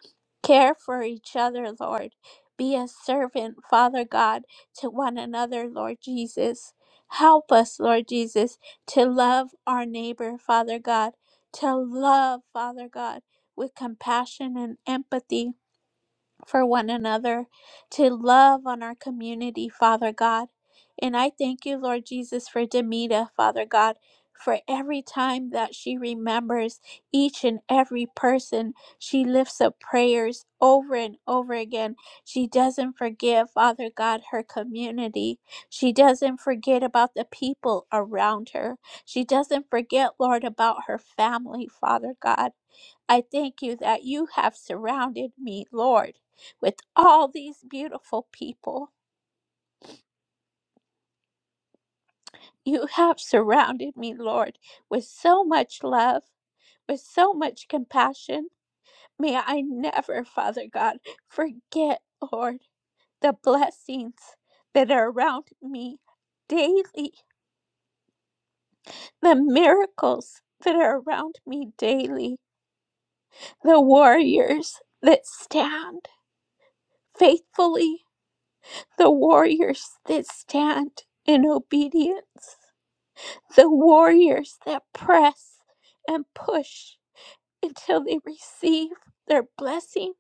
S2: care for each other, Lord, be a servant, Father God, to one another, Lord Jesus. Help us, Lord Jesus, to love our neighbor, Father God, to love, Father God, with compassion and empathy for one another, to love on our community, Father God. And I thank you, Lord Jesus, for Demita, Father God, for every time that she remembers each and every person, she lifts up prayers over and over again. She doesn't forget, Father God, her community. She doesn't forget about the people around her. She doesn't forget, Lord, about her family, Father God. I thank you that you have surrounded me, Lord, with all these beautiful people. You have surrounded me, Lord, with so much love, with so much compassion. May I never, Father God, forget, Lord, the blessings that are around me daily, the miracles that are around me daily, the warriors that stand faithfully the warriors that stand in obedience, the warriors that press and push until they receive their blessing,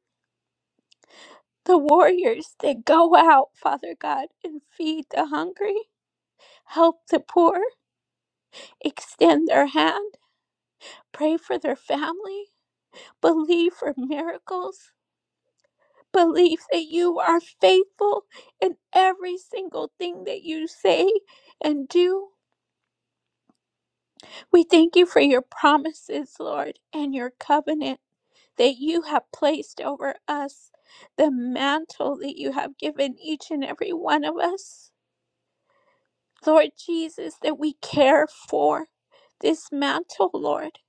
S2: the warriors that go out, Father God, and feed the hungry, help the poor, extend their hand, pray for their family, believe for miracles. Believe that you are faithful in every single thing that you say and do. We thank you for your promises, Lord, and your covenant that you have placed over us, the mantle that you have given each and every one of us. Lord Jesus, that we care for this mantle, Lord.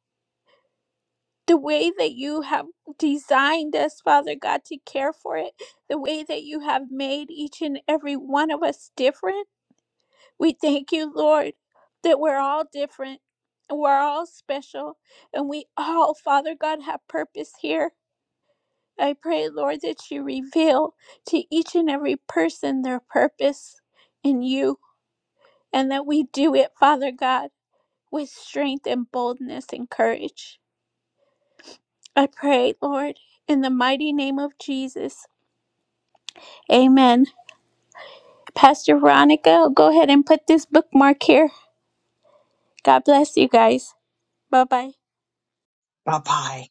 S2: The way that you have designed us, Father God, to care for it, the way that you have made each and every one of us different. We thank you, Lord, that we're all different and we're all special and we all, Father God, have purpose here. I pray, Lord, that you reveal to each and every person their purpose in you and that we do it, Father God, with strength and boldness and courage. I pray, Lord, in the mighty name of Jesus. Amen. Pastor Veronica, go ahead and put this bookmark here. God bless you guys. Bye bye.
S1: Bye bye.